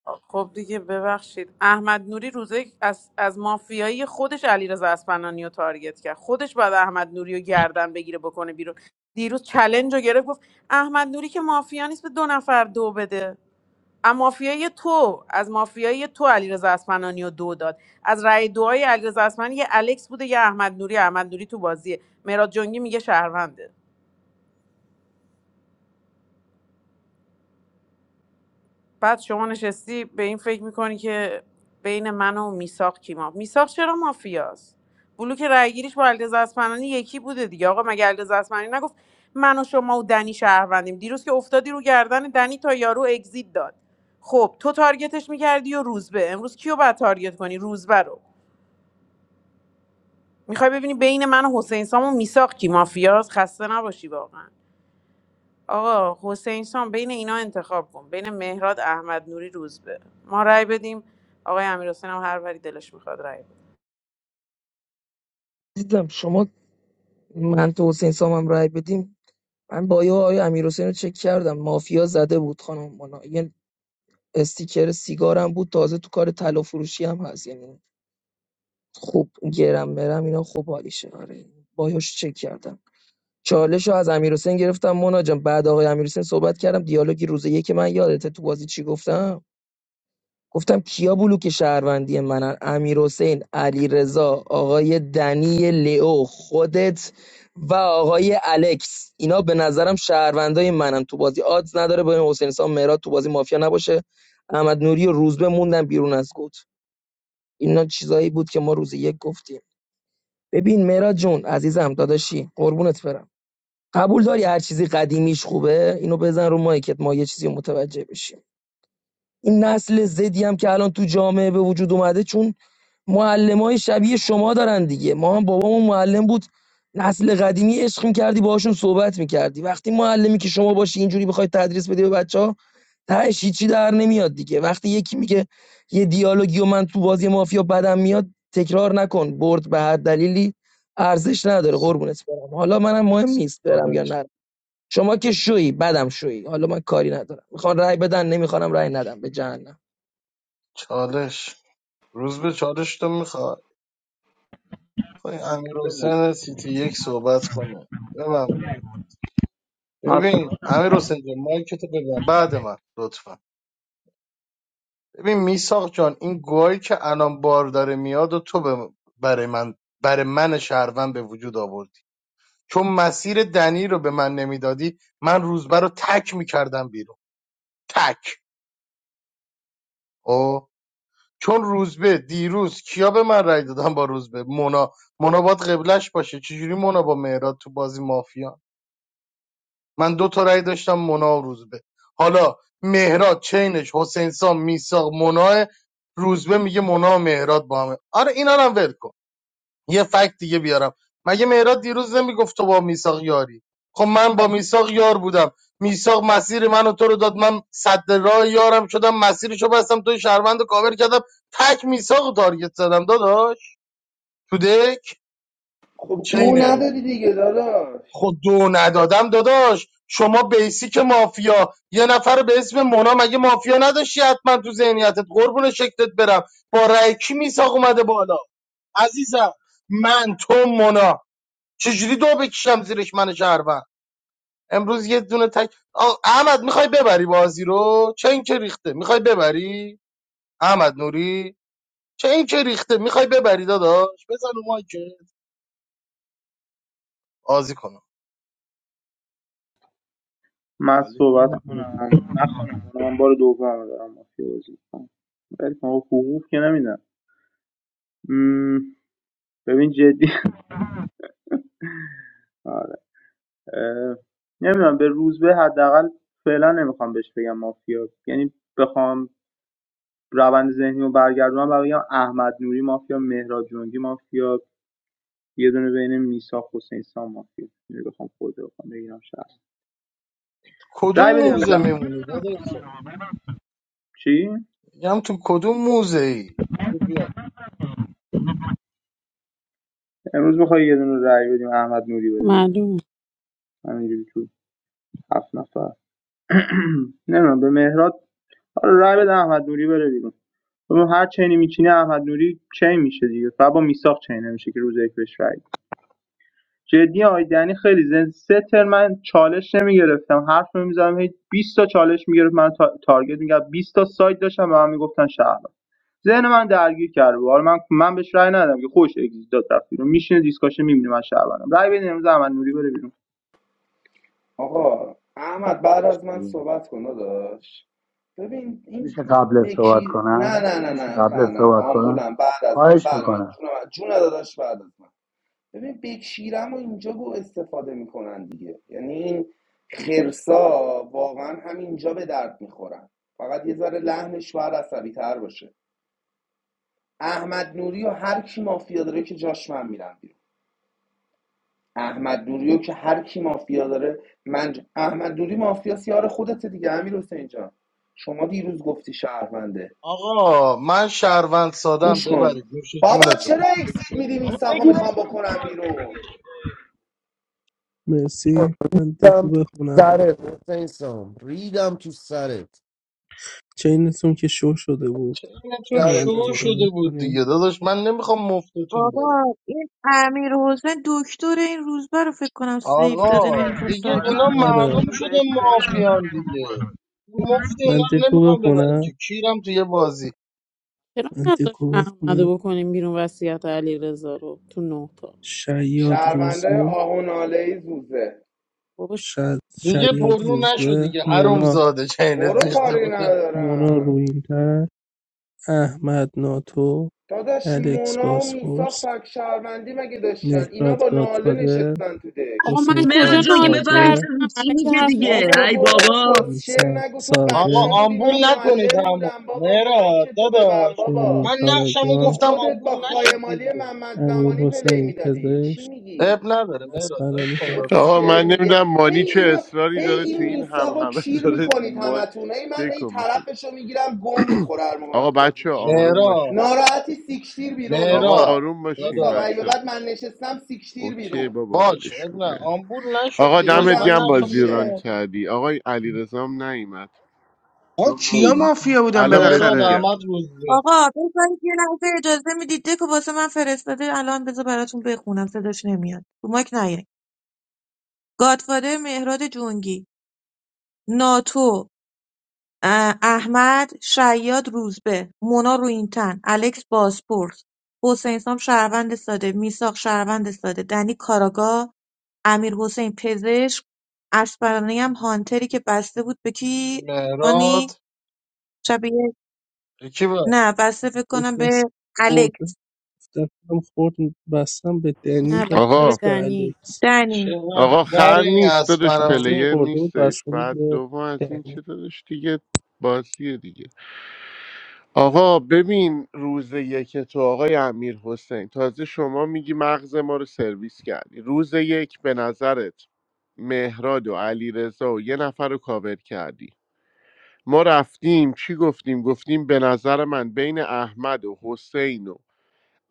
Speaker 12: خب دیگه ببخشید احمد نوری روزه از, از مافیایی خودش علیرضا اسپنانی رو تارگت کرد خودش بعد احمد نوری رو گردن بگیره بکنه بیرون دیروز چلنج رو گرفت گفت احمد نوری که مافیا نیست به دو نفر دو بده از مافیای تو از مافیای تو علیرضا اسپنانی رو دو داد از رأی دعای علیرضا اسپنانی یه الکس بوده یه احمد نوری احمد نوری تو بازیه مراد جنگی میگه شهرونده بعد شما نشستی به این فکر میکنی که بین من و میساق کیما میساق چرا مافیاست بلوک رأیگیریش با علیرضا اصفهانی یکی بوده دیگه آقا مگه علیرضا اصفهانی نگفت من و شما و دنی شهروندیم دیروز که افتادی رو گردن دنی تا یارو اگزیت داد خب تو تارگتش میکردی و روزبه امروز کیو بعد تارگت کنی روزبه رو میخوای ببینی بین من و حسین سام و میساق کی مافیاست خسته نباشی واقعا آقا حسین سام بین اینا انتخاب کن بین مهراد احمد نوری روزبه ما رأی بدیم آقای امیر هم هر وری دلش میخواد رأی بده
Speaker 20: دیدم شما من تو حسین سامم رای بدیم من با یه آقای امیر رو چک کردم مافیا زده بود خانم مونا استیکر سیگارم بود تازه تو کار طلا فروشی هم هست یعنی خوب گرم مرم اینا خوب حالیشه آره بایوش چک کردم چالش رو از امیر گرفتم مونا جان بعد آقای امیر صحبت کردم دیالوگی روز یک من یادته تو بازی چی گفتم گفتم کیا بلوک شهروندی منن امیر علیرضا آقای دنی لئو خودت و آقای الکس اینا به نظرم شهروندای منن تو بازی آدز نداره به حسین سام مراد تو بازی مافیا نباشه احمد نوری و روزبه موندن بیرون از گوت اینا چیزایی بود که ما روز یک گفتیم ببین مراد جون عزیزم داداشی قربونت برم قبول داری هر چیزی قدیمیش خوبه اینو بزن رو مایکت ما یه چیزی رو متوجه بشیم این نسل زدی هم که الان تو جامعه به وجود اومده چون معلمای شبیه شما دارن دیگه ما هم بابامون معلم بود نسل قدیمی عشق میکردی باهاشون صحبت میکردی وقتی معلمی که شما باشی اینجوری بخوای تدریس بدی به بچه ها تهش هیچی در نمیاد دیگه وقتی یکی میگه یه دیالوگی و من تو بازی مافیا بدم میاد تکرار نکن برد به هر دلیلی ارزش نداره قربونت برم حالا منم مهم نیست برم یا
Speaker 7: چالش
Speaker 20: نرم شما که شویی بدم شویی حالا من کاری ندارم میخوان رأی بدن نمیخوانم رأی ندم به جهنم
Speaker 7: چالش روز به چالش تو میخواد خواهی امیر حسین سیتی یک صحبت کنه ببین ببین امیر حسین جان مایک تو ببین بعد من لطفا ببین میساق جان این گوهی که الان بار داره میاد و تو به- برای من برای من شهروند به وجود آوردی چون مسیر دنی رو به من نمیدادی من روزبه رو تک میکردم بیرون تک او چون روزبه دیروز کیا به من رای دادن با روزبه مونا مونا باید قبلش باشه چجوری مونا با مهراد تو بازی مافیا من دو تا رأی داشتم مونا و روزبه حالا مهراد چینش حسین سام میساق مونا روزبه میگه مونا و مهراد با همه آره اینا رو هم ول کن یه فکت دیگه بیارم مگه مهراد دیروز نمیگفت تو با میساق یاری خب من با میساق یار بودم میساق مسیر منو و تو رو داد من صد راه یارم شدم مسیرشو بستم توی شهروند رو کاور کردم تک میساق رو تارگت زدم داداش تو دک
Speaker 17: خب دو
Speaker 7: چینه رو
Speaker 17: ندادی دیگه داداش
Speaker 7: خب دو ندادم داداش شما بیسیک مافیا یه نفر به اسم مونا مگه مافیا نداشتی حتما تو ذهنیتت قربون شکلت برم با رأی کی میساق اومده بالا عزیزم من تو مونا چجوری دو بکشم زیرش من شهروند امروز یه دونه تک آ، احمد میخوای ببری بازی رو چه این که ریخته میخوای ببری احمد نوری چه این که ریخته میخوای ببری داداش بزن رو مایکت بازی کنم
Speaker 19: من صحبت کنم نکنم من بار دوم دارم مافیا بازی میکنم ولی خب حقوق که نمیدم م... ببین جدی آره. اه... نمیدونم به روز به حداقل فعلا نمیخوام بهش بگم مافیا یعنی بخوام روند ذهنی رو برگردونم و بگم احمد نوری مافیا مهراد جنگی مافیا یه دونه بین میسا حسین سام مافیا یعنی بخوام خود رو بخوام بگیرم شخص رای
Speaker 7: کدوم
Speaker 19: بدیم
Speaker 7: موزه
Speaker 19: امروز
Speaker 7: میمونی داداش
Speaker 19: چی
Speaker 7: میگم تو کدوم موزه ای
Speaker 19: امروز بخوای یه دونه رای بدیم احمد نوری بده بیرون.
Speaker 12: معلوم
Speaker 19: همینجوری تو هفت نفر نمیدونم به مهراد حالا رای بده احمد نوری بره بیرون ببین هر چینی میچینه احمد نوری چین میشه دیگه فقط با میساق چین نمیشه که روز یک بهش رای بده. جدی آقای خیلی زن سه تر من چالش نمیگرفتم حرف نمیزدم هی 20 تا چالش میگرفت من تا... تارگت میگرفت 20 تا سایت داشتم به من میگفتن شهر ذهن من درگیر کرده بود حالا من من بهش رای ندادم که خوش اگزییت داد رفت بیرون میشینه دیسکاشن میبینه من شهر بنم. رای بدین امروز احمد نوری بره بیرون
Speaker 17: آقا احمد بعد از من صحبت کن داشت ببین این
Speaker 18: میشه قبل از صحبت
Speaker 17: بکی نه
Speaker 18: کنم
Speaker 17: نه نه
Speaker 18: میشه
Speaker 17: نه
Speaker 18: قبل
Speaker 17: نه
Speaker 18: از
Speaker 17: نه
Speaker 18: صحبت کنم
Speaker 17: آمبولم بعد از من
Speaker 18: خواهش
Speaker 17: بعد من
Speaker 18: میکنم
Speaker 17: جون من جون داداش بعد از من ببین بکشیرم و اینجا رو استفاده میکنن دیگه یعنی این خرسا واقعا همینجا به درد میخورن فقط یه ذره لحنش باید عصبی تر باشه احمد نوری و هر کی مافیا داره که جاش من میرم احمد دوریو که هر کی مافیا داره من ج- احمد دوری مافیا سیار خودت دیگه امیر حسین جان شما دیروز گفتی شهرونده
Speaker 7: آقا من شهروند سادم
Speaker 17: گوش کن
Speaker 7: ببرید نوش
Speaker 17: بابا
Speaker 7: جونتون
Speaker 17: چرا اکسید میدی میساقو میخوام بکنم بیرون
Speaker 14: مرسی من دکو
Speaker 8: ریدم تو
Speaker 14: بخونم
Speaker 8: سرت حسین سام ریدم تو سرت
Speaker 14: چینتون که شو شده بود شب
Speaker 7: چینتون شو
Speaker 8: سرت
Speaker 14: نمایی
Speaker 7: شده بود
Speaker 14: نکنید
Speaker 7: دیگه داداش من نمیخوام مفتتون
Speaker 9: Papa,
Speaker 7: بره
Speaker 9: Amir, Hasan, Dostore, I'm not going to leave
Speaker 7: آقا
Speaker 9: today. I want to
Speaker 7: دیگه
Speaker 9: talk to
Speaker 7: اینا
Speaker 9: you.
Speaker 14: آره
Speaker 7: معلوم شده مافیان دیگه مفت اینا
Speaker 14: من
Speaker 7: رو
Speaker 14: دکو
Speaker 7: نمیخوام ببریم که
Speaker 14: بخونم
Speaker 7: کیرم تو یه بازی
Speaker 12: چرا
Speaker 14: من
Speaker 12: نذاش
Speaker 14: دکو بخونم
Speaker 12: احمدو بکنیم بیرون وصیت علی رضا رو تو نه تا
Speaker 14: شیاد
Speaker 17: شهرونده
Speaker 14: روزبه
Speaker 17: آهو ناله زوزه
Speaker 12: بابا
Speaker 14: شد
Speaker 12: شو.
Speaker 7: دیگه
Speaker 14: شیاد
Speaker 7: پررو نشو
Speaker 14: روزبه
Speaker 7: دیگه حروم
Speaker 14: مونا
Speaker 7: زاده
Speaker 17: تو رو
Speaker 7: چینت ریخته
Speaker 17: کاری
Speaker 7: بود
Speaker 14: مونا
Speaker 17: ندارم
Speaker 14: رویینتر، احمد ناتو،
Speaker 17: داداش
Speaker 14: الکس
Speaker 17: مونا و میساق
Speaker 14: باسفورس،
Speaker 17: فک شهروندی مگه داشتن اینا
Speaker 14: مهراد
Speaker 17: با ناله
Speaker 14: گادفادر،
Speaker 17: نشستن تو دک
Speaker 12: آقا من
Speaker 14: حسین
Speaker 20: مهراد
Speaker 12: کجا
Speaker 14: سام
Speaker 20: جان که
Speaker 12: ناله
Speaker 20: بفهمیم چه
Speaker 14: ساده،
Speaker 12: کردم
Speaker 20: چی
Speaker 12: الکی
Speaker 20: میگه
Speaker 12: حرف بی
Speaker 20: دیگه
Speaker 17: بابا
Speaker 12: خود
Speaker 20: ای
Speaker 12: نزن.
Speaker 17: برو
Speaker 20: بابا
Speaker 17: کسشر
Speaker 14: میساق
Speaker 17: نگو تو بچه
Speaker 7: آقا
Speaker 14: ساده،
Speaker 17: بودی
Speaker 7: آمبول
Speaker 17: من
Speaker 7: نکنید
Speaker 17: معلم
Speaker 7: همو
Speaker 17: بودم بابا
Speaker 7: مهرا
Speaker 17: مایک تو ببند
Speaker 7: داداش
Speaker 17: بابا
Speaker 14: برلین
Speaker 7: من نقشمو
Speaker 17: تو
Speaker 14: کاراگان،
Speaker 7: گفتم
Speaker 17: خودت
Speaker 7: آمبول
Speaker 17: با
Speaker 7: نشید
Speaker 17: خایمالی
Speaker 7: دیگه
Speaker 17: محمد
Speaker 14: امیر
Speaker 17: زمانی پلی
Speaker 14: حسین
Speaker 17: میدادی چی
Speaker 14: پزشک،
Speaker 7: اب
Speaker 17: میگی
Speaker 7: نداره مهراد ول
Speaker 14: اسپنانی
Speaker 7: کن داداش
Speaker 14: هانتر
Speaker 1: آقا من
Speaker 17: شعر میگه
Speaker 1: نمیدونم
Speaker 17: هی
Speaker 1: مانی چه
Speaker 17: اینو
Speaker 1: اصراری
Speaker 17: هی
Speaker 1: داره تو
Speaker 17: این
Speaker 1: این هم
Speaker 17: میساقو
Speaker 1: همه
Speaker 17: کیر
Speaker 1: داره
Speaker 17: میکنید
Speaker 1: ما
Speaker 17: همتون هی من هی
Speaker 1: دکو می‌خونه.
Speaker 17: طرفشو میگیرم گو میخوره هر موقع من
Speaker 1: آقا
Speaker 17: تو بازی
Speaker 1: بچه
Speaker 17: میشینم
Speaker 1: آروم باشین
Speaker 7: مهراد
Speaker 17: ناراحتی سیکشتیر بیرون
Speaker 1: آقا
Speaker 7: مهراد
Speaker 17: میساق
Speaker 1: آروم باشین
Speaker 17: میساق
Speaker 7: داداش
Speaker 17: ای به
Speaker 1: بچه
Speaker 17: بعد من نشستم سیکشتیر
Speaker 1: اوکی
Speaker 17: بیرون
Speaker 1: بابا
Speaker 7: باش
Speaker 1: ولش
Speaker 7: اب
Speaker 1: کن
Speaker 7: نه
Speaker 1: بره.
Speaker 7: آمبول
Speaker 1: آقا
Speaker 7: نشدی داداش
Speaker 1: دمت
Speaker 7: من
Speaker 17: کیرم تو
Speaker 1: گم
Speaker 7: نقشم
Speaker 1: بازی
Speaker 7: گفتم
Speaker 1: ران
Speaker 17: بوشه
Speaker 7: آمبول.
Speaker 1: کردی آقای علی رزام نیومد
Speaker 16: آقا کیا مافیا بودن
Speaker 1: الان بهت
Speaker 7: مهراد
Speaker 16: بالاخره
Speaker 1: میگم
Speaker 7: احمد روزبه
Speaker 9: Agra, I'm sorry. I didn't have the time to see you. I saw that I was not interested. Now, I'm going to talk to you. Don't come. I didn't come. Godfather Mehrdad Jangi, Nato, Ahmad, Shahyd Ruzbe, Mona Rouintan, Alex Bassport, Hossein Sam Sharvandeslade, Misagh Sharvandeslade, Dani Karago, Amir Hossein Pezesh, Ashparaniam Hunter, که بسیط بود بکی
Speaker 7: مهراد
Speaker 9: آنی شبیه
Speaker 7: کی بود
Speaker 9: نه بسیف کنه
Speaker 14: گفت
Speaker 9: به
Speaker 14: از خورد
Speaker 9: Alex
Speaker 14: دستم خورد بستم به دنی
Speaker 12: نه
Speaker 14: و
Speaker 12: بسته به
Speaker 1: آقا
Speaker 14: پس به
Speaker 12: دنی
Speaker 14: الکس
Speaker 9: Dani
Speaker 7: چقدر
Speaker 1: آقا
Speaker 14: نه
Speaker 7: خر
Speaker 14: نه
Speaker 1: خر
Speaker 7: این
Speaker 1: نیست دادش
Speaker 14: دستش
Speaker 7: اسمرانی
Speaker 1: پلیر
Speaker 14: خورده و
Speaker 1: نیستش
Speaker 14: بسته بود
Speaker 1: بعد
Speaker 14: به
Speaker 1: دوم از این
Speaker 14: دنی
Speaker 1: چه دادش دیگه بازیه دیگه آقا ببین روز یک تو آقای امیر حسین تازه شما میگی مغز ما رو سرویس کردی روز یک به نظرت مهراد و علی و یه نفر رو کاور کردی ما رفتیم چی گفتیم گفتیم به نظر من بین احمد و حسین و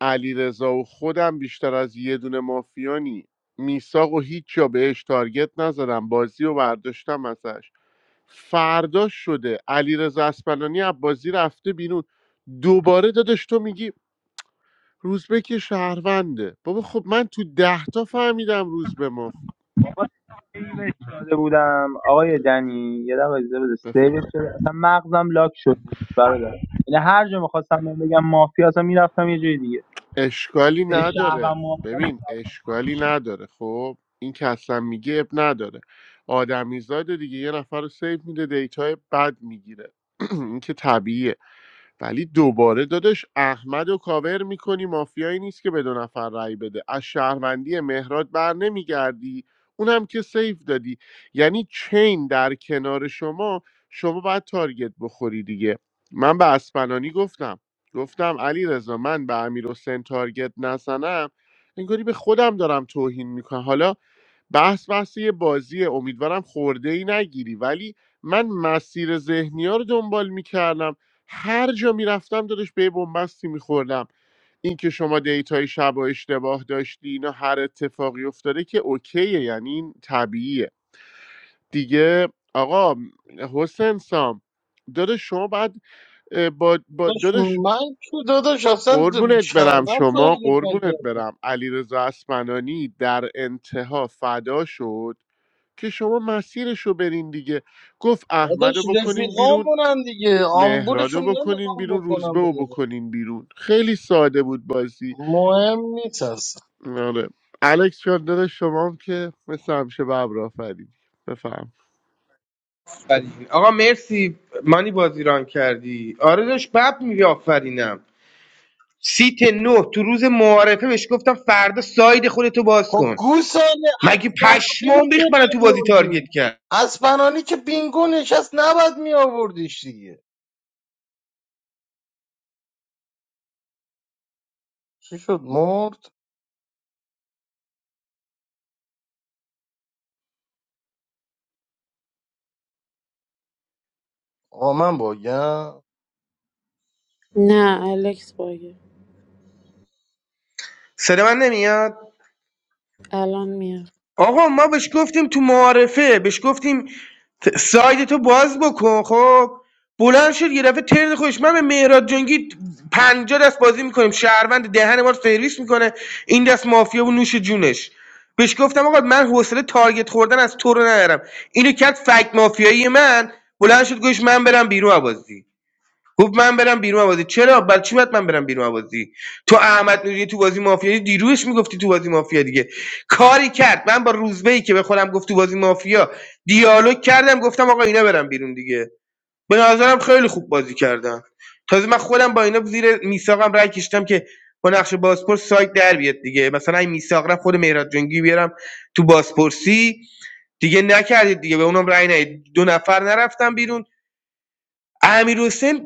Speaker 1: علیرضا و خودم بیشتر از یه دونه مافیانی میساق و هیچ جا بهش تارگت نزدم بازی و برداشتم ازش فردا شده علیرضا اسپنانی از بازی رفته بیرون دوباره دادش تو میگی روزبه که شهرونده بابا خب من تو ده تا فهمیدم روزبه ما
Speaker 19: سیوش داده بودم آقای دنی یه دقیقه اجازه بده
Speaker 1: بفهم
Speaker 19: سیوش شده اصلا مغزم لاک شد برادر یعنی هر جا میخواستم من بگم مافیا اصلا میرفتم یه جای دیگه
Speaker 1: اشکالی
Speaker 19: یعنی
Speaker 1: نداره
Speaker 19: شهرم مافیا
Speaker 1: ببین اشکالی نداره خب این که اصلا میگه اب نداره آدمیزاد دیگه یه نفر رو سیو میده دیتای بد میگیره این که طبیعیه ولی دوباره داداش احمد و کاور میکنی مافیایی نیست که به دو نفر رأی بده از شهروندی مهراد بر نمیگردی اونم که سیف دادی یعنی چین در کنار شما شما باید تارگت بخوری دیگه من به اسپنانی گفتم گفتم علی رضا من به امیر حسین تارگت نزنم انگاری به خودم دارم توهین میکنم حالا بحث بحث یه بازیه امیدوارم خورده ای نگیری ولی من مسیر ذهنی ها رو دنبال میکردم هر جا میرفتم دادش به یه بنبستی میخوردم اینکه شما دیتای شب و اشتباه داشتی اینا هر اتفاقی افتاده که اوکیه یعنی این طبیعیه دیگه آقا حسین سام دادش شما بعد اه، با, با
Speaker 7: داداش
Speaker 1: دادش
Speaker 7: من تو داداش اصلا د-
Speaker 1: قربونت برم
Speaker 7: شهروند
Speaker 1: شما
Speaker 7: تارگت
Speaker 1: قربونت
Speaker 7: نکردم
Speaker 1: برم علیرضا اسمنانی در انتها فدا شد که شما مسیرش رو برین دیگه گفت احمد
Speaker 7: داداش
Speaker 1: رو بکنین بیرون
Speaker 7: رفیقامونن دیگه
Speaker 1: مهراد رو
Speaker 7: آمبولشون
Speaker 1: بکنین
Speaker 7: نمیخوام
Speaker 1: بیرون روزبه
Speaker 7: بکنم به
Speaker 1: رو
Speaker 7: یه بار.
Speaker 1: بکنین بیرون خیلی ساده بود بازی
Speaker 7: مهم نیست اصلا
Speaker 1: آره الکس جان داداش شما هم که مثل همیشه به ابرافرید بفهم
Speaker 16: آقا مرسی مانی بازیران کردی آره داشت بب میگه آفرینم سیت نه تو روز معارفه بهش گفتم فردا ساید خودتو باز
Speaker 7: خب
Speaker 16: کن
Speaker 7: گوساله
Speaker 16: مگه
Speaker 7: بینگ
Speaker 16: پشمام
Speaker 7: چه
Speaker 16: ریخت منو تو بازی تارگت
Speaker 7: نمیوردی
Speaker 16: کرد
Speaker 7: از پنانی که بینگو نشست نباید می آوردیش دیگه چی شد مرد آقا من باگم
Speaker 12: نه الکس باگه
Speaker 16: سر من
Speaker 12: الان میاد
Speaker 16: آقا ما بهش گفتیم تو معارفه بهش گفتیم ت- ساید تو باز بکن خب بلند شد یه دفعه ترن خودش من به مهراد جنگی پنجا دست بازی میکنیم شهروند دهن ما رو سرویس میکنه این دست مافیا و نوش جونش بهش گفتم آقا من حوصله تارگت خوردن از تو رو ندارم اینو کرد فک مافیایی من بلند شد گوش من برم بیرون از بازی گفت من برم بیرون بازی چرا برای چی باید من برم بیرون بازی تو احمد نوری تو بازی مافیا دیروش میگفتی تو بازی مافیا دیگه کاری کرد من با روزبه که به خودم گفت تو بازی مافیا دیالوگ کردم گفتم آقا اینا برم بیرون دیگه به نظرم خیلی خوب بازی کردن تازه من خودم با اینا زیر میساقم رای کشیدم که با نقش بازپرس سایت در بیاد دیگه مثلا این میساق رفت خود مهراد جنگی بیارم تو بازپرسی دیگه نکردید دیگه به اونم رای ندید دو نفر نرفتم بیرون امیر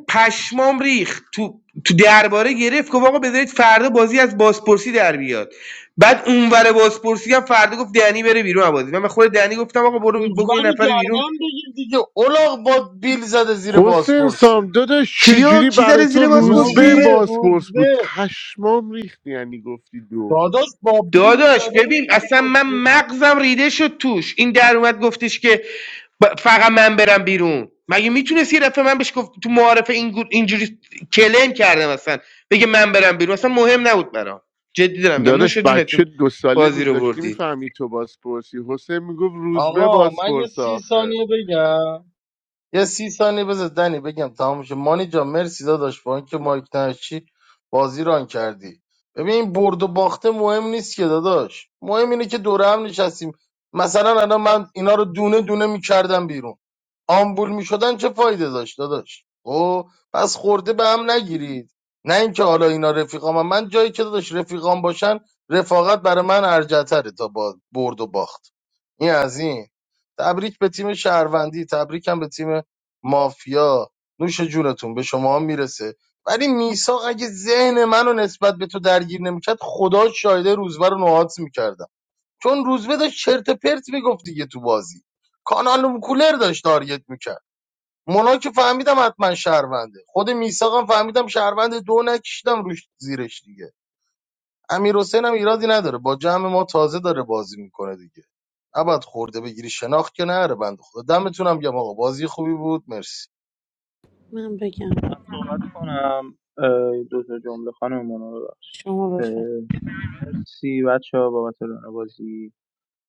Speaker 16: پشمام ریخت تو تو درباره گرفت گفت آقا بذارید فردا بازی از بازپرسی در بیاد بعد اونور بازپرسی هم فردا گفت دنی بره بیرون از بازی من به خود دنی گفتم آقا برو
Speaker 7: روزبه
Speaker 16: بکن یه
Speaker 7: رو
Speaker 16: نفر بیرون
Speaker 7: گردن بگیر دیگه اولاغ با بیل زده زیر
Speaker 1: حسین سام
Speaker 7: بازپرسی
Speaker 1: داداش
Speaker 16: کیو
Speaker 1: چجوری
Speaker 16: کی
Speaker 1: برای
Speaker 16: زره
Speaker 1: تو
Speaker 16: زیر
Speaker 1: روزبه
Speaker 16: بازپرسی
Speaker 7: روزبه
Speaker 1: باسپورس بود
Speaker 7: روزبه
Speaker 1: پشمام ریخت یعنی گفتی دو
Speaker 7: داداش با بیل
Speaker 16: داداش
Speaker 7: زده بود
Speaker 16: ببین
Speaker 7: زیر
Speaker 16: اصلا من
Speaker 7: بازپرسی
Speaker 16: مغزم ریده شد توش این در اومد گفتش که ب- فقط من برم بیرون مگه میتونست یه دفعه من بهش گفت تو معارف این گو- اینجوری کلم کردم اصلا بگه من برم بیرون اصلا مهم نبود برام جدی دارم میگم نوش
Speaker 1: داداش بچه
Speaker 16: جونتون
Speaker 1: دو ساله
Speaker 16: بازی رو
Speaker 1: میذاشتی
Speaker 16: بردید
Speaker 1: میفهمی تو باسپورسی حسین میگفت روزبه
Speaker 7: آقا من یه
Speaker 1: باسپورس
Speaker 7: سی
Speaker 1: آخه
Speaker 7: ثانیه بگم یه سی ثانیه بذار دنی بگم تمام شه مانی جان مرسی داداش با اینکه مایک نشی بازی ران کردی ببین این برد و باخته مهم نیست که داداش مهم اینه که دوره هم نشستیم مثلا الان من اینا رو دونه دونه میکردم بیرون آمبول میشدن چه فایده داشت داداش او پس خورده به هم نگیرید نه اینکه حالا اینا رفیقام هم. من جایی که داداش رفیقام باشن رفاقت برای من ارجتره تا با برد و باخت این از این تبریک به تیم شهروندی تبریکم به تیم مافیا نوش جونتون به شما هم میرسه ولی میساق اگه ذهن منو نسبت به تو درگیر نمیکرد خدا شایده روزبه رو نوحات میکردم چون روزبه داشت چرت پرت میگفت دیگه تو بازی کانال کولر داشت تارگت میکرد مونا که فهمیدم حتما شهرونده خود میساقم فهمیدم شهرونده دو نکشیدم روش زیرش دیگه امیر حسین هم ایرادی نداره با جمع ما تازه داره بازی میکنه دیگه ابد خورده بگیری شناخت که نره بنده خدا دمتونم گم آقا بازی خوبی بود مرسی
Speaker 12: من بگم
Speaker 19: می‌خواستم صحبت کنم اه، دو تا جمله خانم منو ببخشید
Speaker 12: شما بفر
Speaker 19: اه، مرسی بچه ها بابت رانه بازی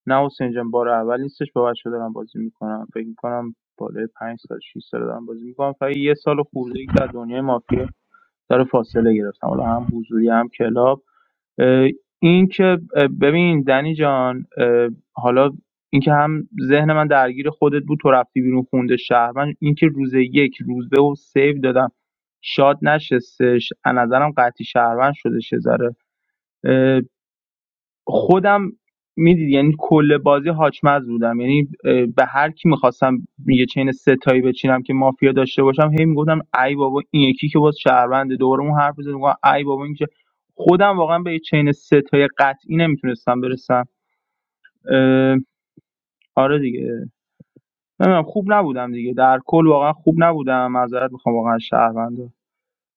Speaker 19: نه حسین جان بار اول نیستش با بچه دارم بازی میکنم فکر میکنم بالای پنج سال 6 سال دارم بازی میکنم فقط یه سال خورده که در دنیای مافیا داره فاصله گرفتم حالا هم حضوری هم کلاب این که ببین دنی جان حالا اینکه هم ذهن من درگیر خودت بود تو رفتی بیرون خونده شهر من اینکه روز یک روزبه و سیو دادم شاد نشستش از نظرم قطعی شهروند شدش یه خودم میدید یعنی کل بازی هاچمز بودم یعنی اه، به هر کی میخواستم یه چین ستایی بچینم که مافیا داشته باشم هی میگفتم ای بابا این یکی که باز شهرونده دوباره اون حرف بزنم میگم ای بابا این که خودم واقعا به یه چین ستای قطعی نمیتونستم برسم اه، آره دیگه نمیدونم خوب نبودم دیگه در کل واقعا خوب نبودم معذرت میخوام واقعا از شهرونده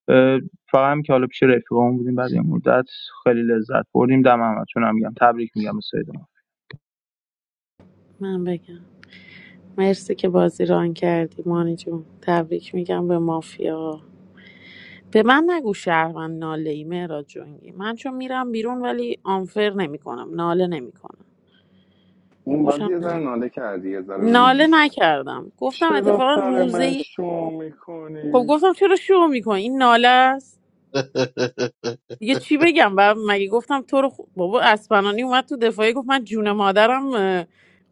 Speaker 19: اه، فقط هم که حالا پیش رفیقامون بودیم بعد یه مدت خیلی لذت بردیم دم همتون هم میگم تبریک میگم به سیدمون
Speaker 12: من بگم مرسی که بازی ران کردی مانی جون تبریک میگم به مافیا به من نگو شهروند ناله ای مهراد جونگی من چون میرم بیرون ولی آنفر نمیکنم ناله نمیکنم خوشم نمیاد ناله نکردم گفتم اتفاقا روزه ی-
Speaker 17: شو
Speaker 12: خب
Speaker 17: میکنی
Speaker 12: گفتم چرا شو میکنی این ناله است دیگه چی بگم و مگه گفتم تو رو خ... بابا اسپنانی اومد تو دفاعی گفت من جون مادرم اه،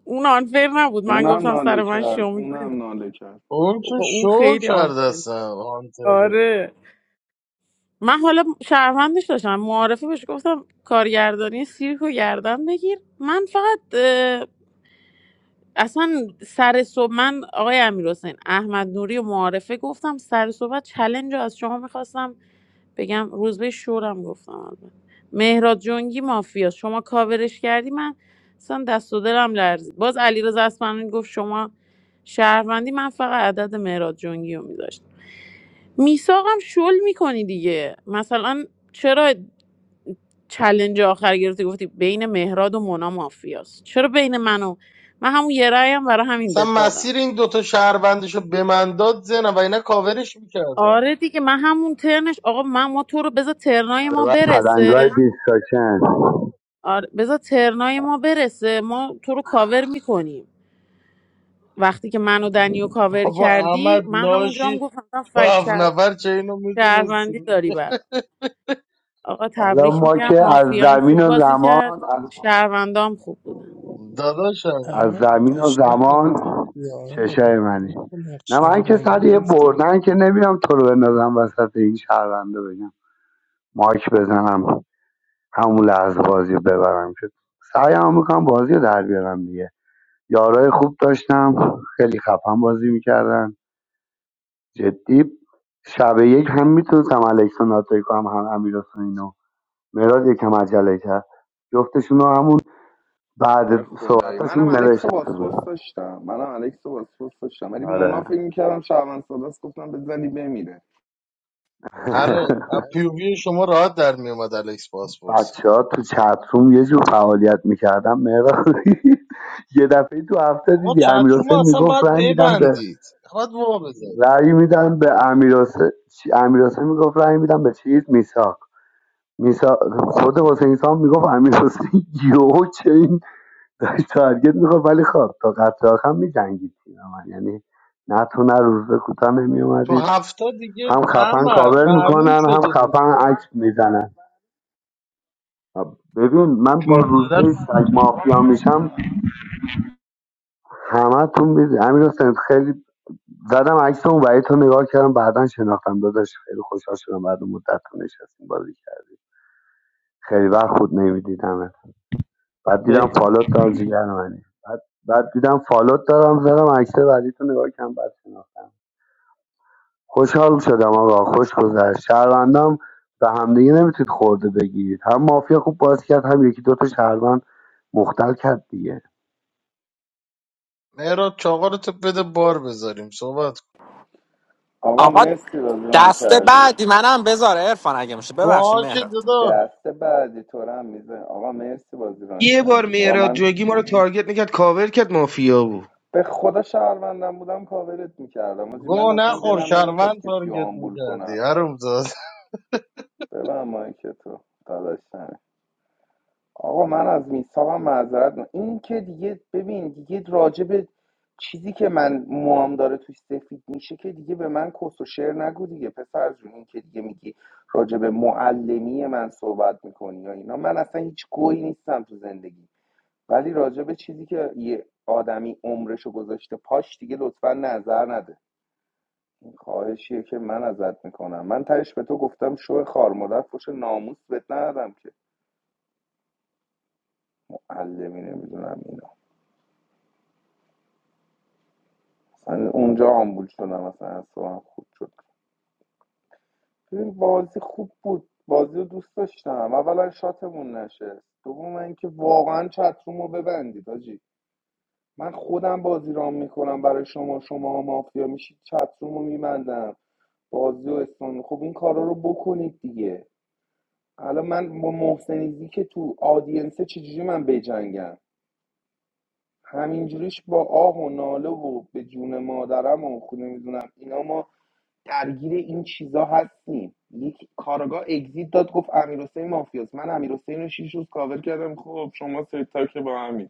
Speaker 12: اون آنفر نبود من
Speaker 17: اونم
Speaker 12: گفتم
Speaker 17: ناله
Speaker 12: سر من
Speaker 17: کرد
Speaker 12: شو می‌کنی.
Speaker 17: اونم ناله کرد
Speaker 7: اون که
Speaker 12: بابا اون
Speaker 7: شو
Speaker 12: خیلی
Speaker 7: کرده
Speaker 12: آنفر
Speaker 7: اصلا هانتره
Speaker 12: آره من حالا شهروندش داشتم معارفه بهش گفتم کارگردانی سیرک و گردن بگیر من فقط اصلا سر صبح من آقای امیر احمد نوری و معارفه گفتم سر صحبت چلنج رو از شما میخواستم بگم روزبه شورم گفتم البته مهراد جنگی مافیا شما کاورش کردی من اصلا دست و دلم لرزید باز علیرضا اصفهانی گفت شما شهروندی من فقط عدد مهراد جنگی رو میذاشتم میساقم شل میکنی دیگه مثلا چرا چلنج آخر گرفتی گفتی بین مهراد و مونا مافیاست چرا بین من و من همون یه رأیم برای همین
Speaker 7: اصلا
Speaker 12: بد دادم
Speaker 7: مسیر این دوتا شهروندشو به من داد زنم و اینا کاورش میکردم
Speaker 12: آره دیگه من همون ترنش آقا من ما تو رو بذار ترنای
Speaker 18: حالا
Speaker 12: ما
Speaker 18: بعد پلنگای
Speaker 12: برسه
Speaker 18: دیسکاشن
Speaker 12: آره بذار ترنای ما برسه ما تو رو کاور میکنیم وقتی که منو دنیو کاور
Speaker 7: بابا
Speaker 12: کردی
Speaker 7: احمد
Speaker 12: من همونجا هم
Speaker 7: لاشی
Speaker 12: گفتم اصلا
Speaker 7: تو
Speaker 12: فکت
Speaker 7: هفت
Speaker 12: شهر-
Speaker 7: نفر چه اینو میدونستی
Speaker 12: شهروندی داری برا آقا
Speaker 18: حالا
Speaker 12: تبریک
Speaker 18: ما
Speaker 12: میگم
Speaker 18: که از
Speaker 12: مافیام خوب
Speaker 18: زمین و
Speaker 12: بازی کرد
Speaker 18: زمان از
Speaker 12: شهروندام خوب بودن
Speaker 18: از
Speaker 7: داداشمه
Speaker 14: احمد
Speaker 18: زمین و
Speaker 14: قشنگ
Speaker 18: زمان
Speaker 14: ناتو بودی ها احمد
Speaker 18: چشای منی
Speaker 14: دوتا نقش
Speaker 18: نه من که سر
Speaker 14: شهروندی
Speaker 18: یه
Speaker 14: گفتی
Speaker 18: بردن که نمیام تو رو بندازم وسط این شهرونده بگم مایک بزنم همون لحظه بازی رو ببرم که سعیم میکنم بازی رو در بیارم دیگه یارای خوب داشتم خیلی خفن بازی میکردن جدی شب یک هم میتونستم الکسون ناتایی کنم هم امیر اینو مراد یکم عجله کرد جفتشون رو همون
Speaker 17: به
Speaker 18: بعد
Speaker 17: خدایی منم
Speaker 18: صحبتاشون
Speaker 17: الکس و
Speaker 18: نوشتم تو
Speaker 17: باسپورس
Speaker 18: گروه.
Speaker 17: داشتم منم الکس و باسپورس داشتم ولی مونا
Speaker 18: آره
Speaker 17: فکر میکردم شعبان ساداس گفتم بزنی بمیره
Speaker 7: آره از پیووی شما راحت در میومد الکس پاسپورسا
Speaker 18: بچه ها تو چتروم یه جور فعالیت میکردن مهران یه دفعه تو هفته
Speaker 7: آقا
Speaker 18: دیدی امیر
Speaker 7: چتروم
Speaker 18: حسین
Speaker 7: اصلا
Speaker 18: میگفت
Speaker 7: باید
Speaker 18: رأی میدم به
Speaker 7: ببندید باید وا بذارید
Speaker 18: رأی میدم به امیر حسین امیر حسین میگفت رأی میدم به چیز میساق میساق خود حسین سام میگفت امیر حسین یو چه این داشت تارگت میخواد ولی خب تا قطعه آخر میجنگید من یعنی نه تو نه روز کوتاه
Speaker 7: تو
Speaker 18: نمیومدید
Speaker 7: هفته دیگه
Speaker 18: هم خفن
Speaker 7: احمد
Speaker 18: کاور
Speaker 7: معلوم
Speaker 18: میکنن هم
Speaker 7: شده بود
Speaker 18: خفن عکس
Speaker 7: دیگه
Speaker 18: میزنن ببین من با
Speaker 19: جون
Speaker 18: روزبه
Speaker 19: داداش
Speaker 18: سگ مافیا میشم همه تون میدونی امیر حسین خیلی زدم عکس اون وحید تو نگاه کردم بعدا شناختم داداش خیلی خوشحال شدم بعد اون مدت تو نشستیم بازی کرد خیلی وقت خود نمیدیدم بعد دیدم فالوت دارم جیگر منی بعد بعد دیدم فالوت دارم زدم عکس بعدی تو نگاه کردم بعد شناختم خوشحال شدم آقا خوش گذشت شهروندام به همدیگه نمیتونید خورده بگیرید هم مافیا خوب بازی کرد هم یکی دوتا شهروند مختل کرد دیگه
Speaker 7: مهراد چاقا رو تو بده بار بذاریم صحبت کن
Speaker 17: آقا
Speaker 21: آقا
Speaker 17: مرسی بازیران
Speaker 21: دست
Speaker 17: کردی
Speaker 21: بعدی منم بذار عرفان اگه میشه ببخشید
Speaker 7: باشه
Speaker 21: مهران
Speaker 7: داداش
Speaker 17: دست بعدی تو رو هم میزن آقا مرسی بازیران
Speaker 16: یه بار
Speaker 17: کردی آقا
Speaker 16: مهراد
Speaker 17: من
Speaker 16: جوگی ما رو تارگت میکرد کاور کرد مافیا بود
Speaker 17: به خدا شهروندم بودم کاورت میکردم من
Speaker 7: گو
Speaker 17: اصلا
Speaker 7: نخور
Speaker 17: دلم نمیخواد
Speaker 7: شهروند
Speaker 17: کسی رو
Speaker 7: تارگت
Speaker 17: آمبول
Speaker 7: میکردی
Speaker 17: کنم
Speaker 7: حروم زاد
Speaker 17: ببن مایک تو داداشم آقا من از میثاقم معذرت می‌خوام. این که دیگه ببین دیگه راجع به چیزی که من موام داره توش سفید میشه که دیگه به من کس و شعر نگو دیگه پسر جون این که دیگه میگی راجع به معلمی من صحبت میکنی یا اینا من اصلا هیچ گویی نیستم تو زندگی ولی راجع به چیزی که یه آدمی عمرشو گذاشته پاش دیگه لطفا نظر نده این خواهشیه که من ازت میکنم من تهش به تو گفتم شو خار مادر فوش ناموس بهت ندادم که معلمی نمیدونم مثلا اونجا آمبول شدم مثلا اصلا خوب شد ببین، بازی خوب بود بازی رو دوست داشتم اولا شاتمون نشه دوم اینکه واقعا چتروم ببندید آجی من خودم بازی رام میکنم برای شما شما مافیا میشید چتروم رو میبندم بازی و اسلام خب این کارا رو بکنید دیگه الان من با محسنیزی که تو آدینسه چجوری من بجنگم همینجوریش با آه و ناله و به جون مادرم و خود نمیدونم اینا ما درگیر این چیزا هستیم یک کارگاه اگزیت داد گفت امیرحسین مافیاست من امیرحسین رو شیش روز کاور کردم خب شما ستا که با همین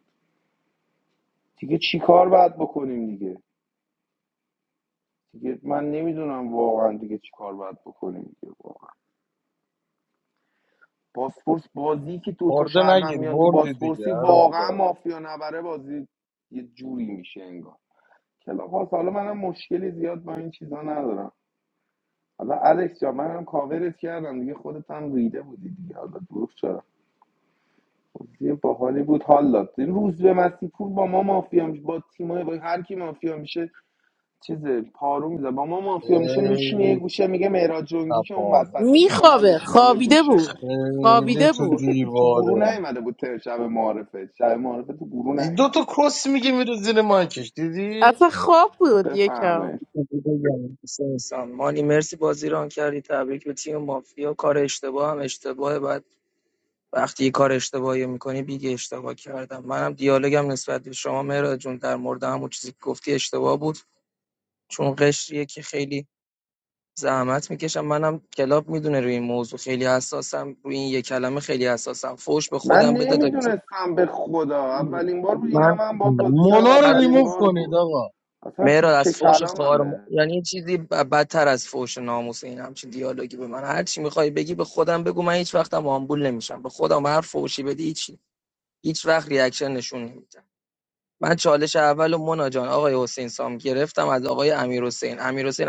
Speaker 17: دیگه چی کار باید بکنیم دیگه دیگه من نمیدونم واقعا دیگه چی کار باید بکنیم دیگه واقعا باسپورس بازی که دو تا
Speaker 7: خورده
Speaker 17: شهروند
Speaker 7: نگیر
Speaker 17: میان تو
Speaker 7: بردی دیگه
Speaker 17: باسپورسی
Speaker 7: حروم
Speaker 17: واقعا
Speaker 7: زاد
Speaker 17: مافیا نبره بازی یه جوری میشه انگار کلاپاس حالا منم مشکلی زیاد با این چیزا ندارم حالا الکس جان منم کاورت کردم دیگه خودت هم ریده بودی دیگه حالا دروغ چرا؟ بازی باحالی بود حال داد روز به مسیح پور با ما مافیا میشه با تیمای با هر کی مافیا میشه چیز پارو میزه با ما مافیا میشه میشینه یه
Speaker 7: خیلی
Speaker 17: گوشه میگه مهراد جنگی که اون
Speaker 7: تپانه
Speaker 17: وسطه بذار من
Speaker 12: میخوابه
Speaker 17: بشینم یه
Speaker 12: خوابیده
Speaker 17: گوشه
Speaker 12: بود
Speaker 7: خیلی
Speaker 12: خوابیده
Speaker 7: تو
Speaker 12: بود
Speaker 17: تو گروه
Speaker 7: دیواره
Speaker 17: نیومده بود تر شب معارفه شب معارفه تو گروه
Speaker 7: این دو
Speaker 17: نیومد
Speaker 7: تا کس میگه میره زیر مایکش دیدی
Speaker 12: اصلا خواب بود یکم
Speaker 17: بفهمه
Speaker 20: بگم. انسان مانی مرسی بازی ران کردی تبریک به تیم مافیا کار اشتباه هم اشتباهه بعد وقتی یه کار اشتباهی میکنی بیگه اشتباه کردم منم دیالوگم نسبت به شما مهراد جون در مورد همون چیزی که گفتی اشتباه بود چون قشریه که خیلی زحمت میکشم منم کلاب میدونه روی این موضوع خیلی حساسم روی این یه کلمه خیلی حساسم فوش به
Speaker 17: من
Speaker 20: خودم بده تا کی-
Speaker 17: نمیدونستم به خدا اولین بار بود اینم
Speaker 20: من
Speaker 17: من باد بازی کردم
Speaker 7: مونا رو
Speaker 20: از
Speaker 17: اولین
Speaker 7: ریموف
Speaker 17: بار
Speaker 7: کنید
Speaker 17: بود
Speaker 7: آقا
Speaker 17: اصلا
Speaker 20: مهراد از
Speaker 17: تیکه
Speaker 20: فوش خار و-
Speaker 17: کلاممه
Speaker 20: یعنی این چیزی ب- بدتر از فوش ناموس این همچین دیالوگی به من هر چی میخوای بگی به خودم بگو من هیچ وقتم آمبول نمیشم به خودم هر فوشی بدی هیچ هیچ وقت ریاکشن نشون نمیدم من چالش اول و مونا جان آقای حسین سام گرفتم از آقای امیر حسین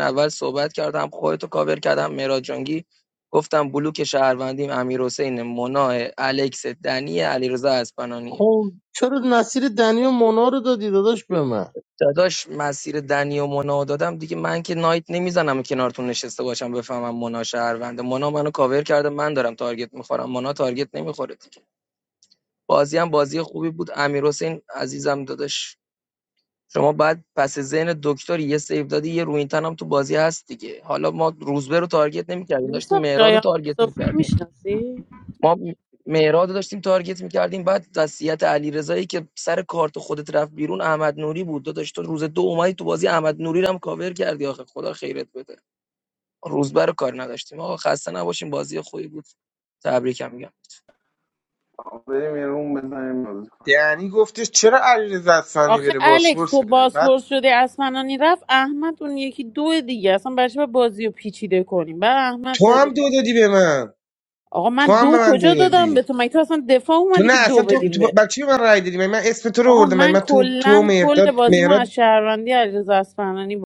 Speaker 20: اول صحبت کردم خودتو کاور کردم مهراد جانگی گفتم بلوک شهروندیم امیر حسین مونا الکس دنی علیرضا اسپنانیه
Speaker 7: خب چرا نصیر دنی و مونا رو دادی داداش به من
Speaker 20: داداش مسیر دنی و مونا رو دادم دیگه من که نایت نمیزنم کنارتون نشسته باشم بفهمم مونا شهرونده مونا منو کاور کرده من دارم تارگت میخورم مونا تارگت نمیخوره دیگه بازی هم بازی خوبی بود امیر عزیزم داداش شما بعد پس ذهن دکتری یه سیو دادی یه روینتن هم تو بازی هست دیگه حالا ما روزبه رو تارگت نمی‌کردیم داشتیم
Speaker 12: میسا
Speaker 20: مهراد رو
Speaker 12: شایان
Speaker 20: تارگت
Speaker 12: مصطفی رو
Speaker 20: می‌کردیم
Speaker 12: میشناسی
Speaker 20: ما مهراد رو داشتیم تارگت می‌کردیم بعد وصیت علیرضایی که سر کارت خودت رفت بیرون احمد نوری بود داداش تو روز دو اومدی تو بازی احمد نوری رو هم کاور کردی آخه خدا خیرت بده روزبه رو کار نداشتیم آقا خسته نباشیم بازی خوبی بود تبریکم میگم
Speaker 17: آقا بریم یه روم بزنیم بازی کنیم.
Speaker 16: یعنی گفتش چرا علیرضا اصفهانی
Speaker 12: آخه
Speaker 16: بره
Speaker 12: الکس
Speaker 16: باسپورس
Speaker 12: تو
Speaker 16: بره بعد
Speaker 12: بازپرس شدی اسمنانی رفت احمد اون یکی دو دیگه اصلا برای چی باید بازی رو پیچیده کنیم بعد احمد
Speaker 16: تو
Speaker 12: داره
Speaker 16: هم دو
Speaker 12: دیگه.
Speaker 16: دادی به من
Speaker 12: آقا من
Speaker 16: تو هم به
Speaker 12: دو
Speaker 16: من دو
Speaker 12: کجا
Speaker 16: دادی
Speaker 12: دادم به تو مگه تو اصلا دفاع
Speaker 16: تو
Speaker 12: اومدی
Speaker 16: نه
Speaker 12: که دو
Speaker 16: اصلا تو,
Speaker 12: بدیم
Speaker 16: تو با-
Speaker 12: به
Speaker 16: بر چی به من رای دادی من, من اسم تو رو
Speaker 12: آقا
Speaker 16: بردم من,
Speaker 12: من
Speaker 16: من تو تو و
Speaker 12: کلا کل
Speaker 16: مهرداد
Speaker 12: بازیمو
Speaker 16: مهراد
Speaker 12: از شهروندی علیرضا اصفهانی